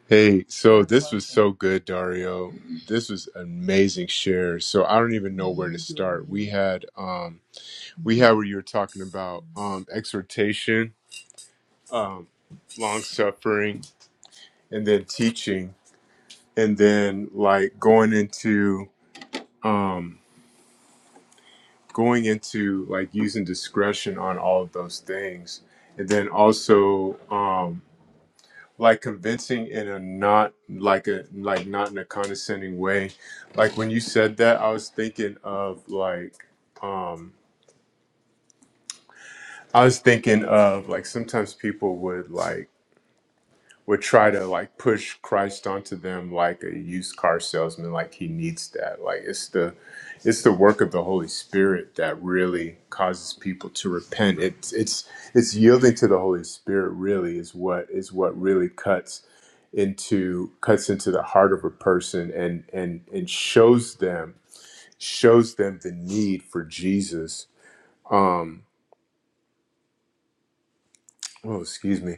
S1: hey, so this was so good, Dario. This was amazing share. So I don't even know where to start. We had um, we had where you were talking about um, exhortation, um, long suffering, and then teaching, and then like going into um going into like using discretion on all of those things and then also um like convincing in a not like a like not in a condescending way like when you said that i was thinking of like um i was thinking of like sometimes people would like would try to like push Christ onto them like a used car salesman, like he needs that. Like it's the it's the work of the Holy Spirit that really causes people to repent. It's it's it's yielding to the Holy Spirit really is what is what really cuts into cuts into the heart of a person and and and shows them shows them the need for Jesus. Um Oh, excuse me.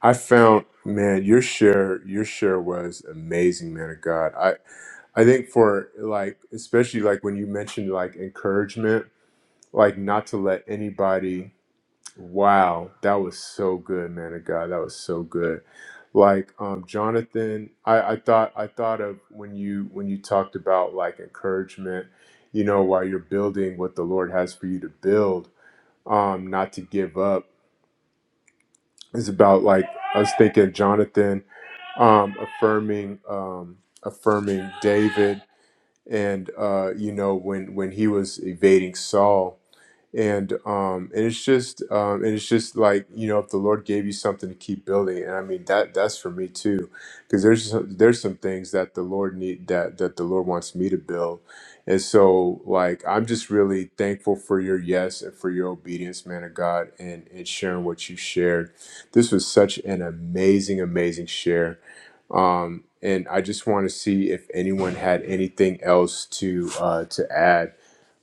S1: I found, man, your share, your share was amazing, man of God. I, I think for like, especially like when you mentioned like encouragement, like not to let anybody. Wow, that was so good, man of God. That was so good. Like um, Jonathan, I, I thought I thought of when you when you talked about like encouragement, you know, while you're building what the Lord has for you to build, um, not to give up it's about like I was thinking Jonathan um, affirming um, affirming David, and uh, you know when when he was evading Saul and um and it's just um and it's just like you know if the lord gave you something to keep building and i mean that that's for me too because there's some- there's some things that the lord need that that the lord wants me to build and so like i'm just really thankful for your yes and for your obedience man of god and and sharing what you shared this was such an amazing amazing share um and i just want to see if anyone had anything else to uh to add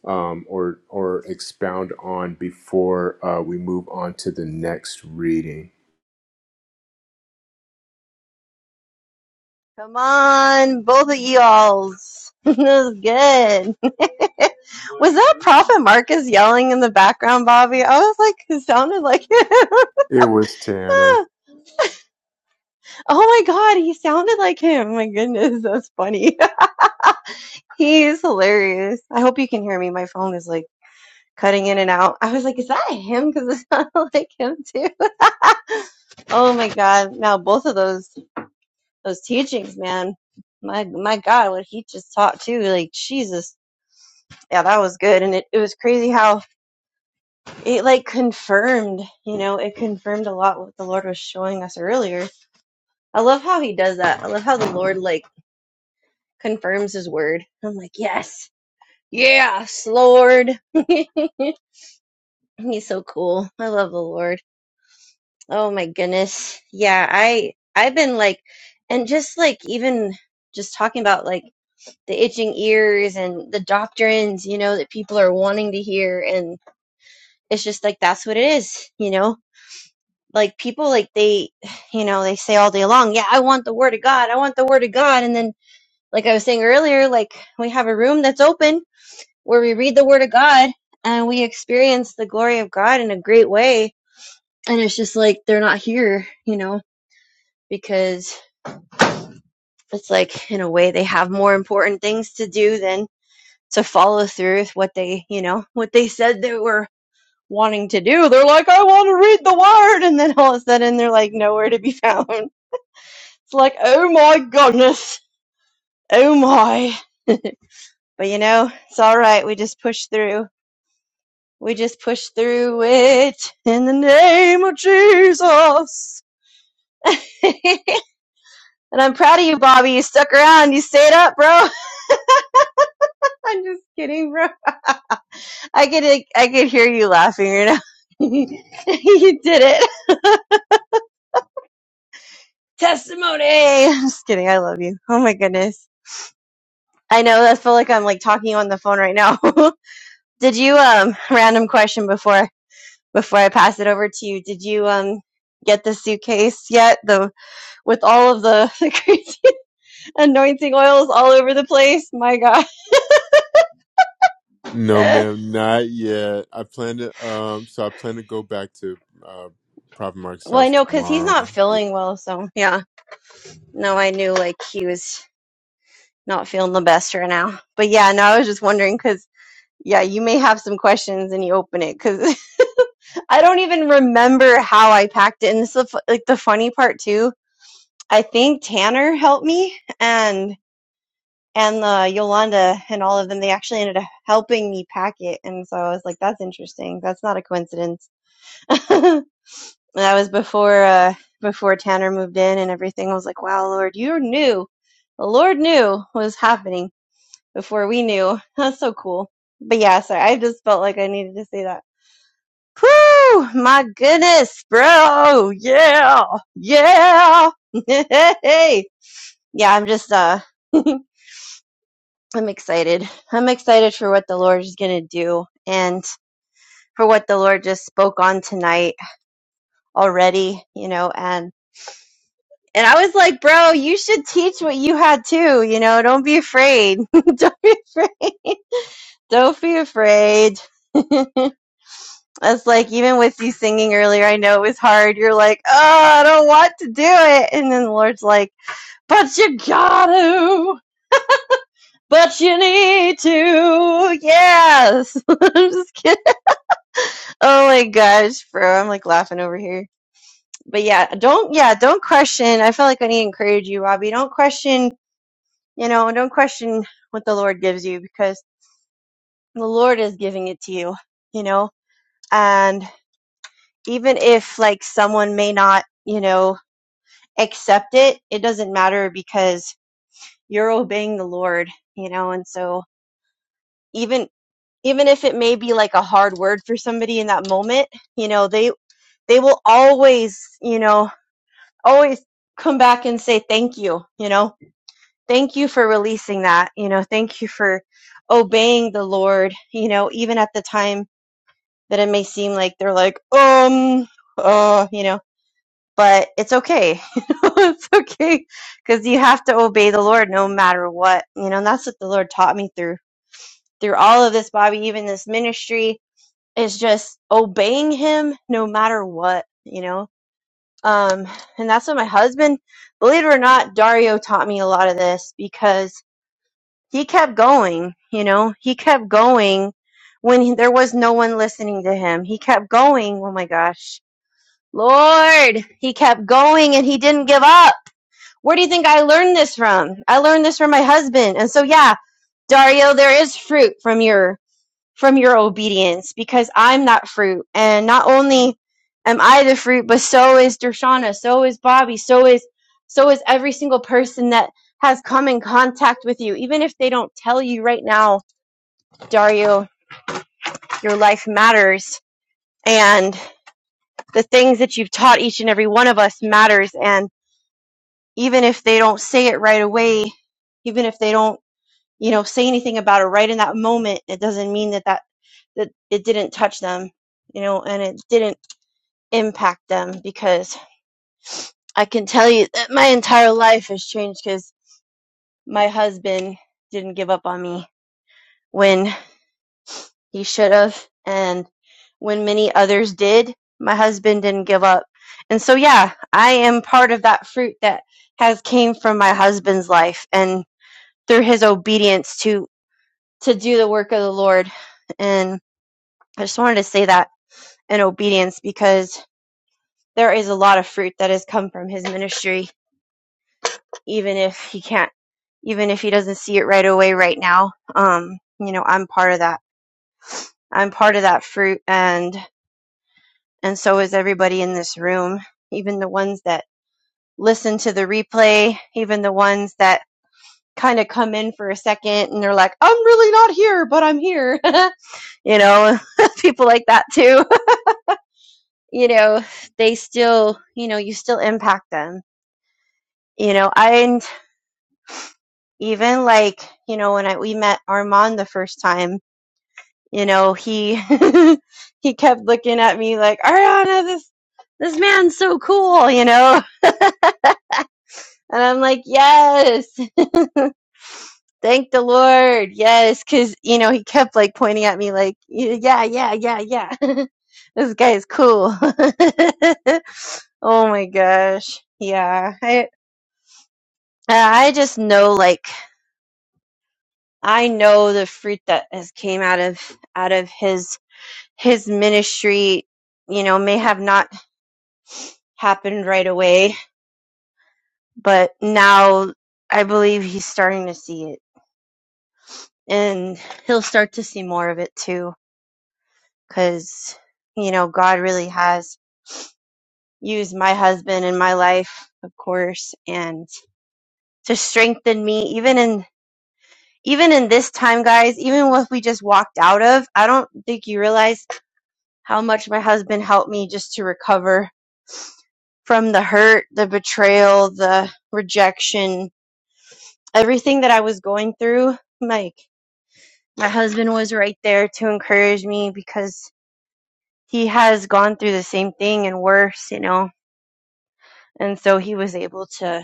S1: um, or or expound on before uh, we move on to the next reading?
S2: Come on, both of y'alls. that was good. Was that Prophet Marcus yelling in the background, Bobby? I was like, it sounded like him.
S1: It was Tanner.
S2: oh my God, he sounded like him. My goodness, that's funny. He's hilarious. I hope you can hear me. My phone is like cutting in and out. I was like, is that him? Because it sounded like him too. Oh my God. Now both of those those teachings, man. My my God, what he just taught too. Like Jesus. Yeah, that was good. And it, it was crazy how it like confirmed, you know, it confirmed a lot what the Lord was showing us earlier. I love how he does that. I love how the Lord like confirms his word. I'm like, yes. Yes, Lord. He's so cool. I love the Lord. Oh my goodness. Yeah, I I've been like and just like even just talking about like the itching ears and the doctrines, you know, that people are wanting to hear. And it's just like, that's what it is, you know? Like people, like they, you know, they say all day long, yeah, I want the word of God. I want the word of God. And then, like I was saying earlier, like we have a room that's open where we read the word of God and we experience the glory of God in a great way. And it's just like, they're not here, you know, because it's like, in a way, they have more important things to do than to follow through with what they, you know, what they said they were wanting to do. They're like, I want to read the word. And then all of a sudden they're like, nowhere to be found. It's like, oh my goodness. Oh my. But you know, it's all right. We just push through. We just push through it in the name of Jesus. and I'm proud of you, Bobby. You stuck around. You stayed up, bro. I'm just kidding, bro. I could I could hear you laughing right now. you did it. testimony. I'm just kidding. I love you. Oh my goodness. I know. I feel like I'm like talking on the phone right now. did you um random question before before I pass it over to you? Did you um get the suitcase yet? The with all of the, the crazy anointing oils all over the place. My God.
S1: No,
S2: Eh.
S1: ma'am, not yet. I plan to um, so I plan to go back to uh, Prophet Mark's
S2: well, I
S1: house
S2: know because he's not
S1: tomorrow.
S2: feeling well. So yeah. No, I knew like he was not feeling the best right now. But yeah, no, I was just wondering because yeah, you may have some questions and you open it because I don't even remember how I packed it. And this is the, like the funny part too. I think Tanner helped me and and the Yolanda and all of them. They actually ended up helping me pack it. And so I was like, that's interesting. That's not a coincidence. And that was before uh, before Tanner moved in and everything. I was like, wow, Lord, you knew. The Lord knew what was happening before we knew. That's so cool. But yeah, sorry. I just felt like I needed to say that. Whew, my goodness, bro. Yeah. Yeah. Hey. Yeah, I'm just uh I'm excited. I'm excited for what the Lord is going to do and for what the Lord just spoke on tonight already, you know, and and I was like, bro, you should teach what you had too, you know, don't be afraid. don't be afraid. Don't be afraid. That's like even with you singing earlier, I know it was hard. You're like, oh, I don't want to do it. And then the Lord's like, But you gotta, but you need to. Yes. I'm just kidding. Oh my gosh, bro. I'm like laughing over here. But yeah, don't, yeah, don't question. I feel like I need to encourage you, Robbie. Don't question, you know, don't question what the Lord gives you because the Lord is giving it to you, you know? And even if like someone may not, you know, accept it, it doesn't matter because you're obeying the Lord, you know? And so, even even if it may be like a hard word for somebody in that moment, you know, they they will always, you know, always come back and say thank you, you know. Thank you for releasing that, you know. Thank you for obeying the Lord, you know, even at the time that it may seem like they're like, um, uh, you know, but it's okay. it's okay because you have to obey the Lord no matter what, you know, and that's what the Lord taught me through through all of this, Bobby, even this ministry is just obeying him no matter what, you know? Um, and that's what my husband, believe it or not, Dario taught me a lot of this because he kept going, you know? He kept going when he, there was no one listening to him. He kept going. Oh my gosh. Lord, he kept going and he didn't give up. Where do you think I learned this from? I learned this from my husband. And so, yeah, Dario, there is fruit from your from your obedience because I'm that fruit. And not only am I the fruit, but so is Dershana, so is Bobby, so is so is every single person that has come in contact with you. Even if they don't tell you right now, Dario, your life matters and the things that you've taught each and every one of us matters and even if they don't say it right away, even if they don't, you know, say anything about it right in that moment, it doesn't mean that that, that it didn't touch them you know, and it didn't impact them because I can tell you that my entire life has changed because my husband didn't give up on me when he should have, and when many others did, my husband didn't give up. And so, yeah, I am part of that fruit that has came from my husband's life and through his obedience to to do the work of the Lord. And I just wanted to say that in obedience because there is a lot of fruit that has come from his ministry even if he can't even if he doesn't see it right away right now um you know i'm part of that i'm part of that fruit and and so is everybody in this room even the ones that listen to the replay even the ones that kind of come in for a second and they're like i'm really not here but i'm here you know people like that too you know they still you know you still impact them you know i and even like you know when i we met armand the first time you know he he kept looking at me like ariana this this man's so cool you know and i'm like yes thank the lord yes because you know he kept like pointing at me like yeah yeah yeah yeah this guy is cool oh my gosh yeah i i just know like i know the fruit that has came out of out of his his ministry you know may have not happened right away But now I believe he's starting to see it. And he'll start to see more of it too. Because, you know, God really has used my husband in my life, of course, and to strengthen me, even in. Even in this time, guys, even what we just walked out of, I don't think you realize how much my husband helped me just to recover from the hurt, the betrayal, the rejection, everything that I was going through. Like, my husband was right there to encourage me because he has gone through the same thing and worse, you know. And so he was able to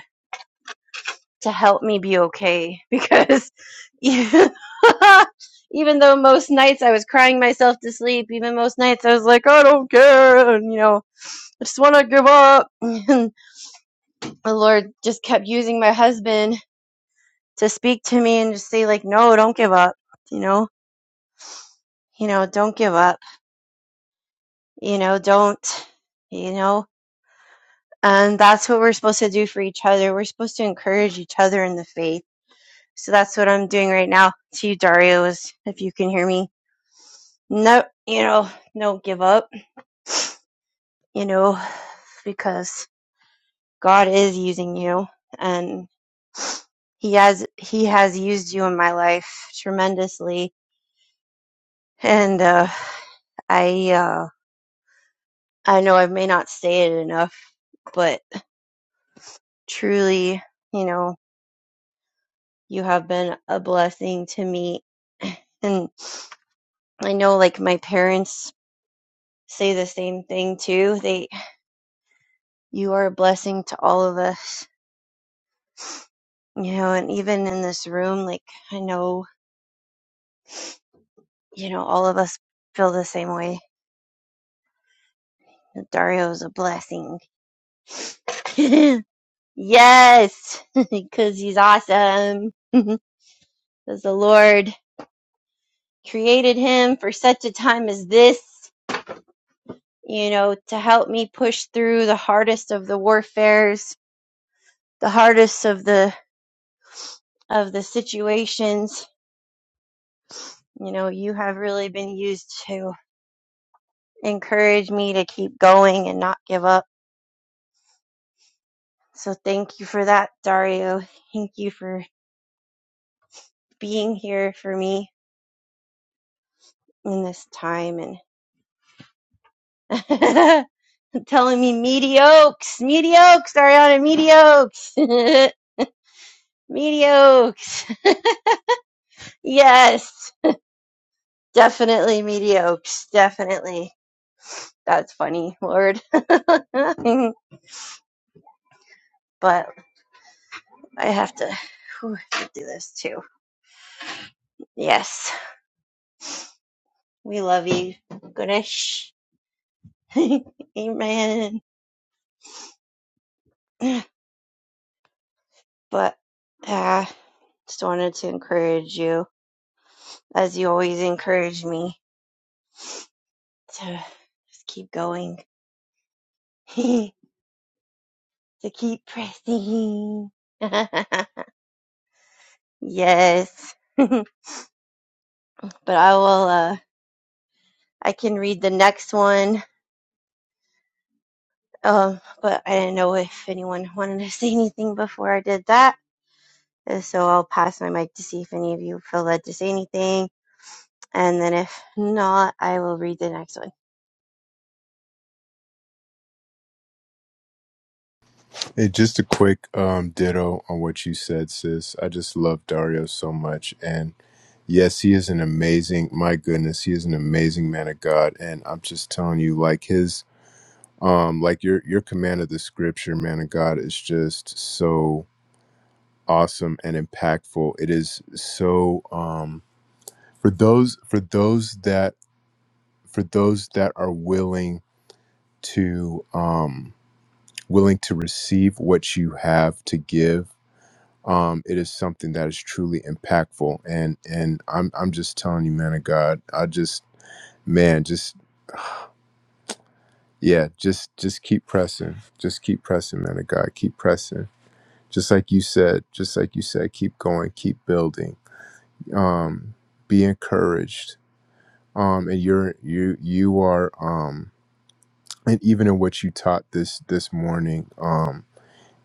S2: to help me be okay because even, even though most nights I was crying myself to sleep, even most nights I was like, I don't care, and you know, I just want to give up. And the Lord just kept using my husband to speak to me and just say like, no, don't give up, you know, you know, don't give up, you know, don't, you know. And that's what we're supposed to do for each other. We're supposed to encourage each other in the faith. So that's what I'm doing right now to you, Dario, is if you can hear me. No, you know, don't give up, you know, because God is using you and he has, he has used you in my life tremendously. And, uh, I, uh, I know I may not say it enough, but truly, you know, you have been a blessing to me and I know like my parents say the same thing too. They you are a blessing to all of us. You know, and even in this room, like I know, you know, all of us feel the same way. Dario is a blessing. yes, because he's awesome. Because the Lord created him for such a time as this, you know, to help me push through the hardest of the warfares, the hardest of the of the situations You know, you have really been used to encourage me to keep going and not give up. So thank you for that, Dario. Thank you for being here for me in this time and telling me mediocres, mediocres, Ariana, mediocres, mediocres. Yes, definitely mediocres, definitely. That's funny, Lord. but I have to, whew, I have to do this too. Yes. We love you, Ganesh. Amen. But uh, just wanted to encourage you, as you always encourage me, to just keep going, to keep pressing. yes. but I will, uh, I can read the next one. Um, but I didn't know if anyone wanted to say anything before I did that. And So I'll pass my mic to see if any of you feel led to say anything And then if not, I will read the next one.
S1: Hey, just a quick um, ditto on what you said, sis. I just love Dario so much, and yes, he is an amazing. My goodness, he is an amazing man of God, and I'm just telling you, like his um like your your command of the scripture man of god is just so awesome and impactful it is so um for those for those that for those that are willing to um willing to receive what you have to give um it is something that is truly impactful and and i'm i'm just telling you man of god i just man just yeah just just keep pressing just keep pressing man of god keep pressing just like you said, just like you said, keep going, keep building. Um, be encouraged. Um, and you're you you are um, and even in what you taught this this morning. Um,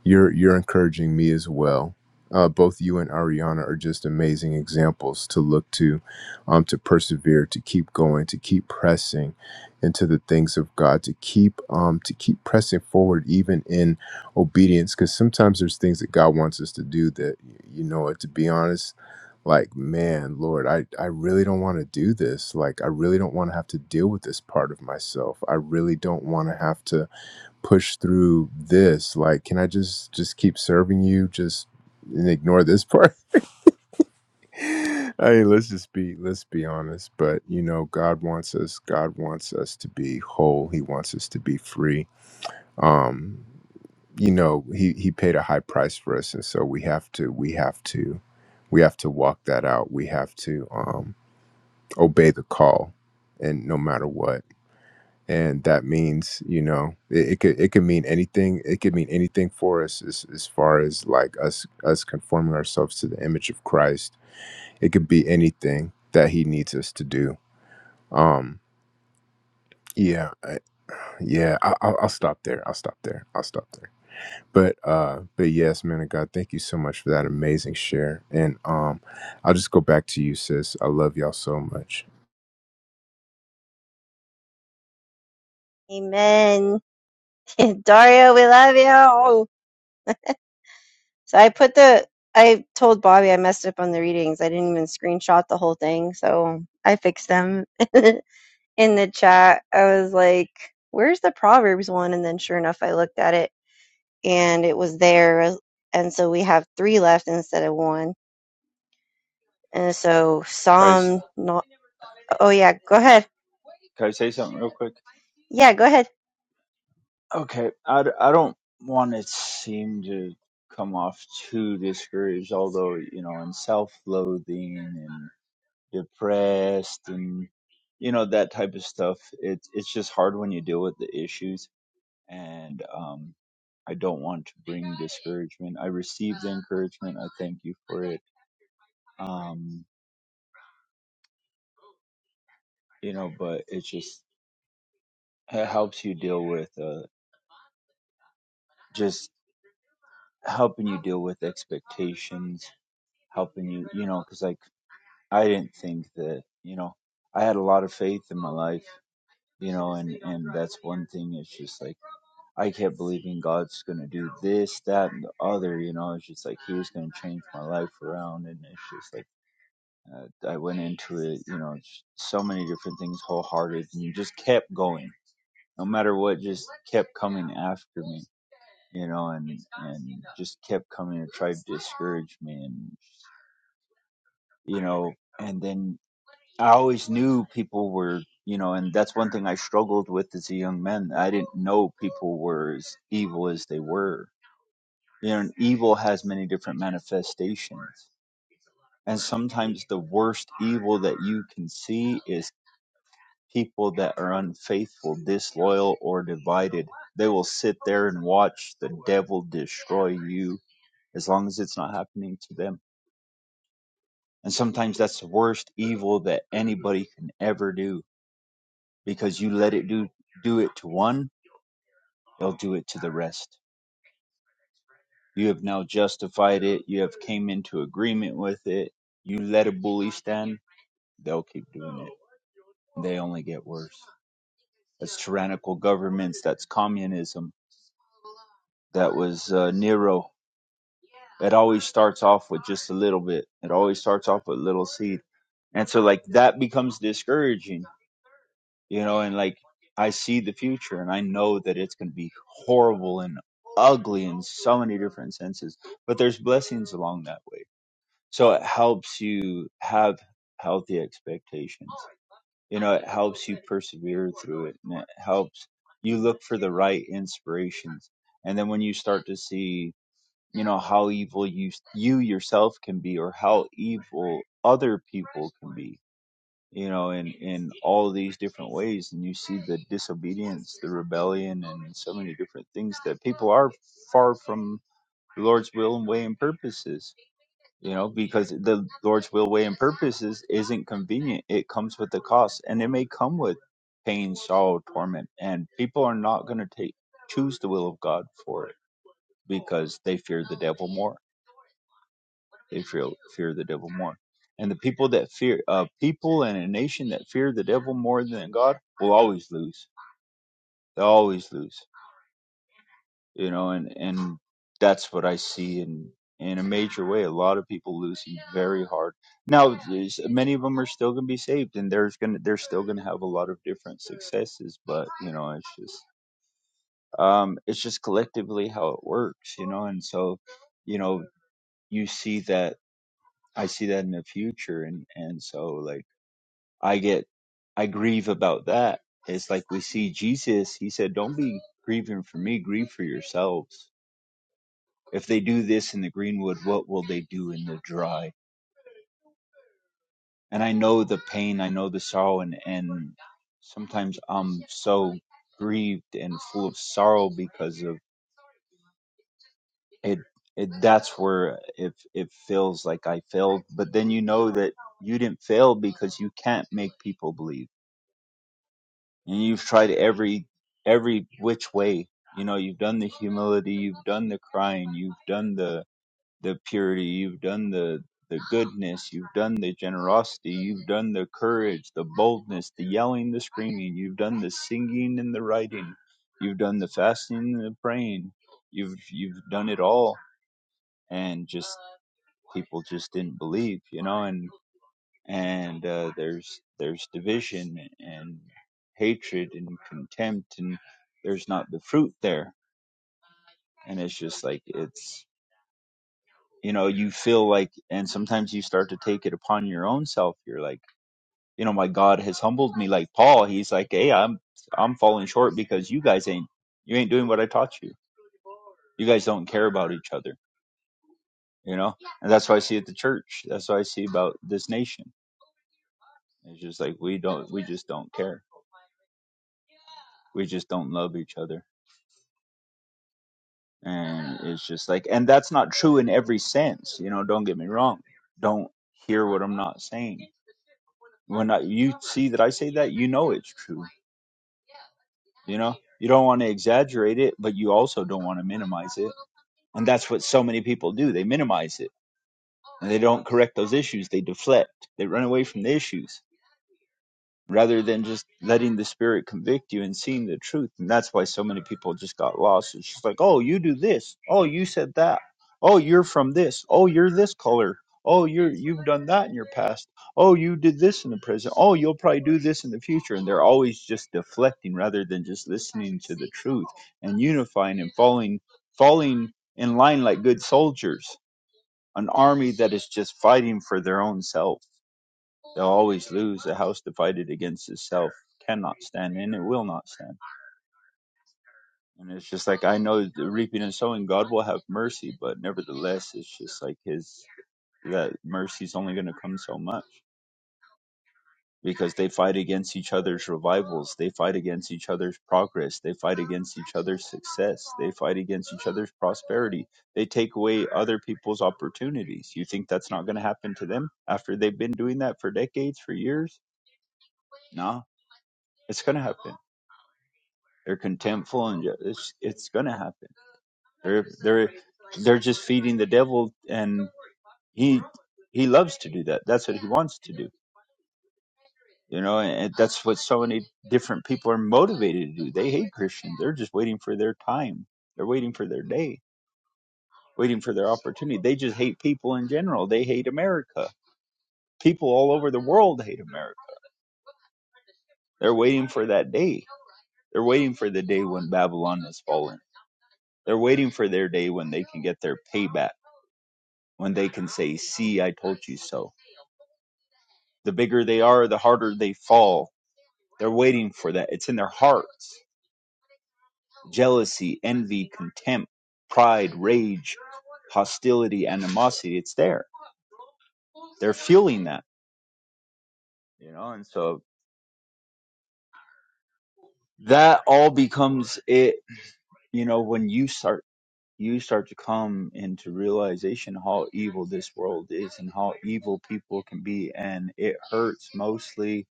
S1: you're you're encouraging me as well. Uh, both you and Ariana are just amazing examples to look to, um, to persevere, to keep going, to keep pressing into the things of God, to keep um, to keep pressing forward even in obedience. Because sometimes there's things that God wants us to do that you know what. To be honest, like man, Lord, I I really don't want to do this. Like I really don't want to have to deal with this part of myself. I really don't want to have to push through this like can i just just keep serving you just and ignore this part i mean let's just be let's be honest but you know god wants us god wants us to be whole he wants us to be free um you know he he paid a high price for us and so we have to we have to we have to walk that out we have to um obey the call and no matter what and that means you know it, it could it could mean anything it could mean anything for us as, as far as like us us conforming ourselves to the image of christ it could be anything that he needs us to do um yeah I, yeah I, I'll, I'll stop there i'll stop there i'll stop there but uh but yes man of god thank you so much for that amazing share and um i'll just go back to you sis i love y'all so much
S2: Amen. Dario, we love you. So I put the, I told Bobby I messed up on the readings. I didn't even screenshot the whole thing. So I fixed them in the chat. I was like, where's the Proverbs one? And then sure enough, I looked at it and it was there. And so we have three left instead of one. And so
S4: Guys,
S2: Psalm, not, oh yeah, go ahead.
S4: can I say something real quick?
S2: Yeah, go ahead.
S4: Okay, I, d- I don't want to seem to come off too discouraged, although, you know, and self loathing and depressed and, you know, that type of stuff. It's it's just hard when you deal with the issues. And um, I don't want to bring discouragement. I received the encouragement. I thank you for it. Um, you know, but it just it helps you deal with uh, just helping you deal with expectations, helping you, you know because like I didn't think that, you know, I had a lot of faith in my life, you know, and, and that's one thing. It's just like, I kept believing God's going to do this, that, and the other, you know, it's just like He was going to change my life around. And it's just like, uh, I went into it, you know, just so many different things wholehearted and you just kept going, no matter what, just kept coming after me, you know, and, and just kept coming and tried to discourage me and, you know, and then I always knew people were, you know, and that's one thing I struggled with as a young man. I didn't know people were as evil as they were. You know, and evil has many different manifestations. And sometimes the worst evil that you can see is people that are unfaithful, disloyal, or divided. They will sit there and watch the devil destroy you as long as it's not happening to them. And sometimes that's the worst evil that anybody can ever do because you let it do do it to one it'll do it to the rest you have now justified it you have came into agreement with it you let a bully stand they'll keep doing it they only get worse that's tyrannical governments that's communism that was uh, nero it always starts off with just a little bit it always starts off with little seed and so like that becomes discouraging you know, and like I see the future and I know that it's going to be horrible and ugly in so many different senses, but there's blessings along that way. So it helps you have healthy expectations. You know, it helps you persevere through it and it helps you look for the right inspirations. And then when you start to see, you know, how evil you you yourself can be or how evil other people can be, you know, in in all these different ways, and you see the disobedience, the rebellion, and so many different things that people are far from the Lord's will and way and purposes. You know, because the Lord's will, way, and purposes isn't convenient. It comes with the cost, and it may come with pain, sorrow, torment, and people are not going to take choose the will of God for it because they fear the devil more they fear, fear the devil more. And the people that fear, a people and a nation that fear the devil more than God will always lose. They'll always lose, you know, and, and that's what I see in, in a major way. A lot of people losing very hard. Now, there's- many of them are still going to be saved and there's going to, they're still going to have a lot of different successes, but you know, it's just, um, it's just collectively how it works, you know, and so, you know, you see that I see that in the future, and and so like I get I grieve about that. It's like we see Jesus, he said, Don't be grieving for me, grieve for yourselves. If they do this in the greenwood, what will they do in the dry? And I know the pain, I know the sorrow, and, and sometimes I'm so grieved and full of sorrow because of it. It that's where if it feels like I failed, but then you know that you didn't fail because you can't make people believe and you've tried every every which way you know you've done the humility you've done the crying you've done the the purity you've done the the goodness you've done the generosity you've done the courage the boldness the yelling the screaming you've done the singing and the writing you've done the fasting and the praying you've you've done it all and just people just didn't believe you know and and uh, there's there's division and hatred and contempt and there's not the fruit there and it's just like it's you know you feel like and sometimes you start to take it upon your own self you're like you know my god has humbled me like paul he's like hey i'm i'm falling short because you guys ain't you ain't doing what i taught you you guys don't care about each other you know and that's what i see at the church that's what i see about this nation it's just like we don't we just don't care we just don't love each other and it's just like and that's not true in every sense you know don't get me wrong don't hear what i'm not saying when I, you see that i say that you know it's true you know you don't want to exaggerate it but you also don't want to minimize it and that's what so many people do they minimize it and they don't correct those issues they deflect they run away from the issues rather than just letting the spirit convict you and seeing the truth. And that's why so many people just got lost. It's just like, oh, you do this. Oh, you said that. Oh, you're from this. Oh, you're this color. Oh, you're you've done that in your past. Oh, you did this in the present. Oh, you'll probably do this in the future. And they're always just deflecting rather than just listening to the truth and unifying and falling falling in line like good soldiers, an army that is just fighting for their own self. They'll always lose. A house divided against itself cannot stand, and it will not stand. And it's just like I know the reaping and sowing, God will have mercy, but nevertheless, it's just like His that mercy's only going to come so much because they fight against each other's revivals, they fight against each other's progress, they fight against each other's success, they fight against each other's prosperity. They take away other people's opportunities. You think that's not going to happen to them after they've been doing that for decades, for years? Nah, it's going to happen They're contemptful, and ju- it's it's gonna happen. They're they're they're just feeding the devil, and he he loves to do that. That's what he wants to do, you know. And that's what so many different people are motivated to do. They hate Christians. They're just waiting for their time. They're waiting for their day, waiting for their opportunity. They just hate people in general. They hate America. People all over the world hate America. They're waiting for that day. They're waiting for the day when Babylon is fallen. They're waiting for their day when they can get their payback when they can say, See, I told you so. The bigger they are, the harder they fall. They're waiting for that. It's in their hearts. Jealousy, envy, contempt, pride, rage, hostility, animosity. It's there. They're fueling that, you know, and so that all becomes it, you know, when you start you start to come into realization how evil this world is and how evil people can be and it hurts mostly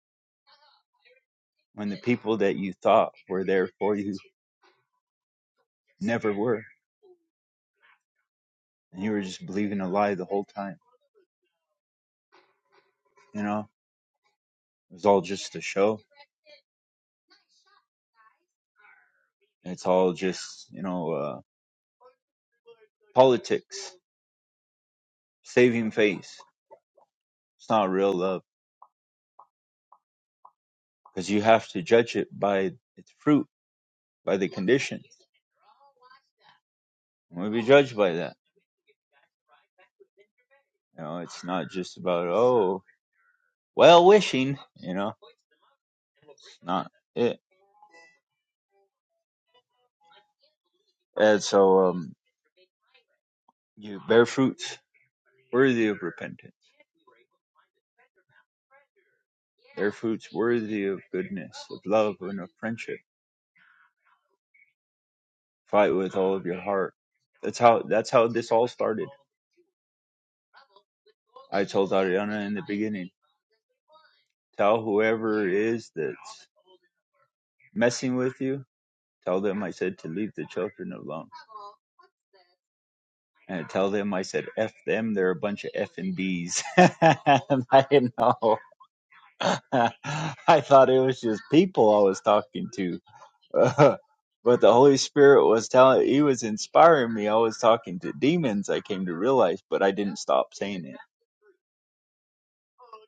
S4: when the people that you thought were there for you never were and you were just believing a lie the whole time. You know, it was all just a show. It's all just you know uh, politics, saving face. It's not real love because you have to judge it by its fruit, by the conditions. And We'll be judged by that. You know, it's not just about oh well wishing. You know, it's not it. And so um, you bear fruits worthy of repentance, bear fruits worthy of goodness, of love, and of friendship. Fight with all of your heart. That's how that's how this all started. I told Ariana in the beginning, tell whoever it is that's messing with you, tell them I said to leave the children alone. And tell them I said F them, they're a bunch of F and Bs. I didn't know. I thought it was just people I was talking to. but the Holy Spirit was telling he was inspiring me. I was talking to demons, I came to realize, but I didn't stop saying it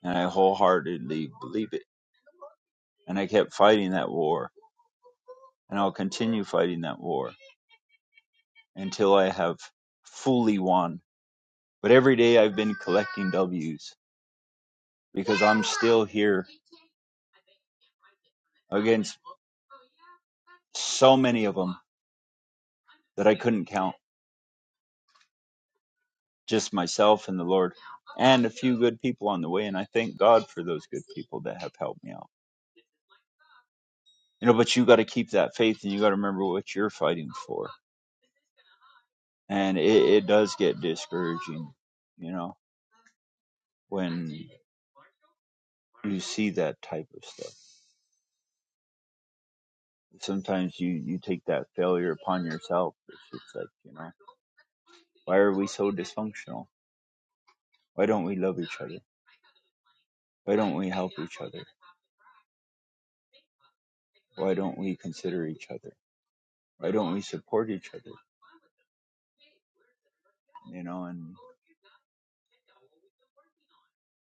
S4: and I wholeheartedly believe it. And I kept fighting that war, and I'll continue fighting that war until I have fully won. But every day I've been collecting W's because I'm still here against so many of them that I couldn't count, just myself and the Lord, and a few good people on the way. And I thank God for those good people that have helped me out. You know, but you got to keep that faith and you got to remember what you're fighting for. And it, it does get discouraging, you know, when you see that type of stuff. Sometimes you you take that failure upon yourself. It's just like you know, why are we so dysfunctional? Why don't we love each other? Why don't we help each other? Why don't we consider each other? Why don't we support each other? You know, and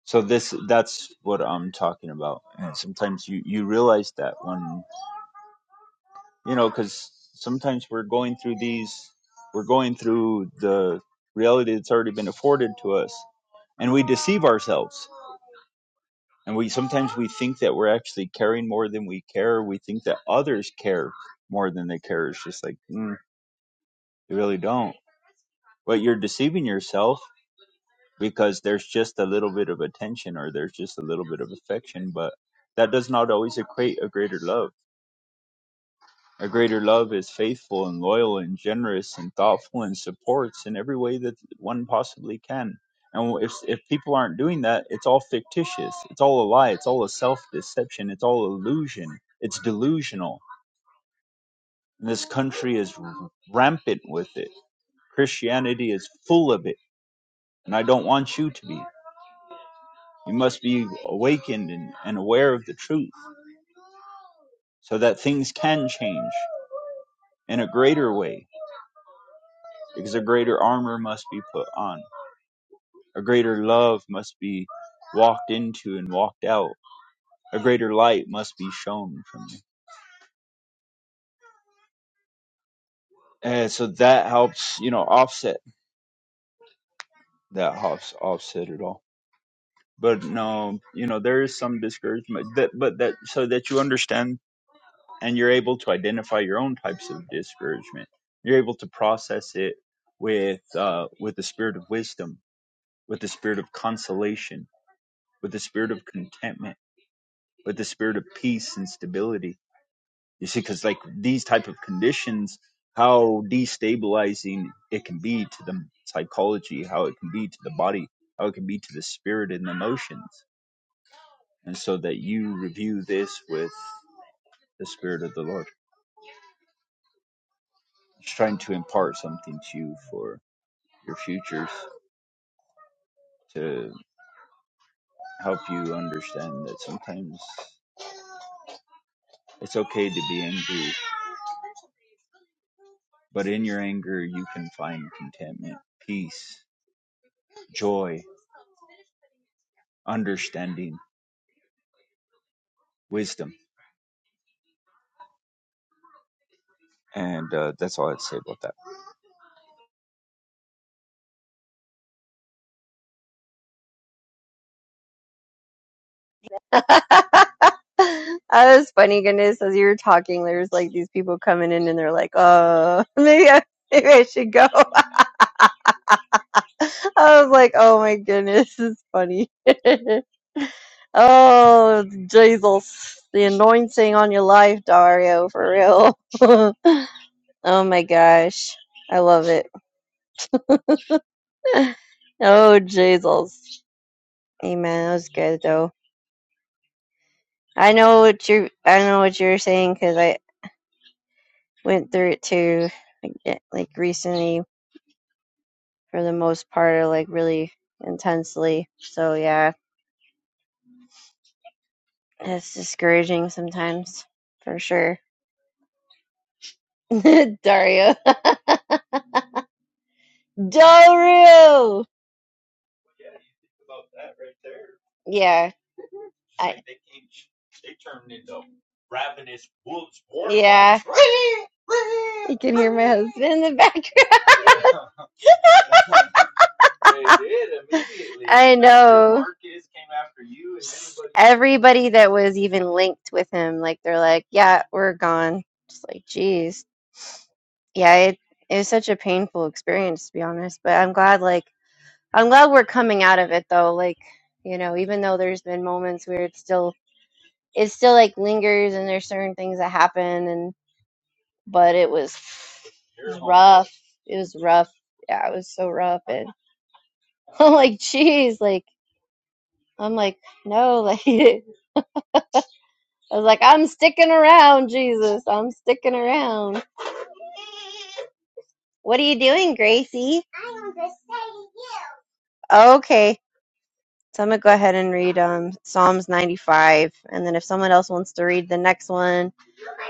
S4: so this that's what I'm talking about. And sometimes you you realize that when you know, because sometimes we're going through these, we're going through the reality that's already been afforded to us, and we deceive ourselves and we sometimes we think that we're actually caring more than we care we think that others care more than they care it's just like mm, they really don't but you're deceiving yourself because there's just a little bit of attention or there's just a little bit of affection but that does not always equate a greater love A greater love is faithful and loyal and generous and thoughtful and supports in every way that one possibly can. And if if people aren't doing that, it's all fictitious. It's all a lie. It's all a self deception. It's all illusion. It's delusional. And this country is r- rampant with it. Christianity is full of it, and I don't want you to be. You must be awakened and, and aware of the truth so that things can change in a greater way because a greater armor must be put on A greater love must be walked into and walked out. A greater light must be shown from you. And so that helps, you know, offset that helps offset it all. But no, you know, there is some discouragement that, but that, so that you understand and you're able to identify your own types of discouragement. You're able to process it with, uh, with the spirit of wisdom, with the spirit of consolation, with the spirit of contentment, with the spirit of peace and stability You see, because like these type of conditions, how destabilizing it can be to the psychology, how it can be to the body, how it can be to the spirit and the emotions, and so that you review this with the spirit of the Lord. Just trying to impart something to you for your futures to help you understand that sometimes it's okay to be angry, but in your anger you can find contentment, peace, joy, understanding, wisdom. And uh, that's all I'd say about that.
S2: That was funny, goodness. As you were talking, there's like these people coming in and they're like, uh, maybe I, maybe I should go. I was like, oh my goodness, this is funny. oh, Jesus. The anointing on your life, Dario, for real. oh my gosh. I love it. oh, Jesus. Amen. That was good, though. I know what you're, I know what you're saying because I went through it too, yeah, like recently for the most part are like really intensely. So yeah, it's discouraging sometimes for sure. Dario, Dario, yeah, I. ravenous wolves. Yeah, you can hear my husband in the background. They did immediately. I know. After Marcus came after you and Everybody everybody that was even linked with him, like they're like, yeah, we're gone. Just like, geez. yeah, it it was such a painful experience to be honest, but I'm glad like I'm glad we're coming out of it though. Like, you know, even though there's been moments where it's still it still like lingers and there's certain things that happen and but it was it was rough. It was rough. Yeah, it was so rough and I'm like, jeez, like I'm like, no, like I was like, I'm sticking around, Jesus. I'm sticking around. What are you doing, Gracie? Okay. So I'm gonna go ahead and read um, Psalms 95, and then if someone else wants to read the next one,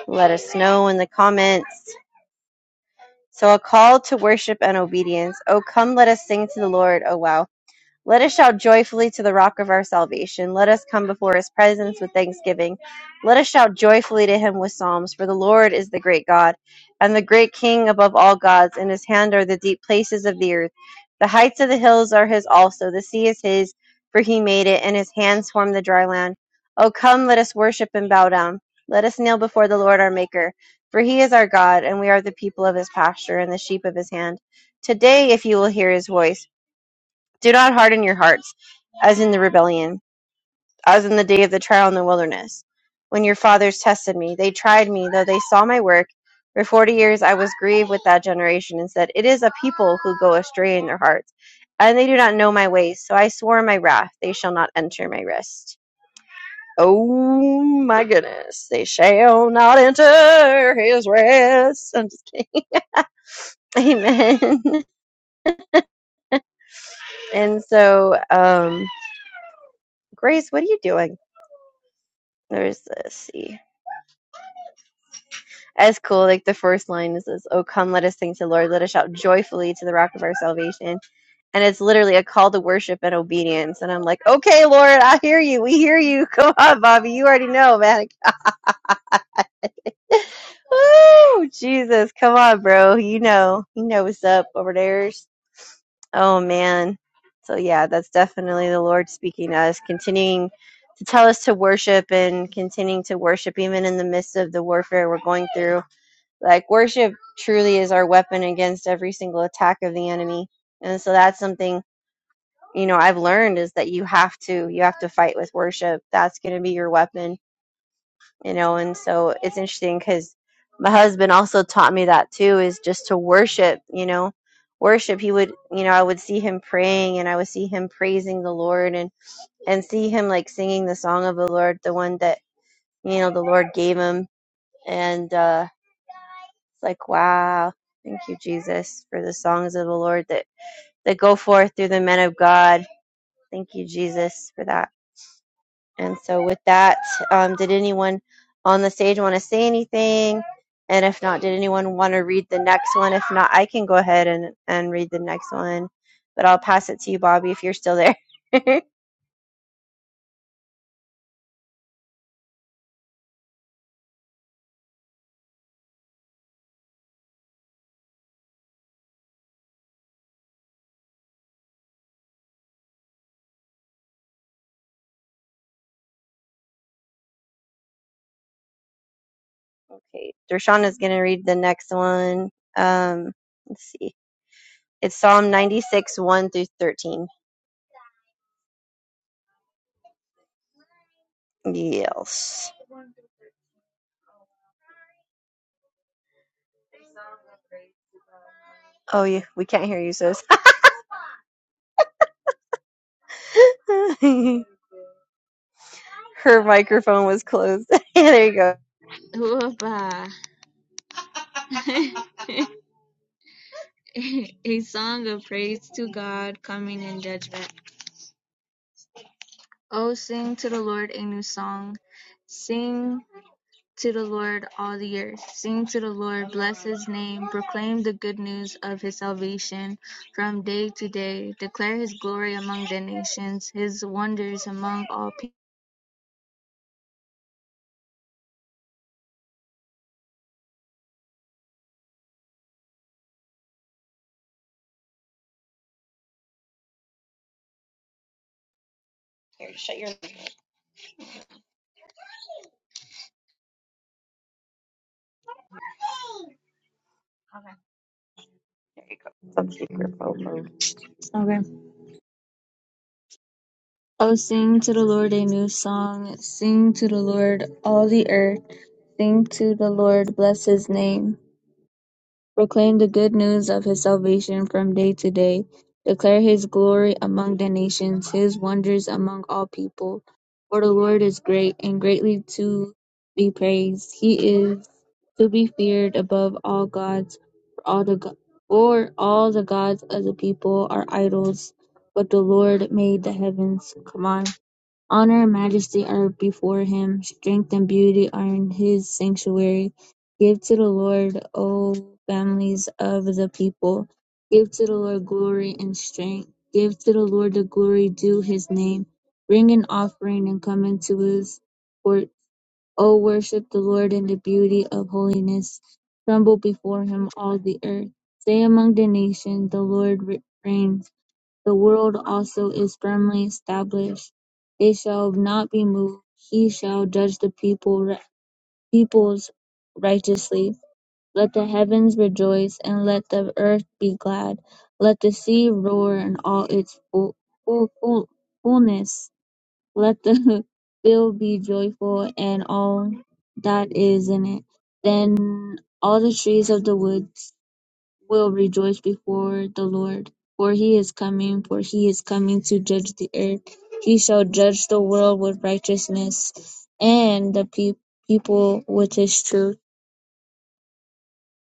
S2: let us know in the comments. So a call to worship and obedience. Oh, come, let us sing to the Lord. Oh, wow. Let us shout joyfully to the rock of our salvation. Let us come before his presence with thanksgiving. Let us shout joyfully to him with psalms. For the Lord is the great God and the great King above all gods. In his hand are the deep places of the earth. The heights of the hills are his also. The sea is his, for he made it, and his hands formed the dry land. O come, let us worship and bow down. Let us kneel before the Lord our Maker. For he is our God, and we are the people of his pasture and the sheep of his hand. Today, if you will hear his voice, do not harden your hearts, as in the rebellion, as in the day of the trial in the wilderness, when your fathers tested me. They tried me, though they saw my work. For forty years I was grieved with that generation, and said, It is a people who go astray in their hearts, and they do not know my ways. So I swore in my wrath, They shall not enter my rest. Oh my goodness, they shall not enter his rest. I'm just kidding. Amen. and so, um, Grace, what are you doing? There's this. See. As cool. Like the first line is, is "Oh come, let us sing to the Lord. Let us shout joyfully to the Rock of our salvation." And it's literally a call to worship and obedience. And I'm like, "Okay, Lord, I hear you. We hear you. Come on, Bobby. You already know, man. Woo, Jesus, come on, bro. You know, you know what's up over there. Oh man. So yeah, that's definitely the Lord speaking to us, continuing to tell us to worship and continuing to worship even in the midst of the warfare we're going through like worship truly is our weapon against every single attack of the enemy and so that's something you know i've learned is that you have to you have to fight with worship that's going to be your weapon you know and so it's interesting because my husband also taught me that too is just to worship you know worship he would you know i would see him praying and i would see him praising the lord and and see him like singing the song of the lord the one that you know the lord gave him and uh It's like, wow, thank you, Jesus, for the songs of the Lord that, that go forth through the men of God. Thank you, Jesus, for that. And so, with that, um, did anyone on the stage want to say anything? And if not, did anyone want to read the next one? If not, I can go ahead and, and read the next one, but I'll pass it to you, Bobby, if you're still there. okay, Dershana's going to read the next one. Um, let's see. It's Psalm 96, 1 through 13. Yes. Oh, yeah, we can't hear you, sis. Her microphone was closed. Yeah, there you go.
S3: hoo a song of praise to God coming in judgment. Oh, sing to the Lord a new song. Sing to the Lord, all the earth. Sing to the Lord, bless his name, proclaim the good news of his salvation from day to day. Declare his glory among the nations, his wonders among all people.
S2: Some secret phone mode. Okay. Oh, sing to the Lord a new song. Sing to the Lord all the earth. Sing to the Lord, bless his name. proclaim the good news of his salvation from day to day, declare his glory among the nations, his wonders among all people. For the Lord is great and greatly to be praised. He is to be feared above all gods, for all the go- for all the gods of the people are idols, but the Lord made the heavens. Come on. Honour and majesty are before him; strength and beauty are in his sanctuary. Give to the Lord, O families of the people. Give to the Lord glory and strength. Give to the Lord the glory due his name. Bring an offering and come into his court. O worship the Lord in the beauty of holiness. Tremble before him, all the earth. Say among the nations, the Lord reigns. The world also is firmly established; they shall not be moved; he shall judge the people peoples righteously. Let the heavens rejoice, and let the earth be glad; let the sea roar in all its full, full, full, fullness; let the field be joyful, and all that is in it. Then all the trees of the woods will rejoice before the Lord. For he is coming, for he is coming to judge the earth. He shall judge the world with righteousness and the pe- people with his truth.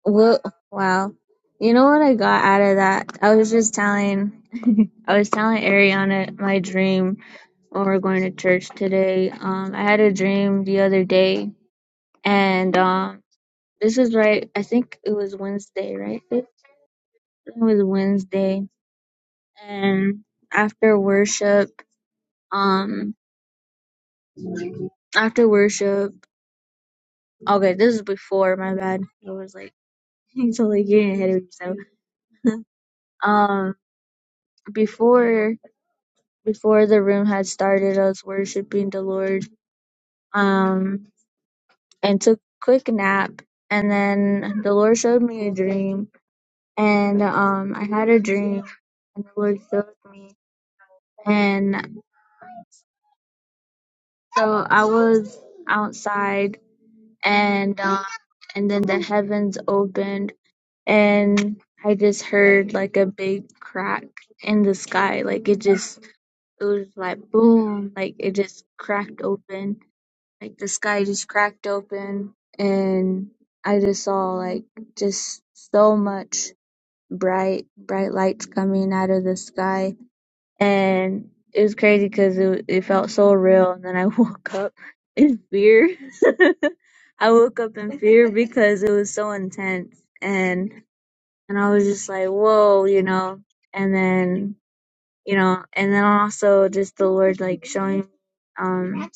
S2: Wo- Wow. You know what I got out of that? I was just telling, I was telling Ariana my dream when we're going to church today. Um, I had a dream the other day, and um, this is right. I think it was Wednesday, right? It was Wednesday, and after worship, um, after worship, okay, this is before my bad. It was like totally getting ahead of yourself. Um, before before the room had started, I was worshiping the Lord. Um, and took a quick nap, and then the Lord showed me a dream, and um, I had a dream, and the Lord showed me, and so I was outside, and um, and then the heavens opened and I just heard like a big crack in the sky. Like it just, it was like boom, like it just cracked open. Like the sky just cracked open, and I just saw like just so much bright, bright lights coming out of the sky, and it was crazy because it it felt so real. And then I woke up in fear. I woke up in fear because it was so intense and and I was just like, whoa, you know. And then, you know, and then also just the Lord like showing, um,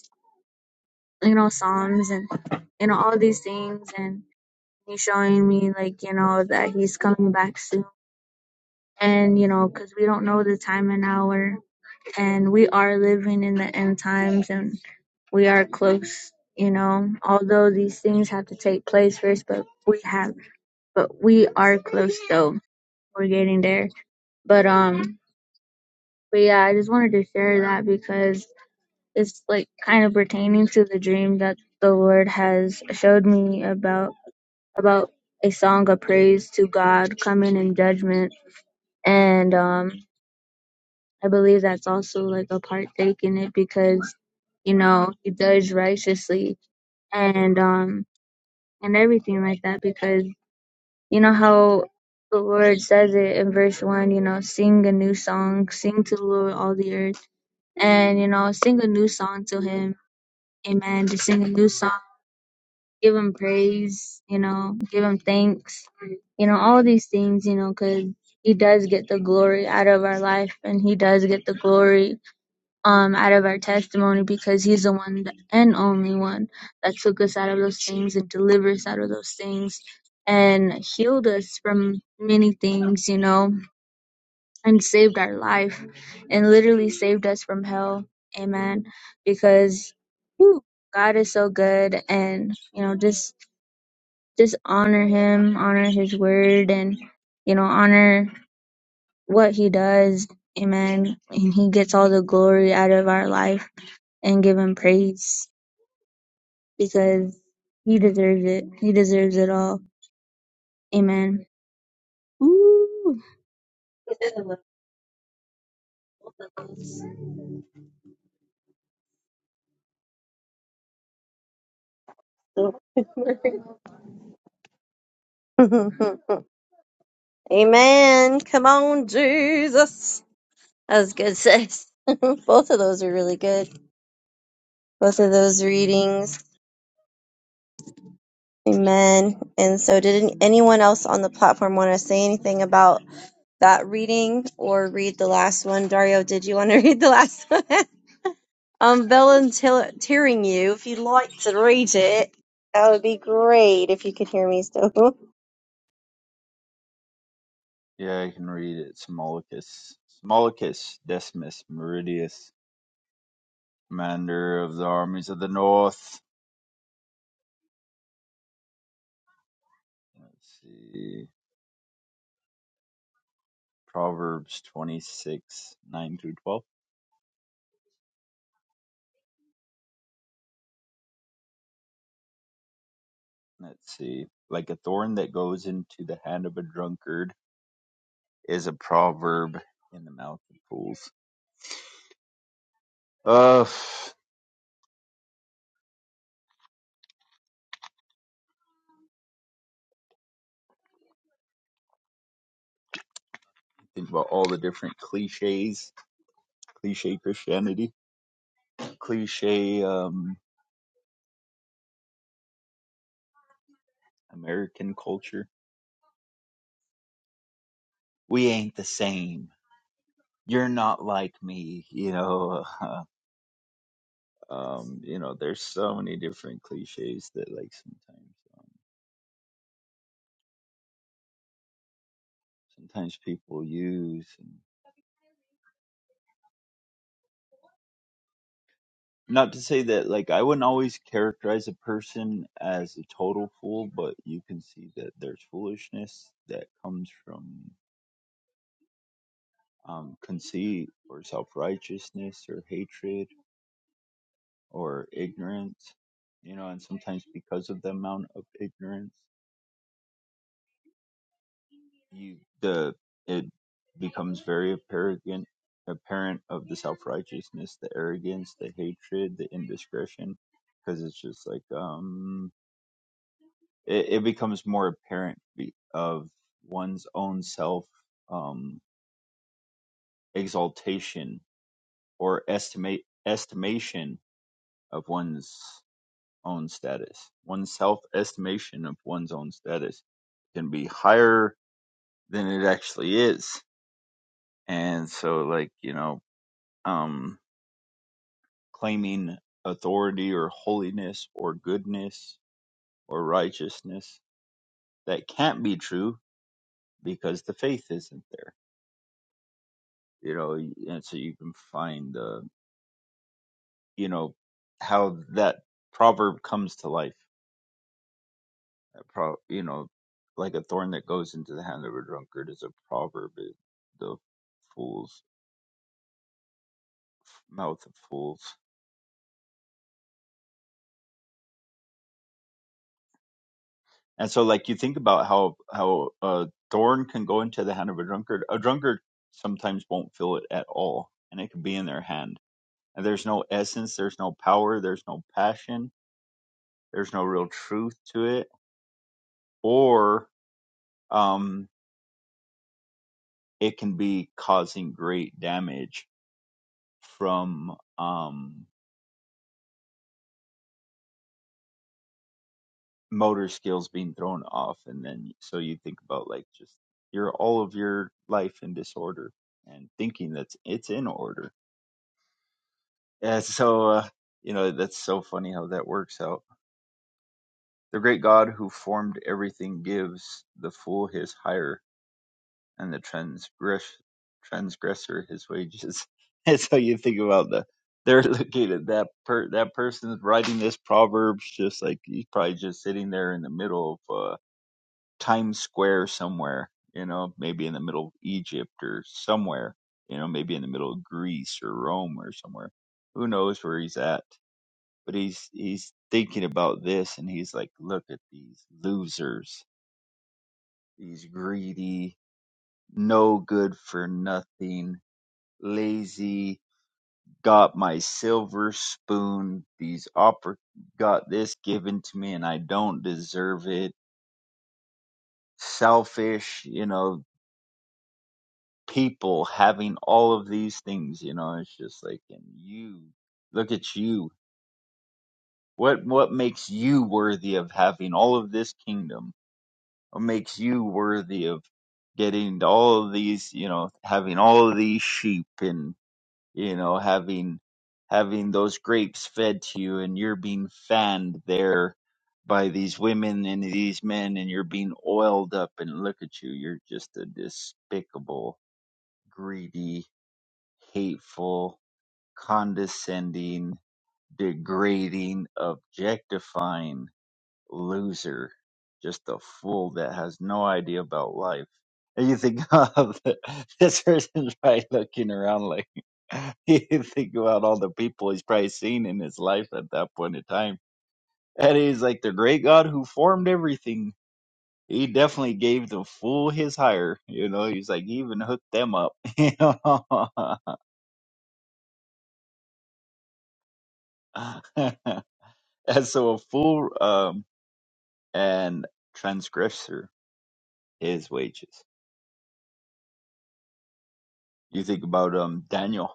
S2: you know, Psalms and you know all these things, and He's showing me like you know that He's coming back soon, and you know, cause we don't know the time and hour, and we are living in the end times, and we are close. You know, although these things have to take place first, but we have, but we are close though. We're getting there. But um, But yeah, I just wanted to share that because it's like kind of pertaining to the dream that the Lord has showed me about about a song of praise to God coming in judgment. And um I believe that's also like a partake in it because, you know, he does righteously and um and everything like that because you know how the Lord says it in verse one, you know, sing a new song, sing to the Lord all the earth and you know sing a new song to him amen Just sing a new song give him praise you know give him thanks you know all these things you know because he does get the glory out of our life and he does get the glory um out of our testimony because he's the one th- and only one that took us out of those things and delivered us out of those things and healed us from many things you know and saved our life and literally saved us from hell. Amen. Because whew, God is so good and you know just just honor him, honor his word and you know honor what he does. Amen. And he gets all the glory out of our life and give him praise because he deserves it. He deserves it all. Amen. Woo. Amen. Come on, Jesus. That was good, sis. Both of those are really good. Both of those readings. Amen. And so, did any- anyone else on the platform want to say anything about that reading or read the last one? Dario, did you want to read the last one? I'm volunteering you if you'd like to read it. That would be great if you could hear me still.
S4: Yeah, I can read it. Smolicus. Smolicus Decimus Meridius, commander of the armies of the north. Let's see. Proverbs 26, 9 through 12. Let's see. Like a thorn that goes into the hand of a drunkard is a proverb in the mouth of fools. Uh, think about all the different cliches, cliche Christianity cliche um American culture. We ain't the same. You're not like me, you know. um, you know, there's so many different cliches that like sometimes um, sometimes people use. And not to say that like I wouldn't always characterize a person as a total fool, but you can see that there's foolishness that comes from um, conceit or self righteousness or hatred or ignorance, you know, and sometimes because of the amount of ignorance, you the it becomes very apparent apparent of the self righteousness, the arrogance, the hatred, the indiscretion, because it's just like um, it, it becomes more apparent be- of one's own self um exaltation or estimate estimation of one's own status. One's self estimation of one's own status can be higher than it actually is. And so, like, you know, um, claiming authority or holiness or goodness or righteousness that can't be true because the faith isn't there, you know, and so you can find, uh, you know, how that proverb comes to life a pro you know like a thorn that goes into the hand of a drunkard is a proverb is the fool's mouth of fools and so like you think about how how a thorn can go into the hand of a drunkard a drunkard sometimes won't feel it at all and it can be in their hand and there's no essence there's no power there's no passion there's no real truth to it or um it can be causing great damage from um motor skills being thrown off and then so you think about like just your all of your life in disorder and thinking that's it's in order Yeah, so uh, you know that's so funny how that works out the great god who formed everything gives the fool his hire and the transgress transgressor his wages and so you think about the they're looking at that per that person's writing this proverbs just like he's probably just sitting there in the middle of uh Times Square somewhere, you know, maybe in the middle of Egypt or somewhere, you know, maybe in the middle of Greece or Rome or somewhere. Who knows where he's at? But he's he's thinking about this and he's like, look at these losers, these greedy, no good for nothing, lazy, got my silver spoon, these oppor- got this given to me and I don't deserve it. Selfish, you know, people having all of these things, you know, it's just like and you look at you. What what makes you worthy of having all of this kingdom? What makes you worthy of getting all of these, you know, having all of these sheep and you know, having having those grapes fed to you and you're being fanned there by these women and these men and you're being oiled up and look at you, you're just a despicable, greedy hateful, condescending, degrading, objectifying loser. Just a fool that has no idea about life. And you think of this person's probably looking around like you think about all the people he's probably seen in his life at that point in time. And he's like the great God who formed everything. He definitely gave the fool his hire. You know, he's like he even hooked them up. You know? And so a fool um, and transgressor is wages. You think about um, Daniel,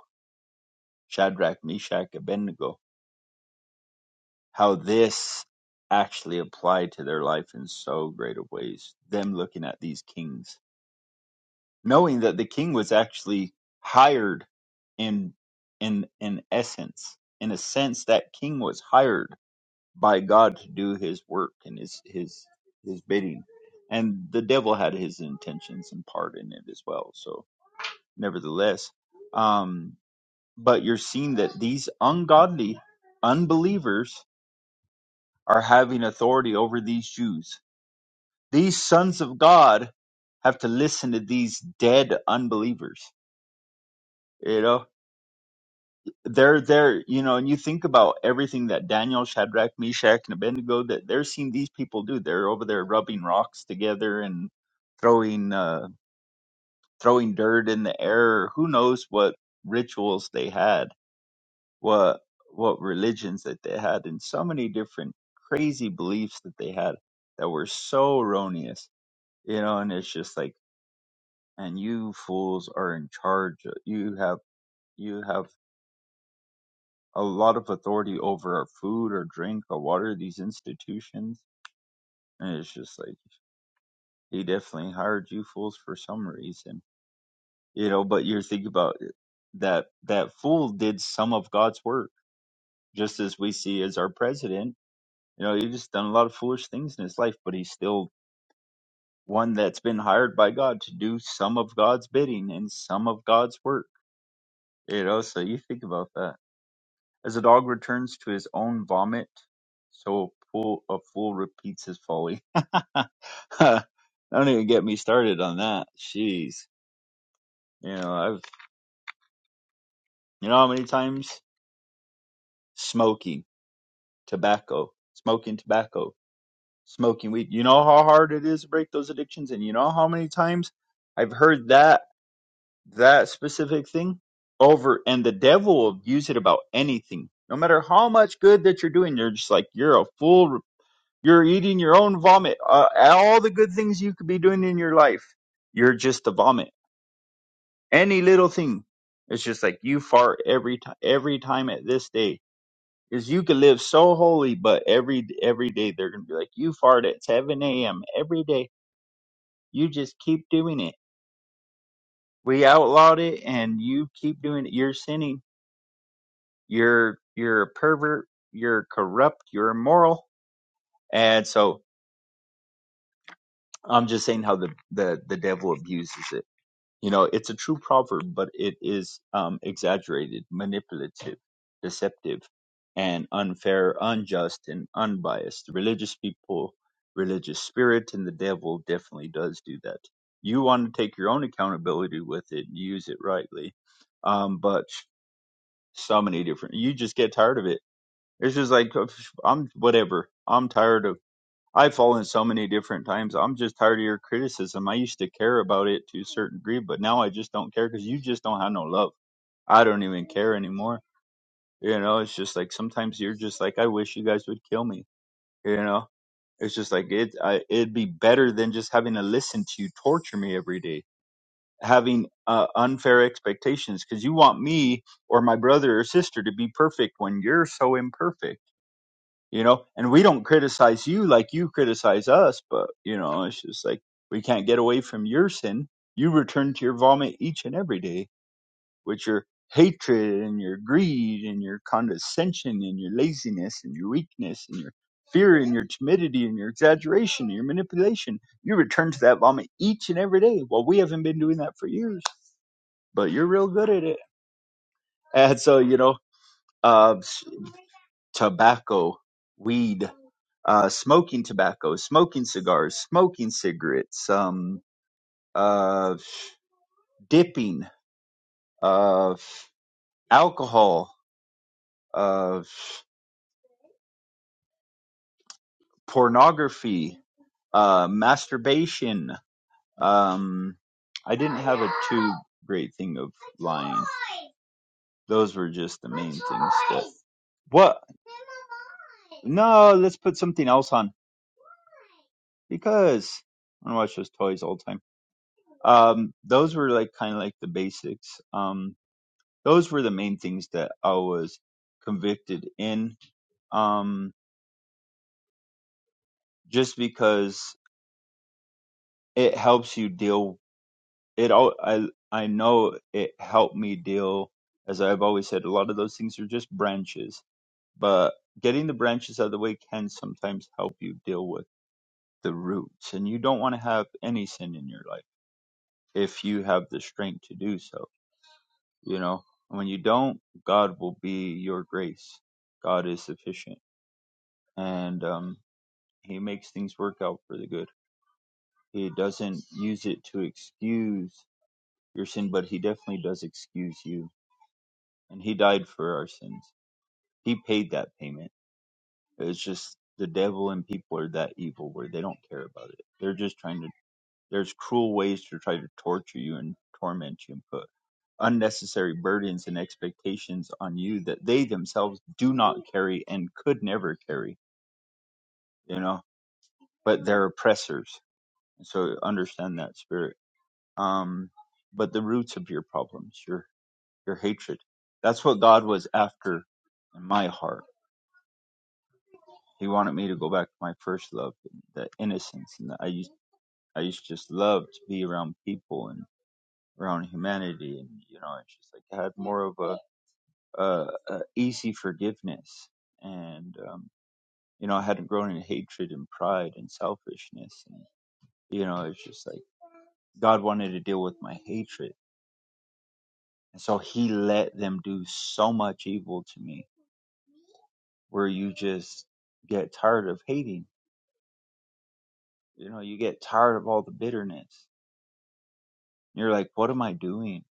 S4: Shadrach, Meshach, Abednego, how this actually applied to their life in so great a ways. Them looking at these kings, knowing that the king was actually hired in in in essence, in a sense, that king was hired by God to do his work and his his his bidding. And the devil had his intentions and part in it as well. So nevertheless, um but you're seeing that these ungodly unbelievers are having authority over these Jews. These sons of God have to listen to these dead unbelievers. You know? they're there, you know, and you think about everything that Daniel, Shadrach, Meshach, and Abednego that they're seeing these people do. They're over there rubbing rocks together and throwing uh, throwing dirt in the air. Who knows what rituals they had, what what religions that they had, and so many different crazy beliefs that they had that were so erroneous, you know. And it's just like, and you fools are in charge. You have you have a lot of authority over our food or drink or water these institutions and it's just like he definitely hired you fools for some reason you know but you're thinking about it, that that fool did some of god's work just as we see as our president you know he just done a lot of foolish things in his life but he's still one that's been hired by god to do some of god's bidding and some of god's work you know so you think about that As a dog returns to his own vomit, so a fool, a fool repeats his folly. Don't even get me started on that. Jeez. You know, I've, you know how many times? Smoking tobacco, smoking tobacco, smoking weed. You know how hard it is to break those addictions? And you know how many times I've heard that, that specific thing over and the devil will use it about anything. No matter how much good that you're doing, you're just like, you're a fool You're eating your own vomit. Uh, all the good things you could be doing in your life, you're just a vomit. Any little thing, it's just like you fart every time. Every time at this day, is you could live so holy, but every every day they're gonna be like you fart at 7 a.m. every day. You just keep doing it. We outlawed it, and you keep doing it. You're sinning. You're you're a pervert. You're corrupt. You're immoral. And so I'm just saying how the the the devil abuses it You know, it's a true proverb, but it is um, exaggerated, manipulative, deceptive, and unfair, unjust, and unbiased. Religious people, religious spirit, and the devil definitely does do that. You want to take your own accountability with it and use it rightly. Um, but so many different, you just get tired of it. It's just like, "Oh, psh, I'm whatever. I'm tired of. I've fallen so many different times. I'm just tired of your criticism. I used to care about it to a certain degree, but now I just don't care because you just don't have no love. I don't even care anymore. You know, it's just like sometimes you're just like, I wish you guys would kill me. You know, it's just like it. I, it'd be better than just having to listen to you torture me every day, having uh, unfair expectations because you want me or my brother or sister to be perfect when you're so imperfect you know and we don't criticize you like you criticize us but you know it's just like we can't get away from your sin you return to your vomit each and every day with your hatred and your greed and your condescension and your laziness and your weakness and your fear and your timidity and your exaggeration and your manipulation you return to that vomit each and every day well we haven't been doing that for years but you're real good at it and so you know um tobacco, weed, uh, smoking tobacco, smoking cigars, smoking cigarettes, um, uh, dipping, uh, alcohol, uh, pornography, uh, masturbation. Um, I didn't have a too great thing of lying. Those were just the main things. That, what? No, let's put something else on because I want to watch those toys all the time. um those were like kind of like the basics um those were the main things that i was convicted in um just because it helps you deal it all i i know it helped me deal as i've always said a lot of those things are just branches but getting the branches out of the way can sometimes help you deal with the roots and you don't want to have any sin in your life if you have the strength to do so you know And when you don't god will be your grace god is sufficient and um he makes things work out for the good he doesn't use it to excuse your sin but he definitely does excuse you and he died for our sins he paid that payment it's just the devil and people are that evil where they don't care about it they're just trying to There's cruel ways to try to torture you and torment you and put unnecessary burdens and expectations on you that they themselves do not carry and could never carry, you know, but they're oppressors. So understand that spirit. Um, but the roots of your problems, your, your hatred, that's what God was after in my heart. He wanted me to go back to my first love, the innocence. And I used, I used to just love to be around people and. around humanity and you know it's just like I had more of a, a, a easy forgiveness and um, you know I hadn't grown in hatred and pride and selfishness and you know it's just like God wanted to deal with my hatred and so he let them do so much evil to me where you just get tired of hating you know you get tired of all the bitterness you're like what am I doing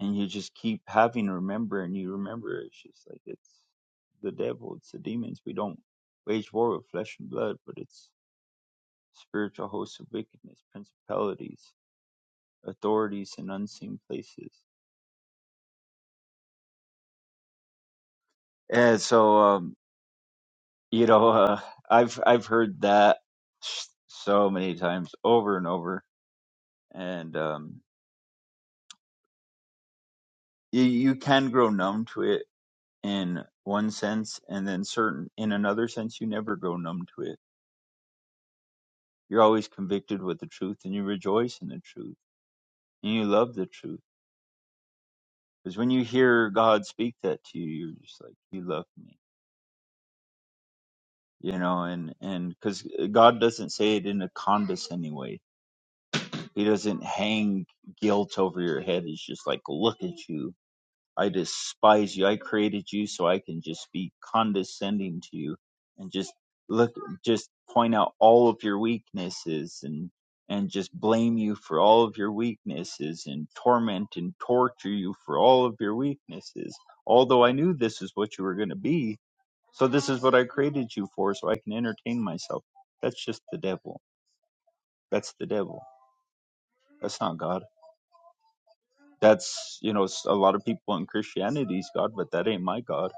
S4: and you just keep having to remember and you remember it's just like it's the devil it's the demons we don't wage war with flesh and blood but it's spiritual hosts of wickedness principalities authorities in unseen places and so um you know uh, i've i've heard that s- so many times over and over and um you, you can grow numb to it in one sense and then certain in another sense you never grow numb to it You're always convicted with the truth and you rejoice in the truth and you love the truth. Because when you hear God speak that to you, you're just like, You love me. You know, and and because God doesn't say it in a condescending way, He doesn't hang guilt over your head. He's just like, Look at you I despise you. I created you so I can just be condescending to you and just look, just point out all of your weaknesses and, and just blame you for all of your weaknesses and torment and torture you for all of your weaknesses. Although I knew this is what you were going to be. So this is what I created you for so I can entertain myself. That's just the devil. That's the devil. That's not God. That's, you know, s- a lot of people in Christianity's God, but that ain't my God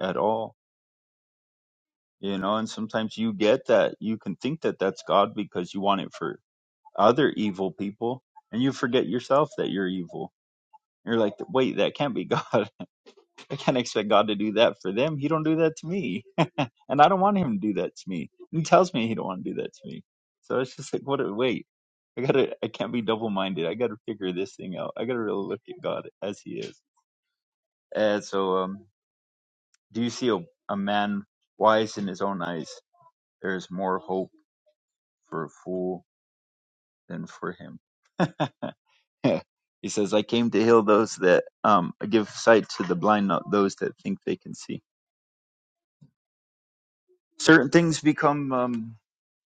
S4: at all you know and sometimes you get that you can think that that's god because you want it for other evil people and you forget yourself that you're evil you're like wait that can't be god i can't expect god to do that for them he don't do that to me and i don't want him to do that to me he tells me he don't want to do that to me so it's just like what a wait i gotta i can't be double-minded i gotta figure this thing out i gotta really look at god as he is and so um do you see a, a man wise in his own eyes there is more hope for a fool than for him. he says, I came to heal those that um, give sight to the blind, not those that think they can see. Certain things become, um,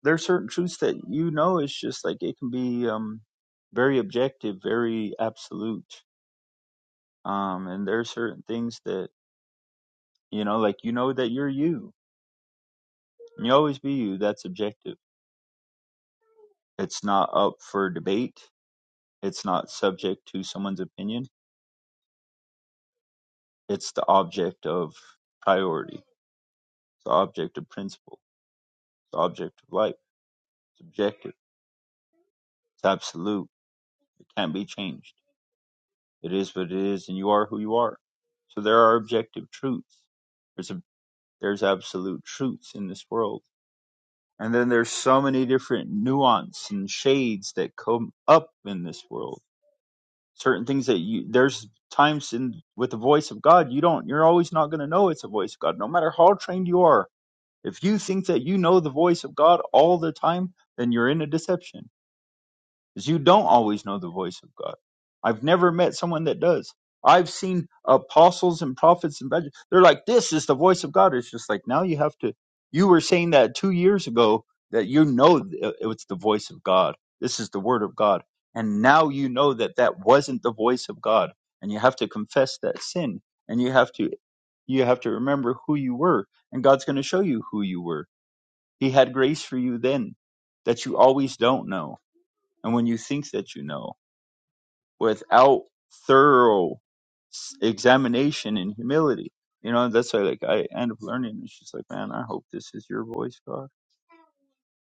S4: there are certain truths that you know, it's just like it can be um, very objective, very absolute. Um, and there are certain things that, you know, like you know that you're you. You always be you. That's objective. It's not up for debate, it's not subject to someone's opinion. It's the object of priority, the object of principle The object of life. It's objective. It's absolute. It can't be changed. It is what it is, and you are who you are. So there are objective truths. There's a, there's absolute truths in this world, and then there's so many different nuance and shades that come up in this world. Certain things that you there's times in with the voice of God you don't you're always not going to know it's a voice of God no matter how trained you are. If you think that you know the voice of God all the time, then you're in a deception is you don't always know the voice of God. I've never met someone that does. I've seen apostles and prophets and evangelists. They're like, this is the voice of God. It's just like, now you have to, you were saying that two years ago that you know it it was the voice of God. This is the word of God. And now you know that that wasn't the voice of God. And you have to confess that sin and you have to you have to remember who you were and god's going to show you who you were he had grace for you then that you always don't know and when you think that you know without thorough s- examination and humility. You know, that's why like I end up learning. It's just like, man, I hope this is your voice, God.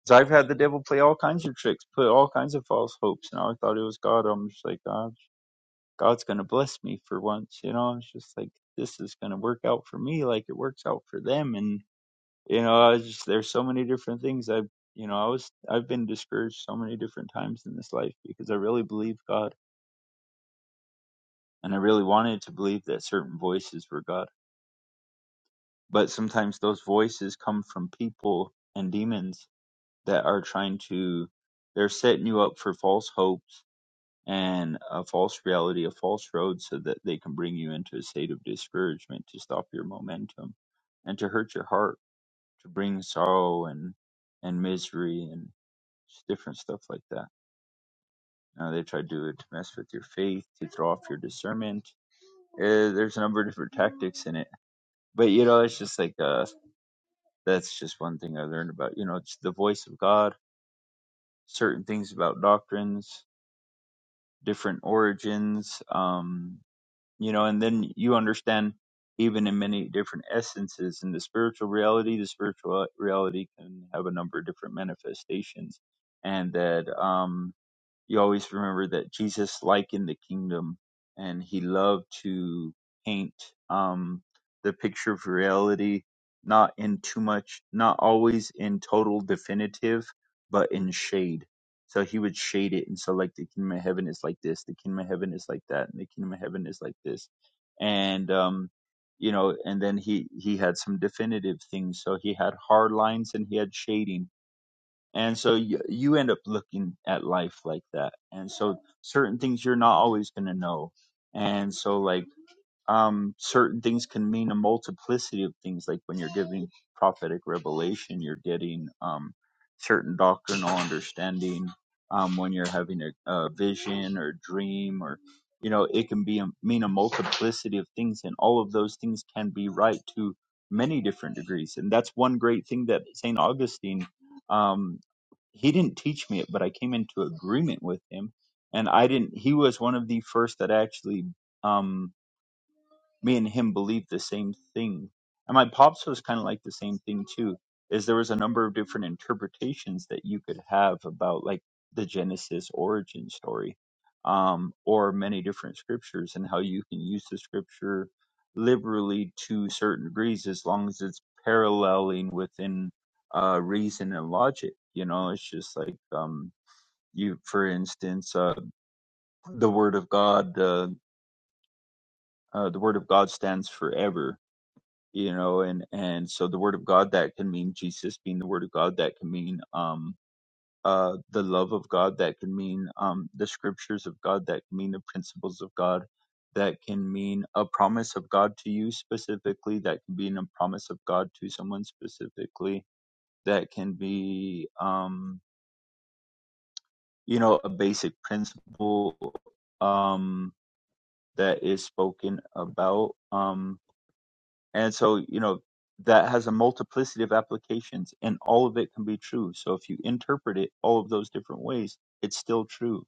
S4: Because I've had the devil play all kinds of tricks, put all kinds of false hopes, and I thought it was God. I'm just like, God, God's gonna bless me for once. You know, it's just like this is gonna work out for me, like it works out for them. And you know, I was just there's so many different things I've you know, I was I've been discouraged so many different times in this life because I really believe God and I really wanted to believe that certain voices were God. But sometimes those voices come from people and demons that are trying to, they're setting you up for false hopes and a false reality, a false road, so that they can bring you into a state of discouragement to stop your momentum and to hurt your heart, to bring sorrow and, and misery and just different stuff like that. Now they try to do it to mess with your faith, to throw off your discernment. Uh, there's a number of different tactics in it but you know it's just like uh that's just one thing i learned about you know it's the voice of god certain things about doctrines different origins um you know and then you understand even in many different essences in the spiritual reality the spiritual reality can have a number of different manifestations and that um you always remember that Jesus likened the kingdom and he loved to paint um, the picture of reality, not in too much, not always in total definitive, but in shade. So he would shade it. And so, like, the kingdom of heaven is like this, the kingdom of heaven is like that, and the kingdom of heaven is like this. And, um, you know, and then he, he had some definitive things. So he had hard lines and he had shading and so you, you end up looking at life like that and so certain things you're not always going to know and so like um, certain things can mean a multiplicity of things. Like when you're giving prophetic revelation, you're getting um, certain doctrinal understanding. Um, when you're having a, a vision or dream, or you know, it can be a, mean a multiplicity of things, and all of those things can be right to many different degrees. And that's one great thing that Saint Augustine. Um, he didn't teach me it, but I came into agreement with him, and I didn't. He was one of the first that actually. Um, me and him believed the same thing. And my pops was kind of like the same thing too, is there was a number of different interpretations that you could have about like the Genesis origin story, um, or many different scriptures and how you can use the scripture liberally to certain degrees as long as it's paralleling within uh, reason and logic. You know, it's just like um, you, for instance, uh, the word of God, uh, uh, the word of God stands forever you know and and so the word of god that can mean jesus being the word of god that can mean um uh the love of god that can mean um the scriptures of god that can mean the principles of god that can mean a promise of god to you specifically that can be a promise of god to someone specifically that can be um you know a basic principle um that is spoken about Um And so, you know, that has a multiplicity of applications and all of it can be true. So if you interpret it all of those different ways, it's still true.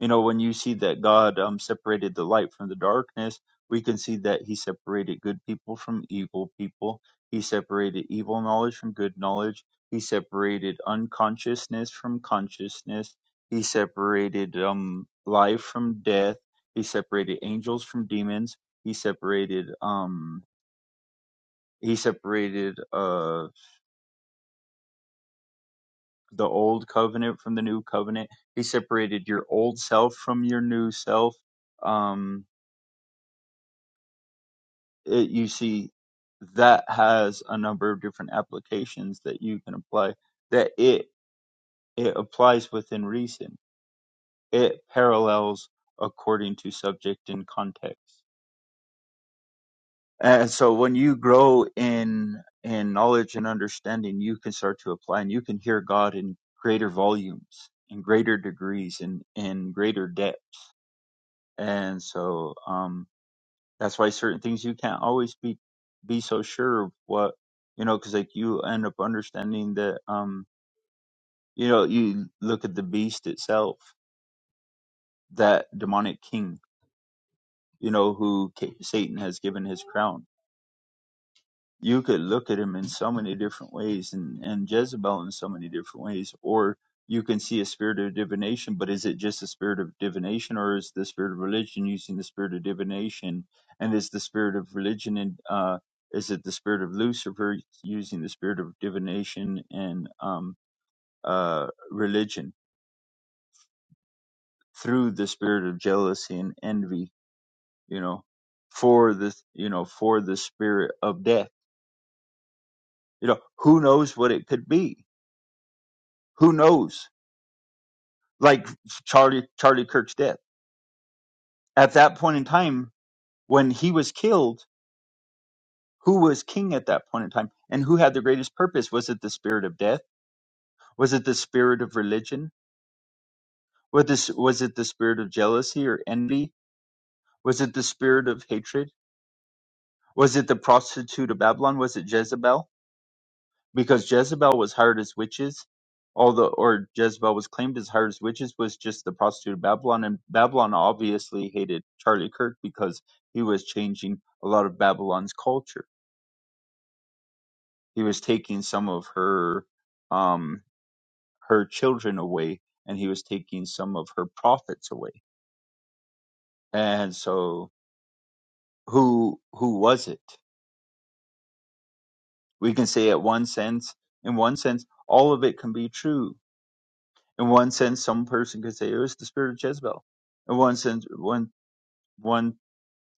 S4: You know, when you see that God um, separated the light from the darkness, we can see that he separated good people from evil people. He separated evil knowledge from good knowledge. He separated unconsciousness from consciousness. He separated um, life from death. He separated angels from demons. He separated um, he separated uh the old covenant from the new covenant he separated your old self from your new self um it, you see that has a number of different applications that you can apply that it it applies within reason it parallels according to subject and context And so when you grow in in knowledge and understanding, you can start to apply and you can hear God in greater volumes, in greater degrees, in in greater depth. And so um that's why certain things you can't always be be so sure of what you know because like you end up understanding that um you know you look at the beast itself, that demonic king, you know who Ca- Satan has given his crown you could look at him in so many different ways and, and Jezebel in so many different ways, or you can see a spirit of divination, but is it just a spirit of divination or is the spirit of religion using the spirit of divination? And is the spirit of religion and uh, is it the spirit of Lucifer using the spirit of divination and um, uh, religion through the spirit of jealousy and envy, you know, for the, you know, for the spirit of death? You know, who knows what it could be? who knows like charlie charlie kirk's death at that point in time when he was killed who was king at that point in time and who had the greatest purpose was it the spirit of death was it the spirit of religion was this was it the spirit of jealousy or envy was it the spirit of hatred was it the prostitute of babylon was it jezebel because Jezebel was hired as witches, although or Jezebel was claimed as hired as witches was just the prostitute of Babylon, and Babylon obviously hated Charlie Kirk because he was changing a lot of Babylon's culture. He was taking some of her um her children away, and he was taking some of her prophets away. And so, who who was it? We can say at one sense, in one sense, all of it can be true In one sense, some person could say it was the spirit of Jezebel. In one sense, one one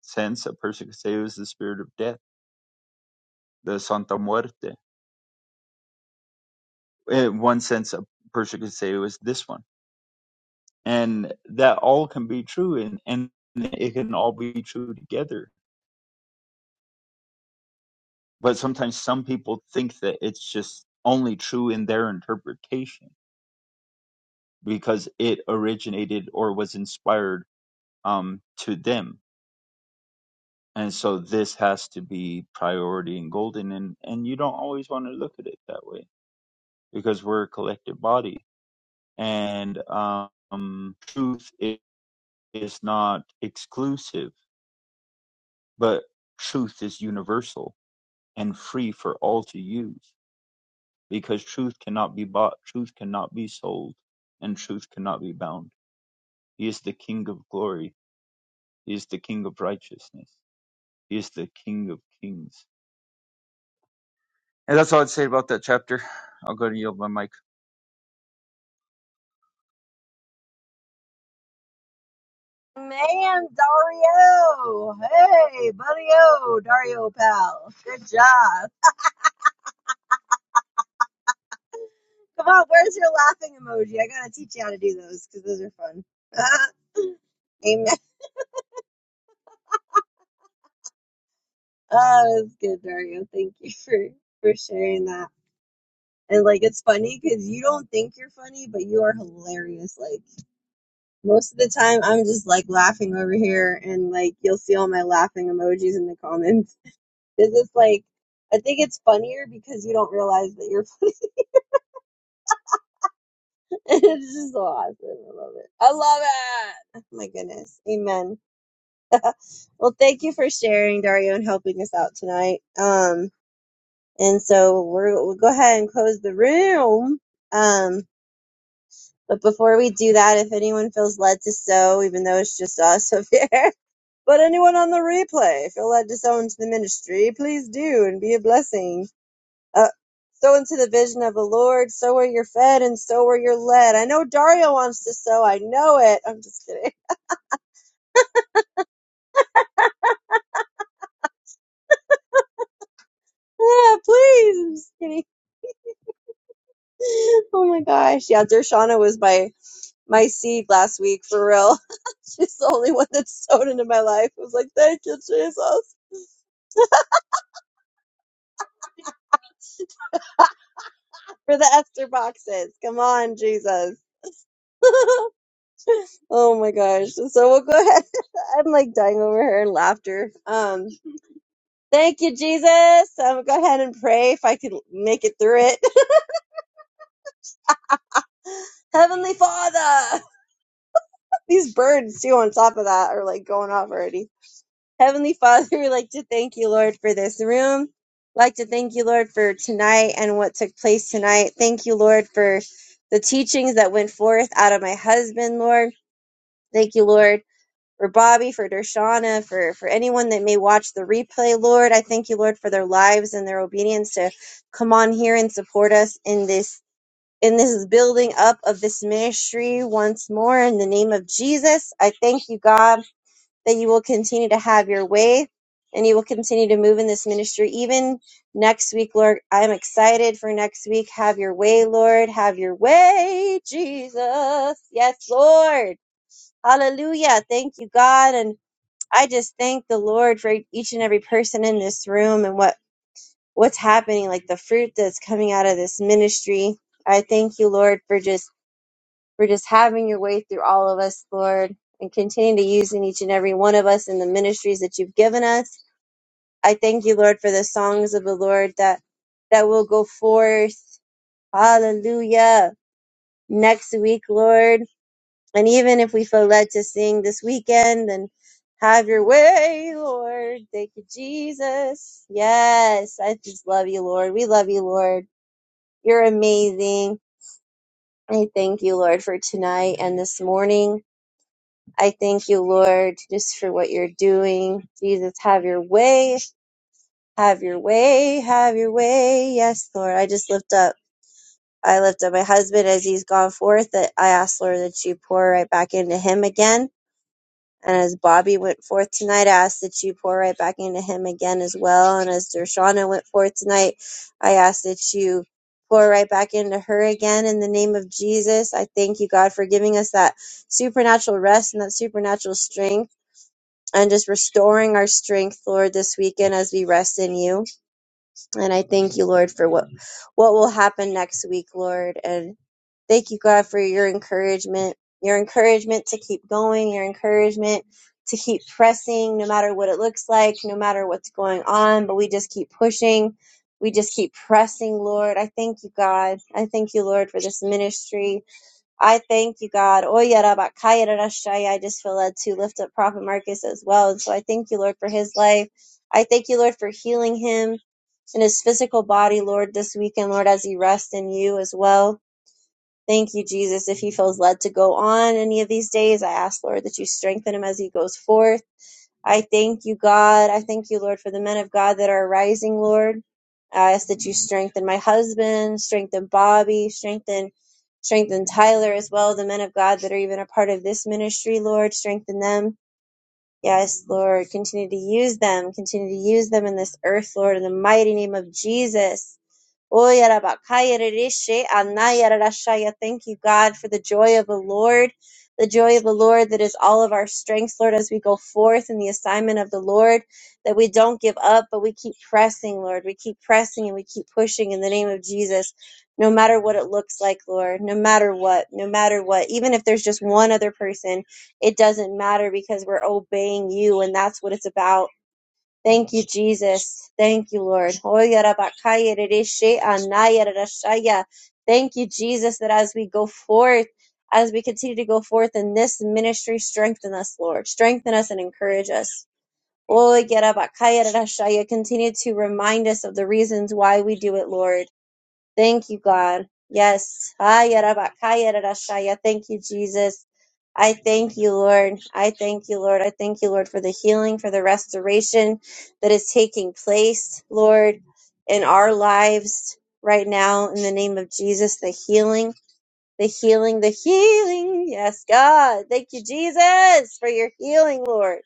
S4: sense, a person could say it was the spirit of death, the Santa Muerte. In one sense, a person could say it was this one, and that all can be true, and and it can all be true together. But sometimes some people think that it's just only true in their interpretation because it originated or was inspired um, to them And so this has to be priority and golden and, and you don't always want to look at it that way because we're a collective body and um truth i- is not exclusive, but truth is universal and free for all to use because truth cannot be bought, truth cannot be sold, and truth cannot be bound. He is the king of glory, he is the king of righteousness, he is the king of kings. And that's all I'd say about that chapter. I'll go to yield my mic.
S2: Man, Dario! Hey, buddy-o, Dario pal. Good job. Come on, where's your laughing emoji? I gotta teach you how to do those because those are fun. Amen. Oh, that's good, Dario. Thank you for for sharing that. And like, it's funny because you don't think you're funny, but you are hilarious. Like most of the time, I'm just like laughing over here, and like you'll see all my laughing emojis in the comments. It's just like I think it's funnier because you don't realize that you're funny. it's just so awesome. I love it. I love it. Oh My goodness. Amen. Well, thank you for sharing, Dario, and helping us out tonight. Um, and so we're, we'll go ahead and close the room. Um, but before we do that, if anyone feels led to sow, even though it's just us up here, but anyone on the replay feel led to sow into the ministry, please do and be a blessing. Uh, sow into the vision of the Lord. Sow where you're fed and sow where you're led. I know Dario wants to sow. I know it. I'm just kidding. Ah, please. I'm just kidding. Oh my gosh. Yeah, Dershana was my my seed last week for real. She's the only one that's sown into my life. I was like, thank you, Jesus, for the Esther boxes. Come on, Jesus. oh my gosh. So we'll go ahead. I'm like dying over here in laughter. Um, thank you, Jesus. I'm gonna go ahead and pray if I could make it through it. Heavenly Father. These birds too on top of that are like going off already. Heavenly Father, we like to thank you, Lord, for this room. Like to thank you, Lord, for tonight and what took place tonight. Thank you, Lord, for the teachings that went forth out of my husband, Lord. Thank you, Lord, for Bobby, for Dershana, for, for anyone that may watch the replay, Lord. I thank you, Lord, for their lives and their obedience to come on here and support us in this in this building up of this ministry once more in the name of Jesus. I thank you, God that you will continue to have your way and you will continue to move in this ministry even next week, Lord. I'm excited for next week. Have your way, Lord. Have your way, Jesus. Yes, Lord. Hallelujah. Thank you, God. And I just thank the Lord for each and every person in this room and what what's happening like the fruit that's coming out of this ministry. I thank you, Lord, for just for just having your way through all of us, Lord, and continue to use in each and every one of us in the ministries that you've given us. I thank you, Lord, for the songs of the Lord that that will go forth. Hallelujah. Next week, Lord. And even if we feel led to sing this weekend, then have your way, Lord. Thank you, Jesus. Yes, I just love you, Lord. We love you, Lord. You're amazing. I thank you, Lord, for tonight and this morning. I thank you, Lord, just for what you're doing. Jesus, have your way. Have your way. Have your way. Yes, Lord. I just lift up. I lift up my husband as he's gone forth. That I ask, Lord, that you pour right back into him again. And as Bobby went forth tonight, I ask that you pour right back into him again as well. And as Dershana went forth tonight, I ask that you pour right back into her again in the name of Jesus. I thank you, God, for giving us that supernatural rest and that supernatural strength and just restoring our strength, Lord, this weekend as we rest in you. And I thank you, Lord, for what what will happen next week, Lord. And thank you, God, for your encouragement, your encouragement to keep going, your encouragement to keep pressing, no matter what it looks like, no matter what's going on. But we just keep pushing. We just keep pressing, Lord. I thank you, God. I thank you, Lord, for this ministry. I thank you, God. Oya raba kaya I just feel led to lift up Prophet Marcus as well. And so I thank you, Lord, for his life. I thank you, Lord, for healing him in his physical body, Lord, this weekend, Lord, as he rests in you as well. Thank you, Jesus. If he feels led to go on any of these days, I ask, Lord, that you strengthen him as he goes forth. I thank you, God. I thank you, Lord, for the men of God that are rising, Lord. I ask that you strengthen my husband, strengthen Bobby, strengthen strengthen Tyler as well, the men of God that are even a part of this ministry, Lord, strengthen them. Yes, Lord, continue to use them, continue to use them in this earth, Lord, in the mighty name of Jesus. Oh, yarabakaya rereshe, anaya rarashaya. Thank you, God, for the joy of the Lord, the joy of the Lord that is all of our strength, Lord, as we go forth in the assignment of the Lord, that we don't give up, but we keep pressing, Lord. We keep pressing and we keep pushing in the name of Jesus, no matter what it looks like, Lord, no matter what, no matter what. Even if there's just one other person, it doesn't matter because we're obeying you, and that's what it's about Thank you, Jesus. Thank you, Lord. Hoyarabakayaradesheanayarashaya. Thank you, Jesus, that as we go forth, as we continue to go forth in this ministry, strengthen us, Lord. Strengthen us and encourage us. Hoyarabakayaradashaya. Continue to remind us of the reasons why we do it, Lord. Thank you, God. Yes. Haya raba, kaya Thank you, Jesus. I thank you, Lord. I thank you, Lord. I thank you, Lord, for the healing, for the restoration that is taking place, Lord, in our lives right now in the name of Jesus. The healing, the healing, the healing. Yes, God. Thank you, Jesus, for your healing, Lord.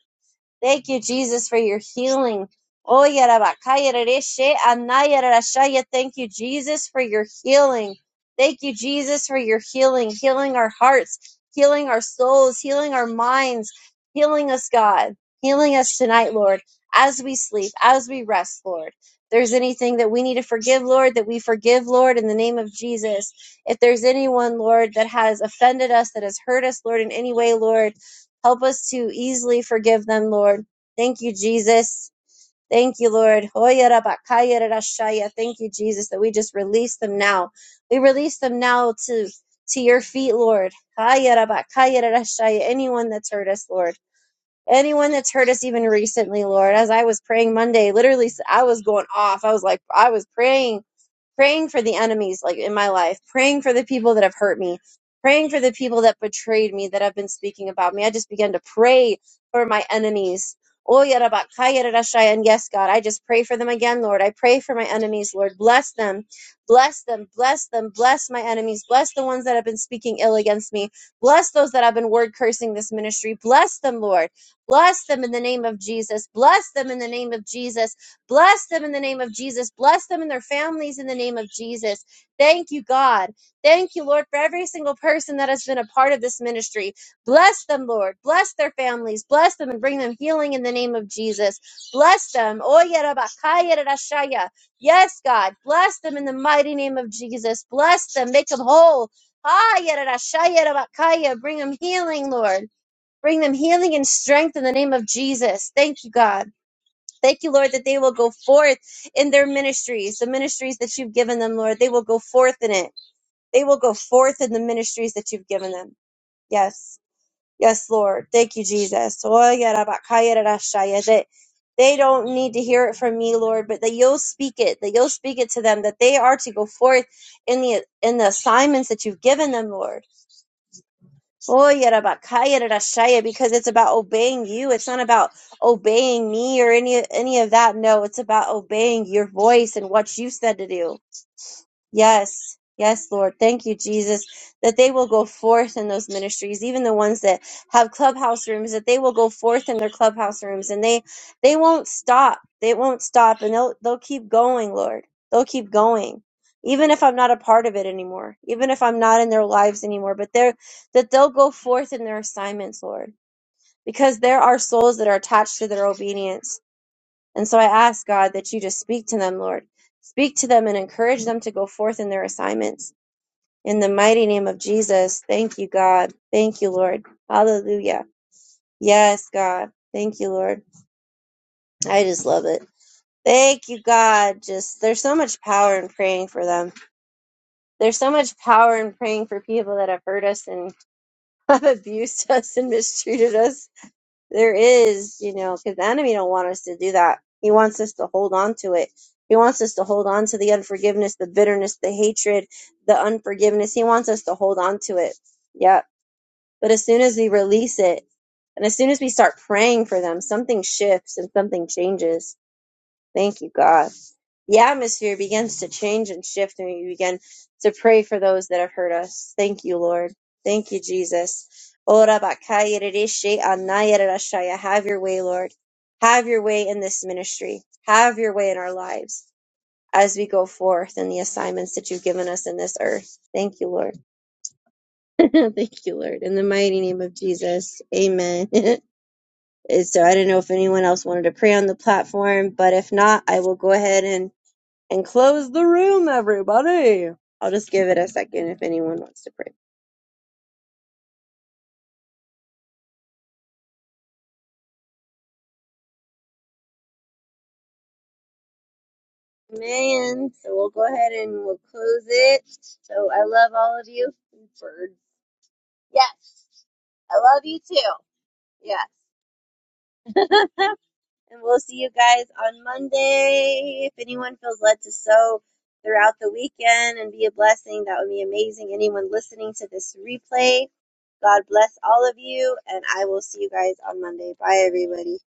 S2: Thank you, Jesus, for your healing. Oh, yarabakaya rereshe, anaya rerashaya. Thank you, Jesus, for your healing. Thank you, Jesus, for your healing, healing our hearts, healing our souls, healing our minds, healing us, God, healing us tonight, Lord, as we sleep, as we rest, Lord. If there's anything that we need to forgive, Lord, that we forgive, Lord, in the name of Jesus. If there's anyone, Lord, that has offended us, that has hurt us, Lord, in any way, Lord, Help us to easily forgive them, Lord. Thank you, Jesus. Thank you, Lord. Hoya rabakaya rarashaya. Thank you, Jesus, that we just release them now. We release them now to to your feet, Lord. Haya rabakaya rarashaya. Anyone that's hurt us, Lord anyone that's hurt us even recently, Lord. As I was praying Monday, literally, I was going off. I was like, I was praying, praying for the enemies, like in my life, praying for the people that have hurt me, praying for the people that betrayed me, that have been speaking about me. I just began to pray for my enemies. Oh, yarabakaya rarashaya. And yes, God, I just pray for them again, Lord. I pray for my enemies, Lord. Bless them, bless them, bless them, bless my enemies, bless the ones that have been speaking ill against me, bless those that have been word cursing this ministry, bless them, Lord. Bless them in the name of Jesus. Bless them in the name of Jesus. Bless them in the name of Jesus. Bless them and their families in the name of Jesus. Thank you, God. Thank you, Lord, for every single person that has been a part of this ministry. Bless them, Lord. Bless their families. Bless them and bring them healing in the name of Jesus. Bless them. Oye, Rabba, Kaya, Rara, Shaya. Yes, God. Bless them in the mighty name of Jesus. Bless them. Make them whole. Haya, Rara, Shaya, Rabba, Kaya. Bring them healing, Lord. Bring them healing and strength in the name of Jesus. Thank you, God. Thank you, Lord, that they will go forth in their ministries, the ministries that you've given them, Lord. They will go forth in it. They will go forth in the ministries that you've given them. Yes. Yes, Lord. Thank you, Jesus. That They don't need to hear it from me, Lord, but that you'll speak it, that you'll speak it to them, that they are to go forth in the in the assignments that you've given them, Lord. Oh, yarabakaya rarashaya, because it's about obeying you. It's not about obeying me or any any of that. No, it's about obeying your voice and what you said to do. Yes. Yes, Lord. Thank you, Jesus, that they will go forth in those ministries, even the ones that have clubhouse rooms, that they will go forth in their clubhouse rooms and they they won't stop. They won't stop and they'll they'll keep going, Lord. They'll keep going. Even if I'm not a part of it anymore, even if I'm not in their lives anymore, but they're that they'll go forth in their assignments, Lord, because there are souls that are attached to their obedience and so I ask, God, that you just speak to them, Lord. Speak to them and encourage them to go forth in their assignments. In the mighty name of Jesus, thank you, God. Thank you, Lord. Hallelujah. Yes, God. Thank you, Lord. I just love it. Thank you, God. Just there's so much power in praying for them. There's so much power in praying for people that have hurt us and have abused us and mistreated us. There is, you know, because the enemy don't want us to do that. He wants us to hold on to it. He wants us to hold on to the unforgiveness, the bitterness, the hatred, the unforgiveness. He wants us to hold on to it. Yeah. But as soon as we release it, and as soon as we start praying for them, something shifts and something changes. Thank you, God the atmosphere begins to change and shift, and we begin to pray for those that have hurt us. Thank you, Lord. Thank you, Jesus. Ora bakaya rishi anaya rashaya. Have your way, Lord. Have your way in this ministry. Have your way in our lives as we go forth in the assignments that you've given us in this earth. Thank you, Lord. Thank you, Lord. In the mighty name of Jesus. Amen. And so I don't know if anyone else wanted to pray on the platform, but if not, I will go ahead and and close the room, everybody. I'll just give it a second if anyone wants to pray. Man, so we'll go ahead and we'll close it. So I love all of you. Birds. Yes. I love you too. Yes. and we'll see you guys on Monday. If anyone feels led to sow throughout the weekend and be a blessing, that would be amazing. Anyone listening to this replay, God bless all of you, and I will see you guys on Monday. Bye, everybody.